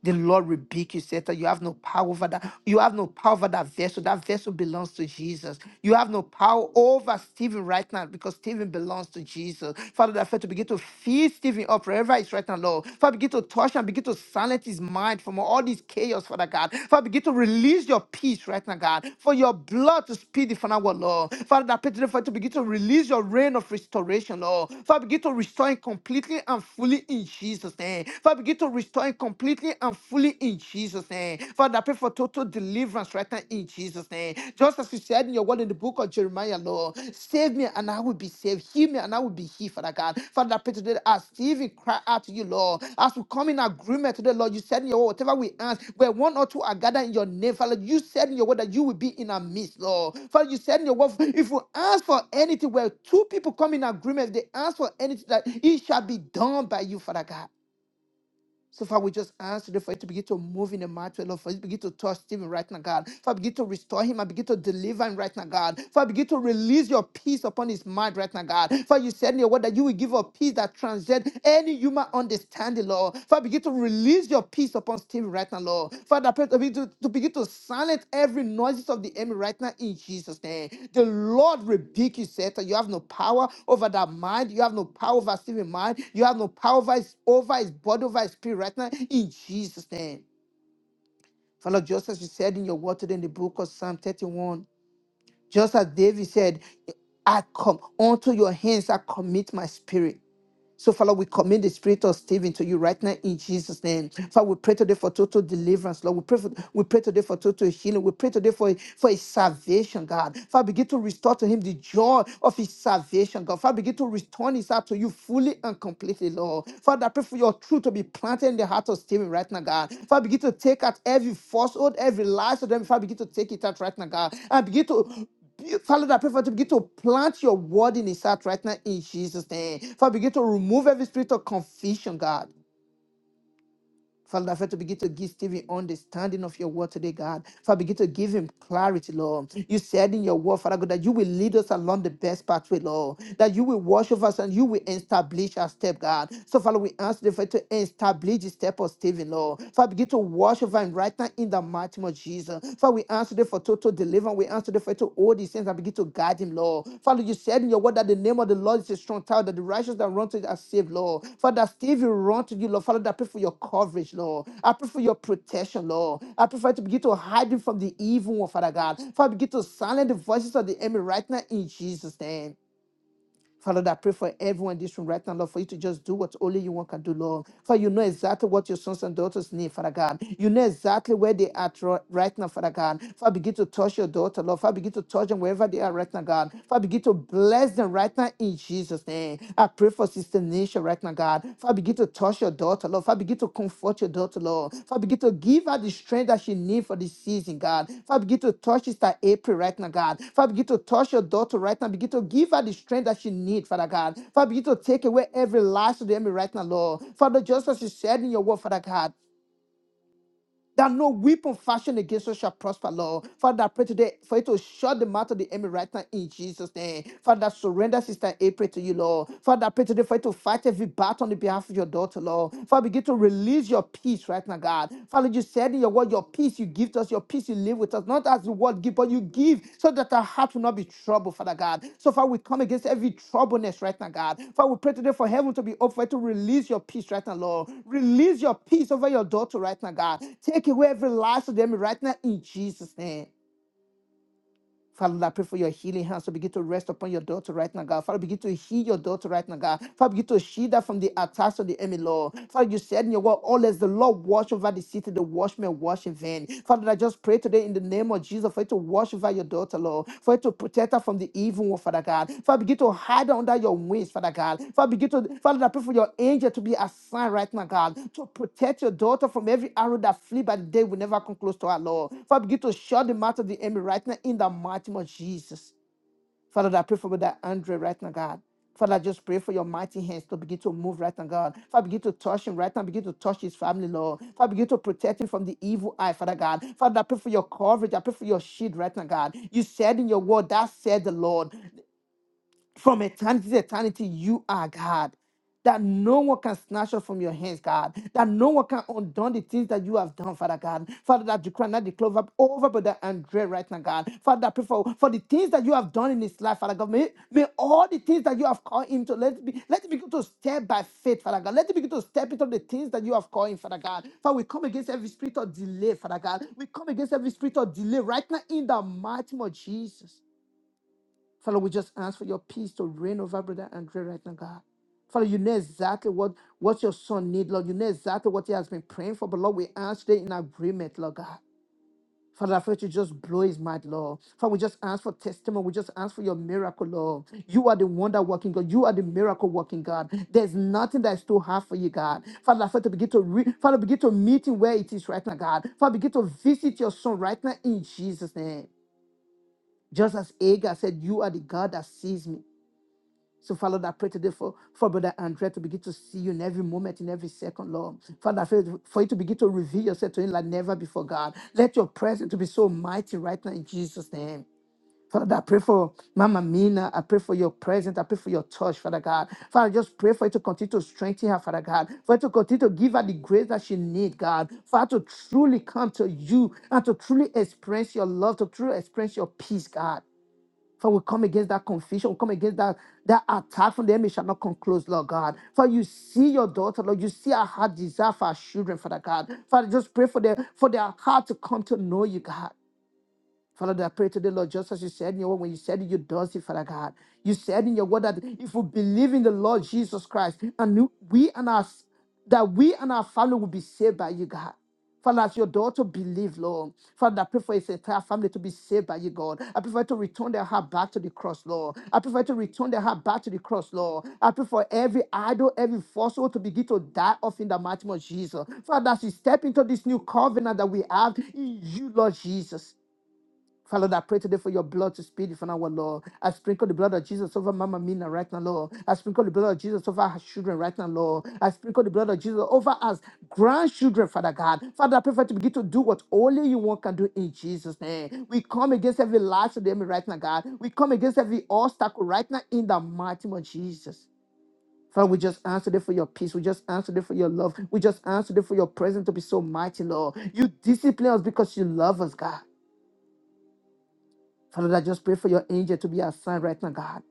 The Lord rebuke you, Satan. You have no power over that. You have no power over that vessel. That vessel belongs to Jesus. You have no power over Stephen right now because Stephen belongs to Jesus. Father, that faith to begin to feed Stephen up wherever he's right now, Lord. Father, begin to touch and begin to silence his mind from all this chaos, Father God. Father, begin to release your peace right now, God. For your blood to speed the final word, Lord. Father, that pray today, Father, to begin to release your reign of restoration, Lord. Father, begin to restore him completely and fully in Jesus' name. Father, begin to total restoring completely and fully in Jesus' name. Father, I pray for total deliverance right now in Jesus' name. Just as you said in your word in the book of Jeremiah, Lord, save me and I will be saved. Heal me and I will be healed, Father God. Father, I pray today that as Stephen cry out to you, Lord, as we come in agreement today, Lord, you said in your word, whatever we ask, where one or two are gathered in your name, Father, you said in your word that you will be in our midst, Lord. Father, you said in your word, if we ask for anything, where two people come in agreement, if they ask for anything, that it shall be done by you, Father God. So, Father, we just ask today for you to begin to move in the matter, Lord. For you to begin to touch Stephen right now, God. Father, begin to restore him and begin to deliver him right now, God. Father, begin to release your peace upon his mind right now, God. Father, you said in your word that you will give a peace that transcends any human understanding, Lord. Father, begin to release your peace upon Stephen right now, Lord. Father, I pray to, be- to, to begin to silence every noises of the enemy right now in Jesus' name. The Lord rebuke you, Satan. You have no power over that mind. You have no power over Stephen's mind. You have no power over his, over his body, over his spirit right now in Jesus' name. Father, just as you said in your word today in the book of Psalm 31, just as David said, I come unto your hands, I commit my spirit. So, Father, we commit the spirit of Stephen to you right now in Jesus' name. Father, we pray today for total deliverance, Lord. We pray, for, we pray today for total healing. We pray today for, for his salvation, God. Father, begin to restore to him the joy of his salvation, God. Father, begin to return his heart to you fully and completely, Lord. Father, I pray for your truth to be planted in the heart of Stephen right now, God. Father, begin to take out every falsehood, every lie, so then, Father, begin to take it out right now, God. And begin to you- Father, I pray for you to begin to plant your word in his heart right now in Jesus' name. Father, begin to remove every spirit of confusion, God. Father, I pray to begin to give Stephen understanding of your word today, God. Father, begin to give him clarity, Lord. You said in your word, Father God, that you will lead us along the best pathway, Lord. That you will wash over us and you will establish our step, God. So, Father, we ask the Father to establish the step of Stephen, Lord. Father, begin to wash over him right now in the mighty name of Jesus. Father, we ask today for total deliverance. We ask today for to all these things and begin to guide him, Lord. Father, you said in your word that the name of the Lord is a strong tower, that the righteous that run to it are saved, Lord. Father, Steve, you run to you, Lord. Father, I pray for your coverage, Lord. I pray for your protection, Lord. I pray for you to begin to hide him from the evil one, Father God. Father, begin to silence the voices of the enemy right now in Jesus' name. Father, I pray for everyone in this room right now, Lord, for you to just do what only you want can do, Lord. For you know exactly what your sons and daughters need, Father God. You know exactly where they are tro- right now, Father God. Father, begin to touch your daughter, Lord. Father, begin to touch them wherever they are right now, God. Father, begin to bless them right now in Jesus' name. I pray for Sister Nisha right now, God. God. Father, begin to touch your daughter, Lord. Father, begin to comfort your daughter, Lord. Father, begin to give her the strength that she needs for this season, God. Father, begin to touch Sister April right now, God. Father, begin to touch your daughter right now. Begin to give her the strength that she needs, Father God. Father, begin to take away every last of the enemy right now, Lord. Father, just as you said in your word, Father God that no weapon fashioned against us shall prosper, Lord. Father, I pray today for you to shut the mouth of the enemy right now in Jesus' name. Father, surrender Sister April to you, Lord. Father, I pray today for you to fight every battle on the behalf of your daughter, Lord. Father, begin to release your peace right now, God. Father, you said in your word, your peace you give to us us. Your peace you live with us, not as the world give, but you give so that our heart will not be troubled, Father God. So far, we come against every troubleness right now, God. Father, we pray today for heaven to be open to release your peace right now, Lord. Release your peace over your daughter right now, God. Take away every lies of the enemy right now in Jesus' name. Father, Lord, I pray for your healing hands to begin to rest upon your daughter right now, God. Father, begin to heal your daughter right now, God. Father, begin to shield her from the attacks of the enemy, Lord. Father, you said in your word, all as the Lord watch over the city, the watchman watch in vain. Father, I just pray today in the name of Jesus for you to watch over your daughter, Lord. For you for it to protect her from the evil one, Father God. Father, begin to hide her under your wings, Father God. Father, begin to, Father, I pray for your angel to be assigned right now, God, to protect your daughter from every arrow that flee by the day will never come close to her, Lord. Father, begin to shut the mouth of the enemy right now in the mighty name of Jesus. Father, I pray for that Andre right now, God. Father, I just pray for your mighty hands to begin to move right now, God. Father, begin to touch him right now. Begin to touch his family, Lord. Father, begin to protect him from the evil eye, Father God. Father, I pray for your coverage. I pray for your shield right now, God. You said in your word, that said the Lord from eternity to eternity, you are God. That no one can snatch us from your hands, God. That no one can undo the things that you have done, Father God. Father, that you cannot declare over over Brother Andre right now, God. Father, I pray for, for the things that you have done in his life, Father God. May, may all the things that you have called him to let it be let it begin to step by faith, Father God. Let it begin to step into the things that you have called him, Father God. Father, we come against every spirit of delay, Father God. We come against every spirit of delay right now in the mighty name of Jesus. Father, we just ask for your peace to reign over Brother Andre right now, God. Father, you know exactly what, what your son needs, Lord. You know exactly what he has been praying for. But Lord, we ask today in agreement, Lord God. Father, I pray to just blow his mind, Lord. Father, we just ask for testimony. We just ask for your miracle, Lord. You are the wonder working God. You are the miracle working God. There's nothing that is too hard for you, God. Father, I pray to begin to re- Father, begin to meet him where it is right now, God. Father, begin to visit your son right now in Jesus' name. Just as Agar said, You are the God that sees me. So, Father, Lord, I pray today for, for Brother Andrea to begin to see you in every moment, in every second, Lord. Father, I pray for you to begin to reveal yourself to him like never before, God. Let your presence to be so mighty right now in Jesus' name. Father, I pray for Mama Mina. I pray for your presence. I pray for your touch, Father God. Father, I just pray for you to continue to strengthen her, Father God. For you to continue to give her the grace that she needs, God. Father, to truly come to you and to truly experience your love, to truly experience your peace, God. For we come against that confusion, we come against that, that attack from the enemy shall not come close, Lord God. For you see your daughter, Lord, you see our heart desire for our children, Father God. Father, just pray for their for their heart to come to know you, God. Father, Lord, I pray today, Lord, just as you said in your word, when you said it, you does it, Father God. You said in your word that if we believe in the Lord Jesus Christ, and we and our that we and our family will be saved by you, God. Father, as your daughter believe, Lord. Father, I pray for his entire family to be saved by you, God. I pray for you to return their heart back to the cross, Lord. I pray for you to return their heart back to the cross, Lord. I pray for every idol, every fossil to begin to die off in the mighty name of Jesus. Father, as we step into this new covenant that we have in you, Lord Jesus. Father, I pray today for your blood to speed for now, Lord. I sprinkle the blood of Jesus over Mama Mina right now, Lord. I sprinkle the blood of Jesus over her children right now, Lord. I sprinkle the blood of Jesus over us, grandchildren, Father God. Father, I pray for you to begin to do what only you want can do in Jesus' name. We come against every lie to the enemy right now, God. We come against every obstacle right now in the mighty name of Jesus. Father, we just answer it for your peace. We just answer it for your love. We just answer it for your presence to be so mighty, Lord. You discipline us because you love us, God. Father, I just pray for your angel to be assigned right now, God.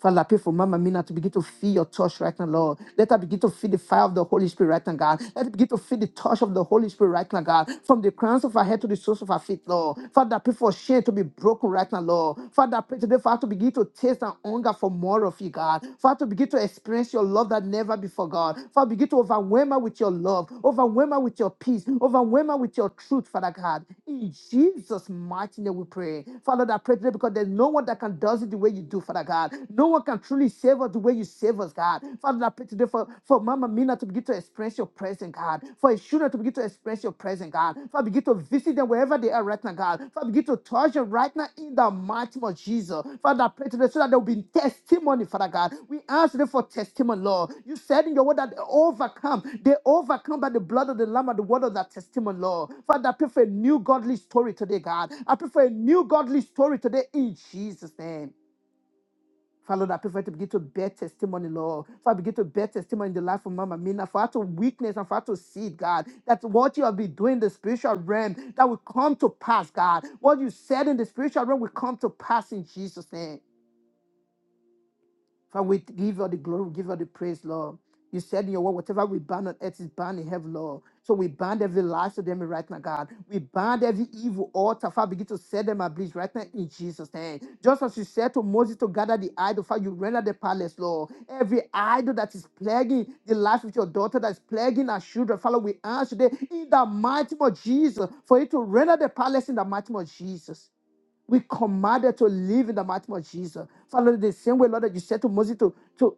Father, I pray for Mama Mina to begin to feel your touch right now, Lord. Let her begin to feel the fire of the Holy Spirit right now, God. Let her begin to feel the touch of the Holy Spirit right now, God. From the crowns of her head to the soles of her feet, Lord. Father, I pray for shame to be broken right now, Lord. Father, I pray today for her to begin to taste and hunger for more of you, God. For her to begin to experience your love that never before, God. Father, begin to overwhelm her with your love, overwhelm her with your peace, overwhelm her with your truth, Father God. In Jesus' mighty name we pray. Father, I pray today because there's no one that can does it the way you do, Father. Father God. No one can truly save us the way you save us, God. Father, I pray today for, for Mama Mina to begin to express your presence, God. For his children to begin to express your presence, God. Father, begin to visit them wherever they are right now, God. Father, begin to touch them right now in the mighty name of Jesus. Father, I pray today so that there will be testimony, Father God. We ask them for testimony, Lord. You said in your word that they overcome. They overcome by the blood of the Lamb and the word of that testimony, Lord. Father, I pray for a new godly story today, God. I pray for a new godly story today in Jesus' name. Father, Lord, I pray for her to begin to bear testimony, Lord. Father, begin to bear testimony in the life of Mama Mina, for her to witness and for her to see, God, that what you have been doing in the spiritual realm, that will come to pass, God. What you said in the spiritual realm will come to pass in Jesus' name. Father, we give you all the glory, we give you all the praise, Lord. You said in your word, whatever we bind on earth is bound in heaven, Lord. So we bind every lie to them right now, God. We bind every evil altar, Father, begin to set them ablaze right now in Jesus' name. Just as you said to Moses to gather the idol, Father, you render the palace, Lord. Every idol that is plaguing the life of your daughter, that is plaguing our children, Father, we ask today in the mighty name of Jesus for you to render the palace in the mighty name of Jesus. We commanded to live in the mighty name of Jesus. Father, the same way, Lord, that you said to Moses to, to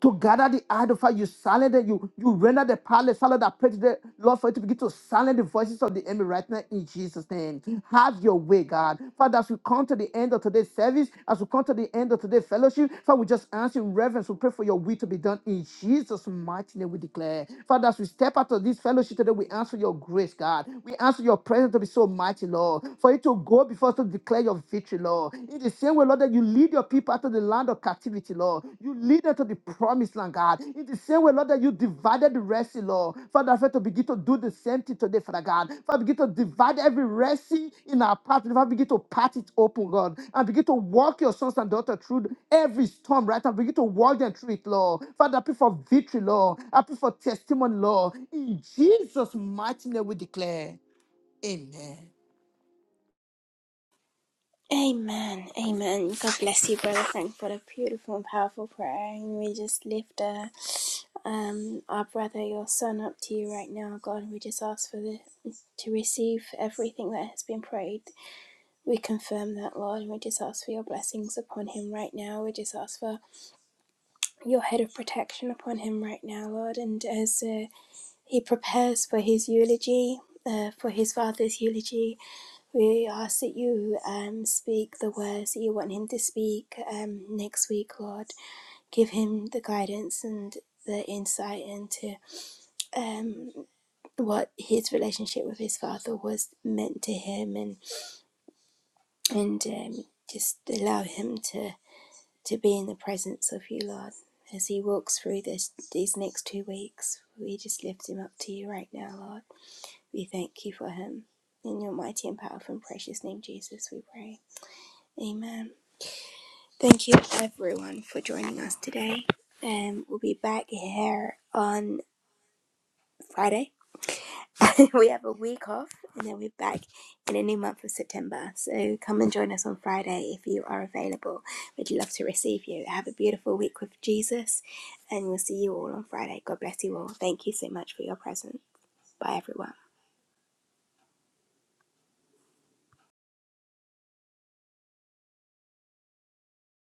to gather the idol You silent it. You, you render the palace. Silent that pray to Lord for you to begin to silence the voices of the enemy right now in Jesus' name. Have your way, God. Father, as we come to the end of today's service, as we come to the end of today's fellowship, Father, we just ask in reverence. We pray for your will to be done in Jesus' mighty name. We declare. Father, as we step out of this fellowship today, we ask for your grace, God. We ask for your presence to be so mighty, Lord. For you to go before us to declare your victory, Lord. In the same way, Lord, that you lead your people out of the land of captivity, Lord. You lead them to the promised land, God. In the same way, Lord, that you divided the rest, Lord. Father, I pray to begin to do the same thing today, Father God. Father, begin to divide every rest in our path. Father, begin to part it open, God. And begin to walk your sons and daughters through every storm, right? And begin to walk them through it, Lord. Father, I pray for victory, Lord. I pray for testimony, Lord. In Jesus' mighty name we declare. Amen.
Amen. Amen. God bless you, Brother Frank, for a beautiful and powerful prayer. And we just lift uh, um, our brother, your son, up to you right now, God. We just ask for the to receive everything that has been prayed We confirm that, Lord, and we just ask for your blessings upon him right now. We just ask for your head of protection upon him right now, Lord. And as uh, he prepares for his eulogy, uh, for his father's eulogy, we ask that you um, speak the words that you want him to speak um, next week, Lord. Give him the guidance and the insight into um, what his relationship with his father was meant to him and and um, just allow him to to be in the presence of you, Lord. As he walks through this these next two weeks, we just lift him up to you right now, Lord. We thank you for him. In your mighty and powerful and precious name, Jesus, we pray. Amen. Thank you, everyone, for joining us today. Um, we'll be back here on Friday we have a week off and then we're back in a new month of September. So come and join us on Friday if you are available. We'd love to receive you. Have a beautiful week with Jesus and we'll see you all on Friday. God bless you all. Thank you so much for your presence. Bye, everyone.